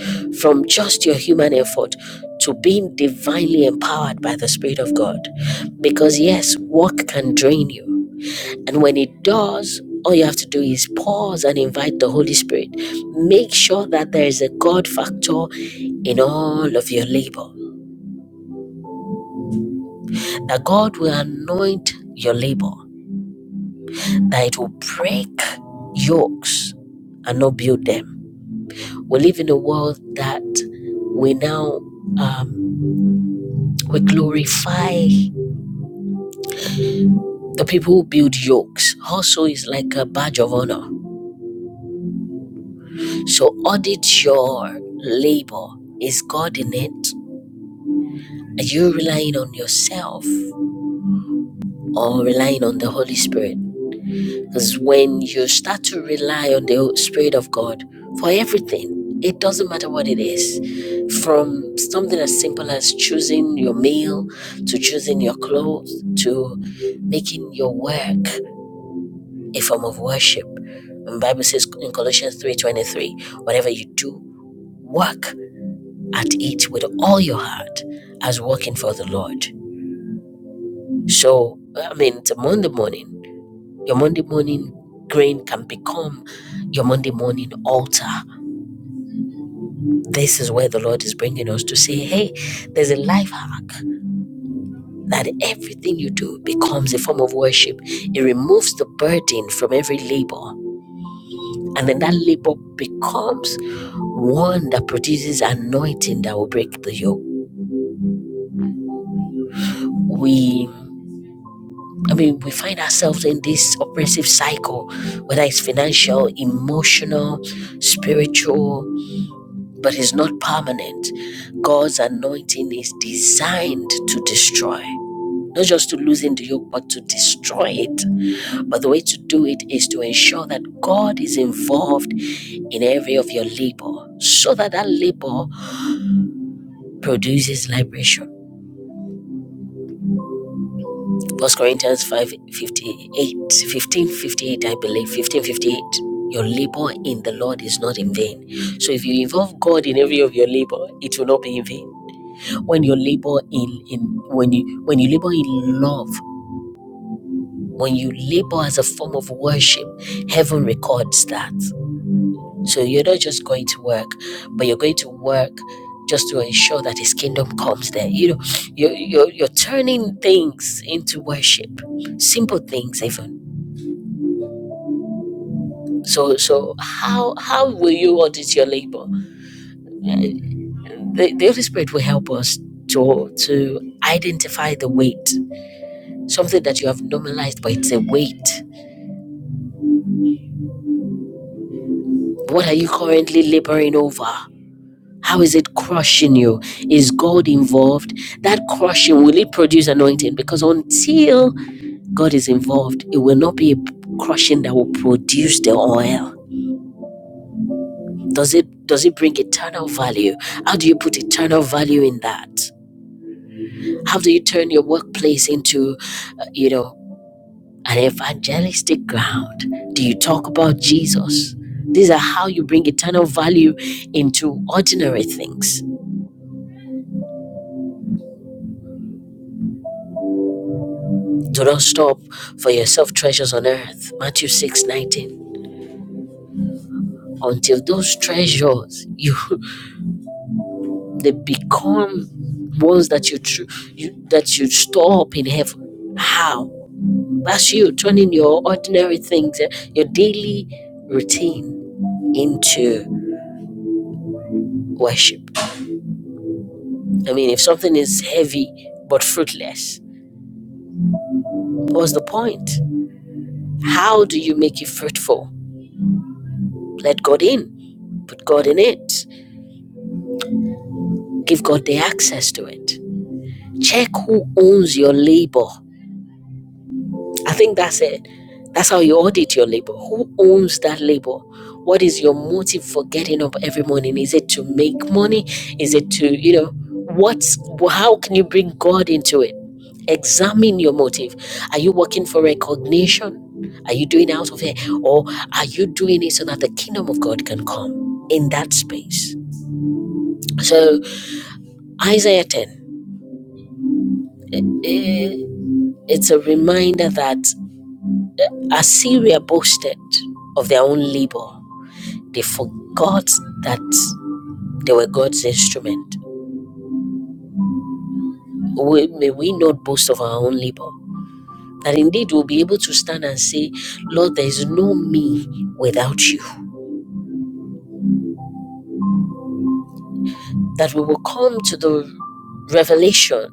[SPEAKER 4] from just your human effort to being divinely empowered by the Spirit of God. Because yes, work can drain you. And when it does, all you have to do is pause and invite the Holy Spirit. Make sure that there is a God factor in all of your labor, that God will anoint your labor, that it will break yokes and not build them We live in a world that we now um, we glorify the people who build yokes. Also, is like a badge of honor. So audit your labor. Is God in it? Are you relying on yourself or relying on the Holy Spirit? Because when you start to rely on the Spirit of God for everything, it doesn't matter what it is, from something as simple as choosing your meal to choosing your clothes to making your work a form of worship. The Bible says in Colossians 3:23, whatever you do, work at it with all your heart as working for the Lord. So, I mean, it's a Monday morning. Your Monday morning grain can become your Monday morning altar. This is where the Lord is bringing us to say, hey, there's a life hack that everything you do becomes a form of worship. It removes the burden from every labor. And then that labor becomes one that produces anointing that will break the yoke. We, I mean, we find ourselves in this oppressive cycle, whether it's financial, emotional, spiritual, but it's not permanent. God's anointing is designed to destroy, not just to loosen the yoke, but to destroy it. But the way to do it is to ensure that God is involved in every of your labor, so that that labor produces liberation. First Corinthians 5 58 15 58 I believe, fifteen fifty eight. Your labor in the Lord is not in vain. So if you involve God in every of your labor, it will not be in vain. when you labor in, in when you when you labor in love when you labor as a form of worship heaven records that so you're not just going to work but you're going to work just to ensure that his kingdom comes there you know you're, you're, you're turning things into worship simple things even so so how how will you audit your labor the, the holy spirit will help us to to identify the weight something that you have normalized but it's a weight What are you currently laboring over? How is it crushing you? Is God involved? That crushing, will it produce anointing? Because until God is involved, it will not be a crushing that will produce the oil. Does it does it bring eternal value? How do you put eternal value in that? How do you turn your workplace into, uh, you know, an evangelistic ground? Do you talk about Jesus? These are how you bring eternal value into ordinary things Do not stop for yourself treasures on earth. Matthew 6 19. Until those treasures you [LAUGHS] they become ones that you, tr- you that you store up in heaven. How? That's you turning your ordinary things, eh, your daily routine into worship. I mean, if something is heavy but fruitless, what's the point? How do you make it fruitful? Let God in put God in it, give God the access to it. Check who owns your labor. I think that's it. That's how you audit your labor. Who owns that labor? What is your motive for getting up every morning? Is it to make money? Is it to, you know, what's how can you bring God into it? Examine your motive. Are you working for recognition? Are you doing out of here? Or are you doing it so that the kingdom of God can come in that space? So Isaiah 10, eh, it's a reminder that Assyria boasted of their own labor. They forgot that they were God's instrument. We, may we not boast of our own labor. That indeed we'll be able to stand and say, Lord, there is no me without you. That we will come to the revelation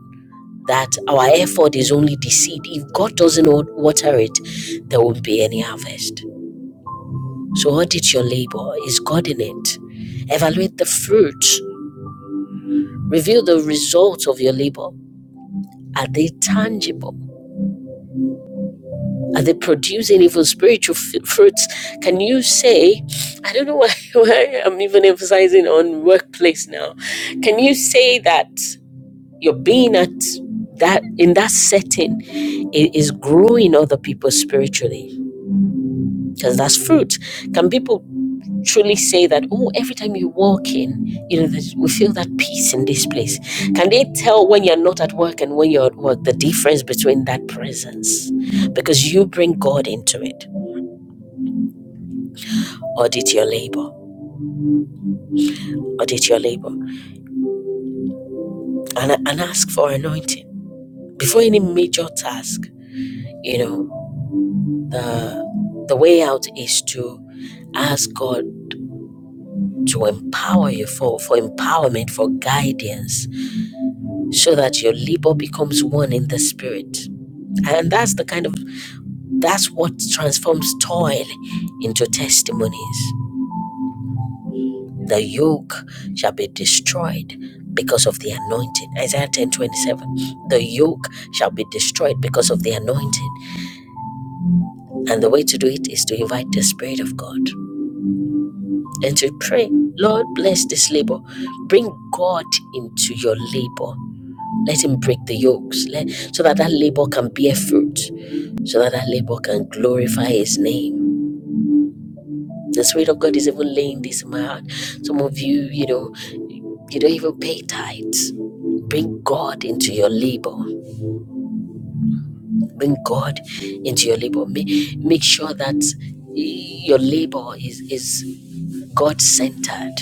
[SPEAKER 4] that our effort is only deceit If God doesn't water it, there won't be any harvest. So audit your labor. Is God in it? Evaluate the fruit. Review the results of your labor. Are they tangible? Are they producing even spiritual f- fruits? Can you say, I don't know [LAUGHS] why, why I'm even emphasizing on workplace now. Can you say that your being at that in that setting i- is growing other people spiritually? Because that's fruit. Can people truly say that, oh, every time you walk in, you know, that we feel that peace in this place? Can they tell when you're not at work and when you're at work the difference between that presence? Because you bring God into it. Audit your labor, audit your labor, and, and ask for anointing. Before any major task, you know, the, the way out is to ask God to empower you for, for empowerment, for guidance, so that your labor becomes one in the spirit And that's the kind of that's what transforms toil into testimonies. The yoke shall be destroyed because of the anointing. Isaiah 10 27. The yoke shall be destroyed because of the anointing. And the way to do it is to invite the Spirit of God and to pray, Lord, bless this labor. Bring God into your labor. Let Him break the yokes let, so that that labor can bear fruit, so that that labor can glorify His name The Spirit of God is even laying this in my heart. Some of you, you know, you don't even pay tithes. Bring God into your labor. Bring God into your labor. Make, make sure that your labor is, is God centered,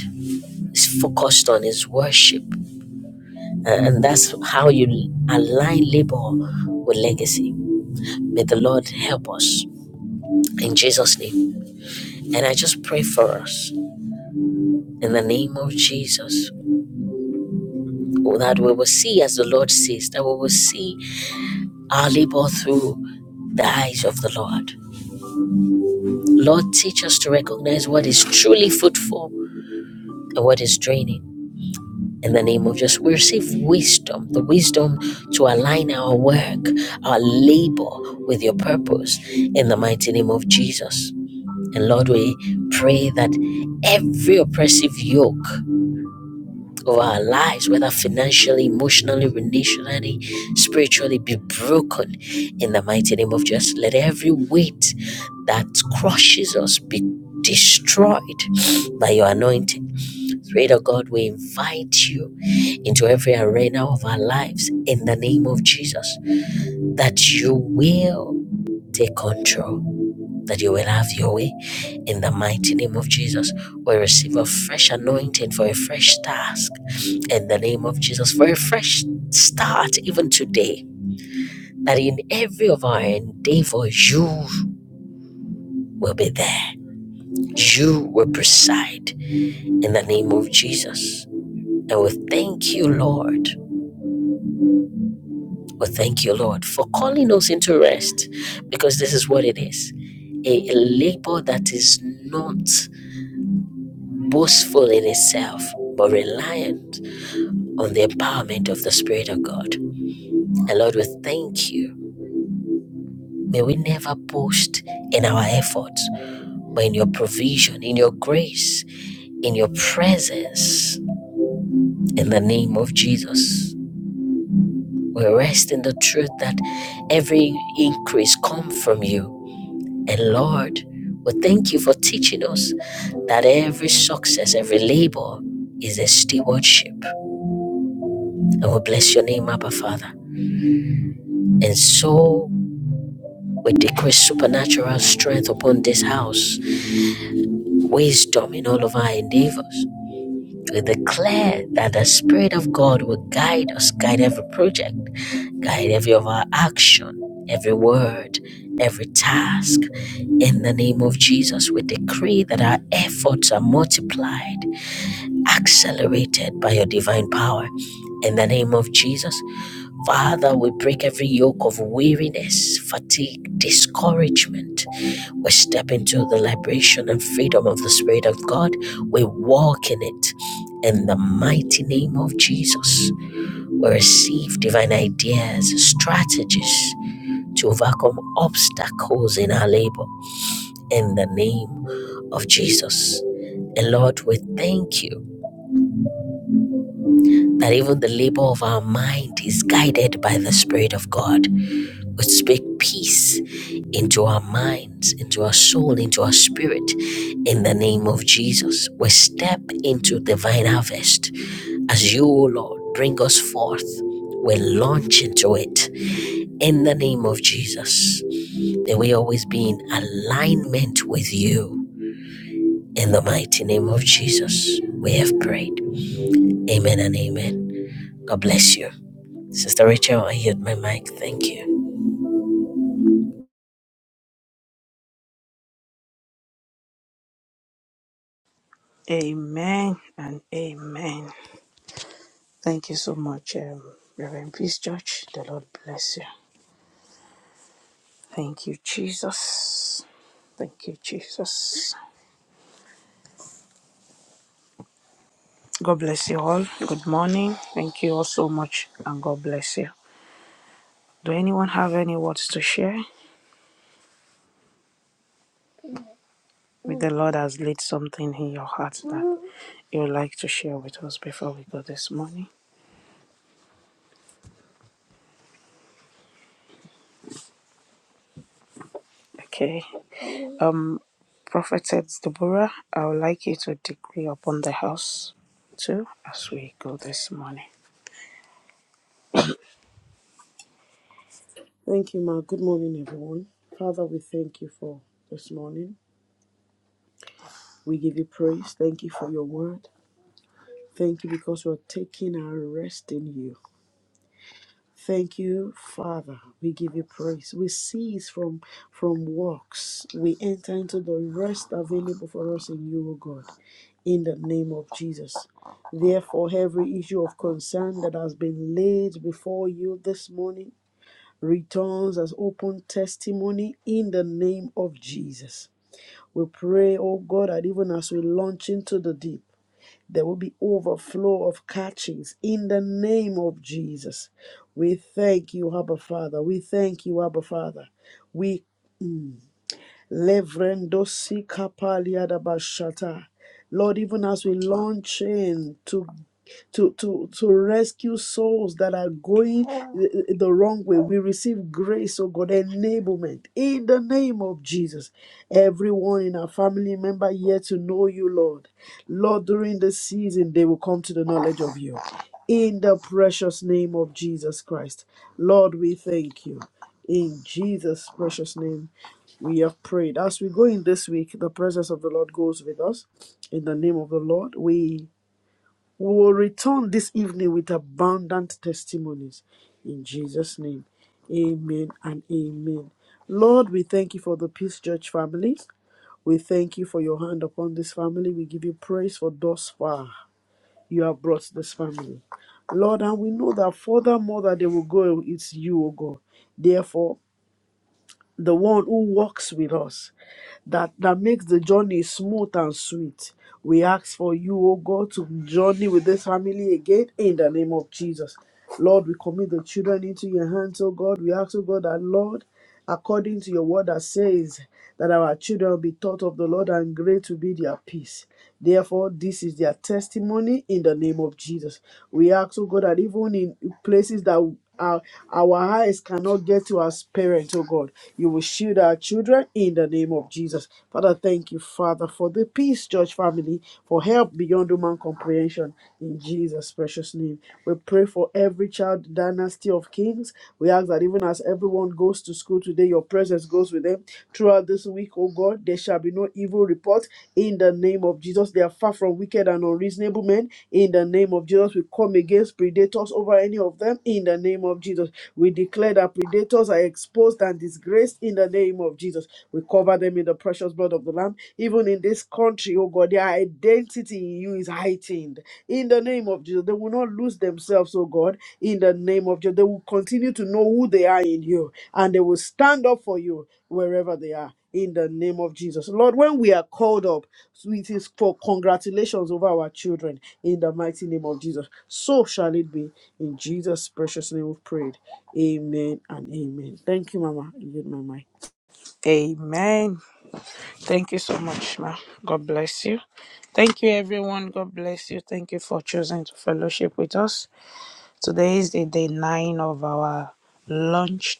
[SPEAKER 4] is focused on His worship. And that's how you align labor with legacy. May the Lord help us in Jesus' name. And I just pray for us in the name of Jesus that we will see as the Lord sees, that we will see our labor through the eyes of the Lord. Lord, teach us to recognize what is truly fruitful and what is draining. In the name of Jesus, we receive wisdom, the wisdom to align our work, our labor with your purpose in the mighty name of Jesus. And Lord, we pray that every oppressive yoke Of our lives, whether financially, emotionally, relationally, spiritually, be broken in the mighty name of Jesus. Let every weight that crushes us be destroyed by your anointing. Spirit of God, we invite you into every arena of our lives in the name of Jesus that you will take control that you will have your way in the mighty name of Jesus. We receive a fresh anointing for a fresh task in the name of Jesus, for a fresh start even today. That in every of our endeavors, you will be there. You will preside in the name of Jesus. And we thank you, Lord. We thank you, Lord, for calling us into rest because this is what it is a labor that is not boastful in itself, but reliant on the empowerment of the Spirit of God. And Lord, we thank you. May we never boast in our efforts, but in your provision, in your grace, in your presence. In the name of Jesus, we rest in the truth that every increase comes from you. And Lord, we thank you for teaching us that every success, every labor is a stewardship. And we bless your name, Abba Father. And so we decree supernatural strength upon this house, wisdom in all of our endeavors. We declare that the Spirit of God will guide us, guide every project, guide every of our action, every word, every task. In the name of Jesus, we decree that our efforts are multiplied, accelerated by your divine power. In the name of Jesus, Father, we break every yoke of weariness, fatigue, discouragement. We step into the liberation and freedom of the Spirit of God. We walk in it. In the mighty name of Jesus, we receive divine ideas, strategies to overcome obstacles in our labor. In the name of Jesus. And Lord, we thank you that even the labor of our mind is guided by the Spirit of God. We speak peace into our minds, into our soul, into our spirit. In the name of Jesus, we step into divine harvest. As you, O Lord, bring us forth, we launch into it. In the name of Jesus, may we always be in alignment with you. In the mighty name of Jesus, we have prayed. Amen and amen. God bless you. Sister Rachel, I heard my mic. Thank you. On
[SPEAKER 1] Amen and amen. Thank you so much, um, Reverend Peace Church. The Lord bless you. Thank you, Jesus. Thank you, Jesus. God bless you all. Good morning. Thank you all so much, and God bless you. Do anyone have any words to share? May the Lord has laid something in your heart that you would like to share with us before we go this morning. Okay. Um, Prophetess Deborah, I would like you to decree upon the house too as we go this morning.
[SPEAKER 7] Thank you, Ma. Good morning, everyone. Father, we thank you for this morning. We give you praise. Thank you for your word. Thank you because we're taking our rest in you. Thank you, Father. We give you praise. We cease from from works. We enter into the rest available for us in you, O God. In the name of Jesus. Therefore, every issue of concern that has been laid before you this morning. returns as open testimony in the name of Jesus. We pray, oh God, that even as we launch into the deep, there will be overflow of catchings in the name of Jesus. We thank you, Abba Father. We thank you, Abba Father. We Levrendo si kapalia da bashata. Lord, even as we launch in to to, to, to rescue souls that are going the, the wrong way. We receive grace, oh God, enablement in the name of Jesus. Everyone in our family member here to know you, Lord. Lord, during this season, they will come to the knowledge of you. In the precious name of Jesus Christ. Lord, we thank you. In Jesus' precious name. We have prayed. As we go in this week, the presence of the Lord goes with us. In the name of the Lord, we we will return this evening with abundant testimonies. In Jesus' name, amen and amen. Lord, we thank you for the Peace Church family. We thank you for your hand upon this family. We give you praise for thus far you have brought this family. Lord, and we know that furthermore that they will go, it's you, O God. Therefore, the one who walks with us that, that makes the journey smooth and sweet. We ask for you, O God, to journey with this family again in the name of Jesus. Lord, we commit the children into your hands, O God. We ask, O God, that Lord, according to your word that says that our children will be taught of the Lord and great will be their peace. Therefore, this is their testimony in the name of Jesus. We ask, oh God, that even in places that our, our eyes cannot get to as parents, oh God, you will shield our children in the name of Jesus. Father, thank you, Father, for the peace, church family, for help beyond human comprehension. In Jesus' precious name, we pray pray for every child dynasty of kings. We ask that even as everyone goes to school today, your presence goes with them. Throughout this week, oh God, there shall be no evil report in the name of Jesus. They are far from wicked and unreasonable men. In the name of Jesus, we come against predators over any of them. In the name of Jesus, we declare that predators are exposed and disgraced. In the name of Jesus, we cover them in the precious blood of the Lamb. Even in this country, oh God but their identity in you is heightened. In the name of Jesus, they will not lose themselves, oh God. In the name of Jesus, they will continue to know who they are in you and they will stand up for you wherever they are. In the name of Jesus. Lord, when we are called up, it is for congratulations over our children. In the mighty name of Jesus. So shall it be. In Jesus' precious name we've prayed. Amen and amen. Thank you, Mama. You get my mic.
[SPEAKER 1] Amen. Thank you so much, ma. God bless you. Thank you, everyone. God bless you. Thank you for choosing to fellowship with us. Today is the day nine of our launch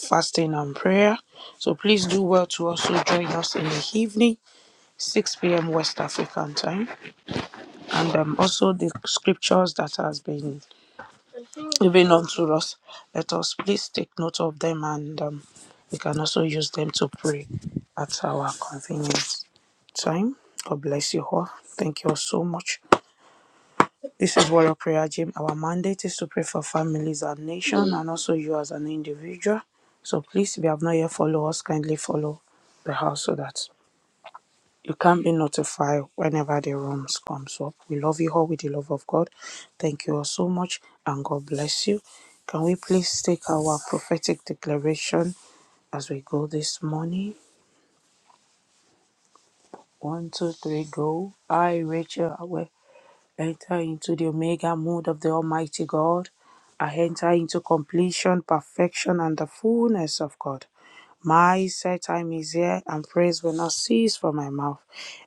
[SPEAKER 1] fasting and prayer. So please do well to also join us in the evening, 6 p.m. West African time. And um, also the scriptures that has been given unto us, let us please take note of them and um, we can also use them to pray at our convenience time. God bless you all. Thank you all so much. This is Warrior Prayer Gym. Our mandate is to pray for families and nation and also you as an individual. So please, if you have not yet followed us, kindly follow the house so that you can be notified whenever the rooms comes up. We love you all with the love of God. Thank you all so much and God bless you. Can we please take our prophetic declaration as we go this morning? One, two, three, go. I, Rachel, away. Enter into the Omega mood of the Almighty God. I enter into completion, perfection, and the fullness of God. My set time is here, and praise will not cease from my mouth.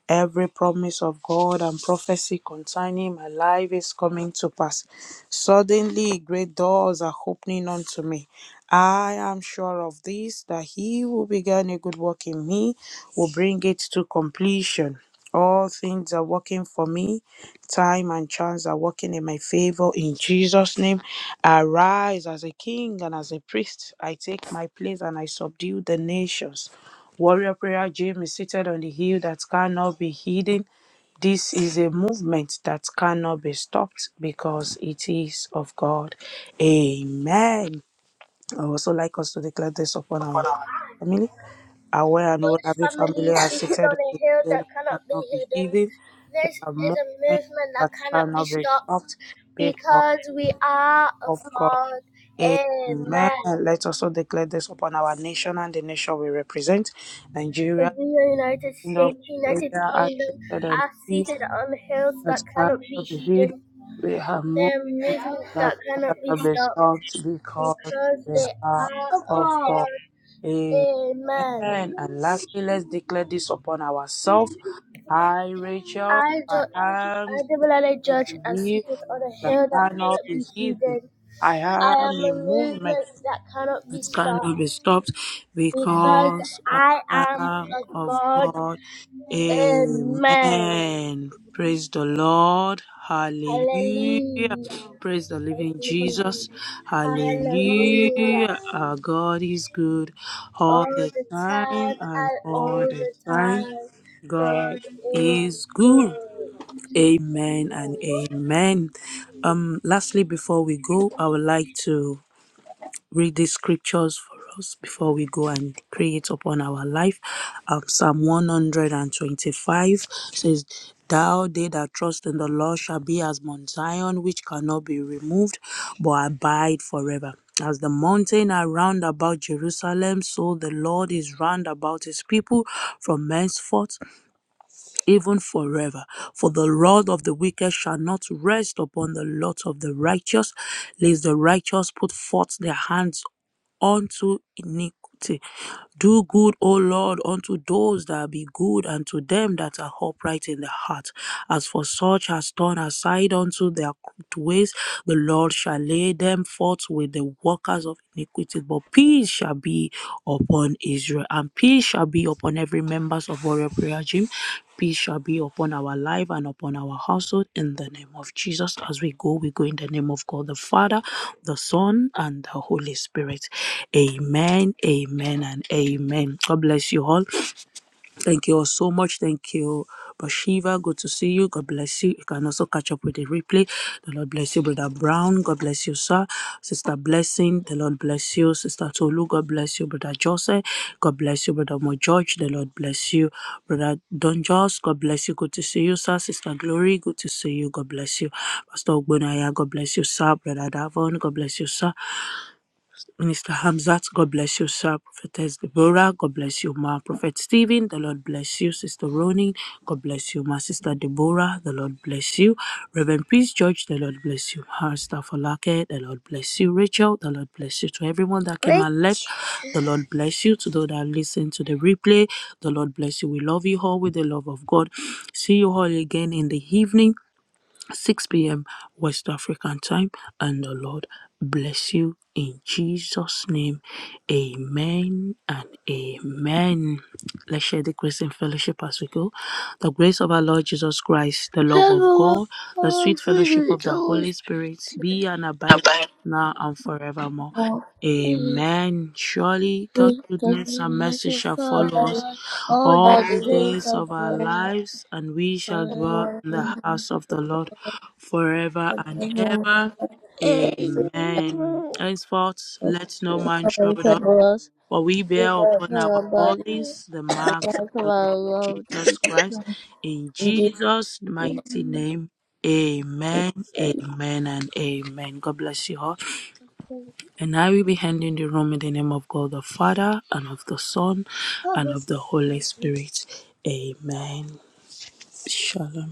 [SPEAKER 1] Every promise of God and prophecy concerning my life is coming to pass. Suddenly, great doors are opening unto me. I am sure of this that he who began a good work in me will bring it to completion. All things are working for me time and chance are working in my favor in Jesus' name. I rise as a king and as a priest. I take my place and I subdue the nations. Warrior Prayer Gym is seated on the hill that cannot be hidden. This is a movement that cannot be stopped because it is of God. Amen. I would also like us to declare this upon our family. Aware and all every family are seated on
[SPEAKER 4] a hill
[SPEAKER 1] the hill
[SPEAKER 4] that
[SPEAKER 1] that
[SPEAKER 4] cannot be
[SPEAKER 1] cannot be
[SPEAKER 4] hidden.
[SPEAKER 1] hidden. There
[SPEAKER 4] There's
[SPEAKER 1] are movements
[SPEAKER 4] the movement that
[SPEAKER 1] that
[SPEAKER 4] cannot
[SPEAKER 1] cannot be
[SPEAKER 4] stop
[SPEAKER 1] stopped because
[SPEAKER 4] because we are of
[SPEAKER 1] of God.
[SPEAKER 4] God and
[SPEAKER 1] Amen. Let's also declare this upon our nation and the nation we represent. Nigeria,
[SPEAKER 4] the United
[SPEAKER 1] Kingdom,
[SPEAKER 4] United
[SPEAKER 1] Australia are
[SPEAKER 4] Kingdom
[SPEAKER 1] seated on
[SPEAKER 4] are
[SPEAKER 1] the hill
[SPEAKER 4] seated on hills that
[SPEAKER 1] that
[SPEAKER 4] cannot be
[SPEAKER 1] cannot be
[SPEAKER 4] hidden.
[SPEAKER 1] hidden. There are
[SPEAKER 4] A
[SPEAKER 1] movements
[SPEAKER 4] movement
[SPEAKER 1] that
[SPEAKER 4] that cannot be
[SPEAKER 1] cannot be
[SPEAKER 4] stopped
[SPEAKER 1] stopped because
[SPEAKER 4] because
[SPEAKER 1] they
[SPEAKER 4] they
[SPEAKER 1] are
[SPEAKER 4] are
[SPEAKER 1] of God. Amen.
[SPEAKER 4] a man.
[SPEAKER 1] And lastly, let's declare this upon ourselves. I, Rachel,
[SPEAKER 4] I ju-
[SPEAKER 1] I am
[SPEAKER 4] I double
[SPEAKER 1] seated
[SPEAKER 4] judge and
[SPEAKER 1] here
[SPEAKER 4] sit on a
[SPEAKER 1] that
[SPEAKER 4] hill that can
[SPEAKER 1] cannot be
[SPEAKER 4] be
[SPEAKER 1] hidden.
[SPEAKER 4] hidden.
[SPEAKER 1] I
[SPEAKER 4] I
[SPEAKER 1] am
[SPEAKER 4] am a
[SPEAKER 1] in movement.
[SPEAKER 4] movement that cannot be
[SPEAKER 1] It
[SPEAKER 4] stopped.
[SPEAKER 1] cannot be stopped because I
[SPEAKER 4] I am
[SPEAKER 1] am
[SPEAKER 4] of
[SPEAKER 1] of
[SPEAKER 4] God
[SPEAKER 1] God.
[SPEAKER 4] and man.
[SPEAKER 1] Amen. Praise the Lord.
[SPEAKER 4] Hallelujah.
[SPEAKER 1] Hallelujah.
[SPEAKER 4] Yeah,
[SPEAKER 1] Praise the living
[SPEAKER 4] we
[SPEAKER 1] Jesus. Hallelujah. Our God is good all the
[SPEAKER 4] did
[SPEAKER 1] time and
[SPEAKER 4] that
[SPEAKER 1] all
[SPEAKER 4] all
[SPEAKER 1] the
[SPEAKER 4] the time.
[SPEAKER 1] time. God
[SPEAKER 4] And it
[SPEAKER 1] is good. Amen and amen.
[SPEAKER 4] worked.
[SPEAKER 1] Um, lastly, before we go, I would like to read these scriptures for us before we go and pray it upon our life. Um, Psalm 125 says, Thou, they that trust in the Lord, shall be as Mount Zion, which cannot be removed, but abide forever. As the mountain are round about Jerusalem, so the Lord is round about his people from henceforth even forever. For the rod of the wicked shall not rest upon the lot of the righteous, lest the righteous put forth their hands unto iniquity. Do good, O Lord, unto those that be good, and to them that are upright in the heart. As for such as turn aside unto their crooked ways, the Lord shall lay them forth with the workers of iniquity. But peace shall be upon Israel, and peace shall be upon every members of Warrior Prayer Gym. Peace shall be upon our life and upon our household in the name of Jesus. As we go, we go in the name of God the Father the Son, and the Holy Spirit. Amen, amen, and amen. God bless you all. Thank you all so much. Thank you, Bashiva. Good to see you. God bless you. You can also catch up with the replay. The Lord bless you, Brother Brown. God bless you, sir. Sister Blessing. The Lord bless you. Sister Tolu. God bless you, Brother Joseph. God bless you, Brother Mo George. The Lord bless you, Brother Don Jos. God bless you. Good to see you, sir. Sister Glory. Good to see you. God bless you. Pastor Ogbonaya. God bless you, sir. Brother Davon. God bless you, sir. Minister Hamzat, God bless you, sir. Prophetess Deborah, God bless you, ma. Prophet Stephen, the Lord bless you. Sister Ronin, God bless you, ma. Sister Deborah, the Lord bless you. Reverend Peace George, the Lord bless you. Her staff Olake, the Lord bless you. Rachel, the Lord bless you. To everyone that came and left, the Lord bless you. To those that listen to the replay, the Lord bless you. We love you all with the love of God. See you all again in the evening. 6 p.m. West African time. And the Lord bless you in Jesus' name. Amen and amen. Let's share the grace and fellowship as we go. The grace of our Lord Jesus Christ, the love of God, the sweet fellowship of the Holy Spirit be and abide with us
[SPEAKER 5] Abang.
[SPEAKER 1] now and forevermore. Amen. Surely God's
[SPEAKER 5] Just
[SPEAKER 1] goodness and mercy shall follow us
[SPEAKER 5] about
[SPEAKER 1] all
[SPEAKER 5] all the
[SPEAKER 1] the
[SPEAKER 5] way
[SPEAKER 1] days of our lives, and we shall dwell
[SPEAKER 5] for
[SPEAKER 1] in the
[SPEAKER 5] the
[SPEAKER 1] house of the Lord forever and ever. Amen. Amen. Henceforth, let no man trouble us, for we bear upon our bodies the
[SPEAKER 5] The
[SPEAKER 1] marks of
[SPEAKER 5] mark of
[SPEAKER 1] the
[SPEAKER 5] our
[SPEAKER 1] Lord
[SPEAKER 5] Lord
[SPEAKER 1] Jesus
[SPEAKER 5] Jesus
[SPEAKER 1] Christ.
[SPEAKER 5] Christ.
[SPEAKER 1] In
[SPEAKER 5] In
[SPEAKER 1] Jesus'
[SPEAKER 5] Jesus'
[SPEAKER 1] mighty name, amen,
[SPEAKER 5] name.
[SPEAKER 1] amen, and amen. God bless you all. And I will be handing the room in the name of God the Father, and of the Son, and of the Holy Spirit. Amen. Shalom.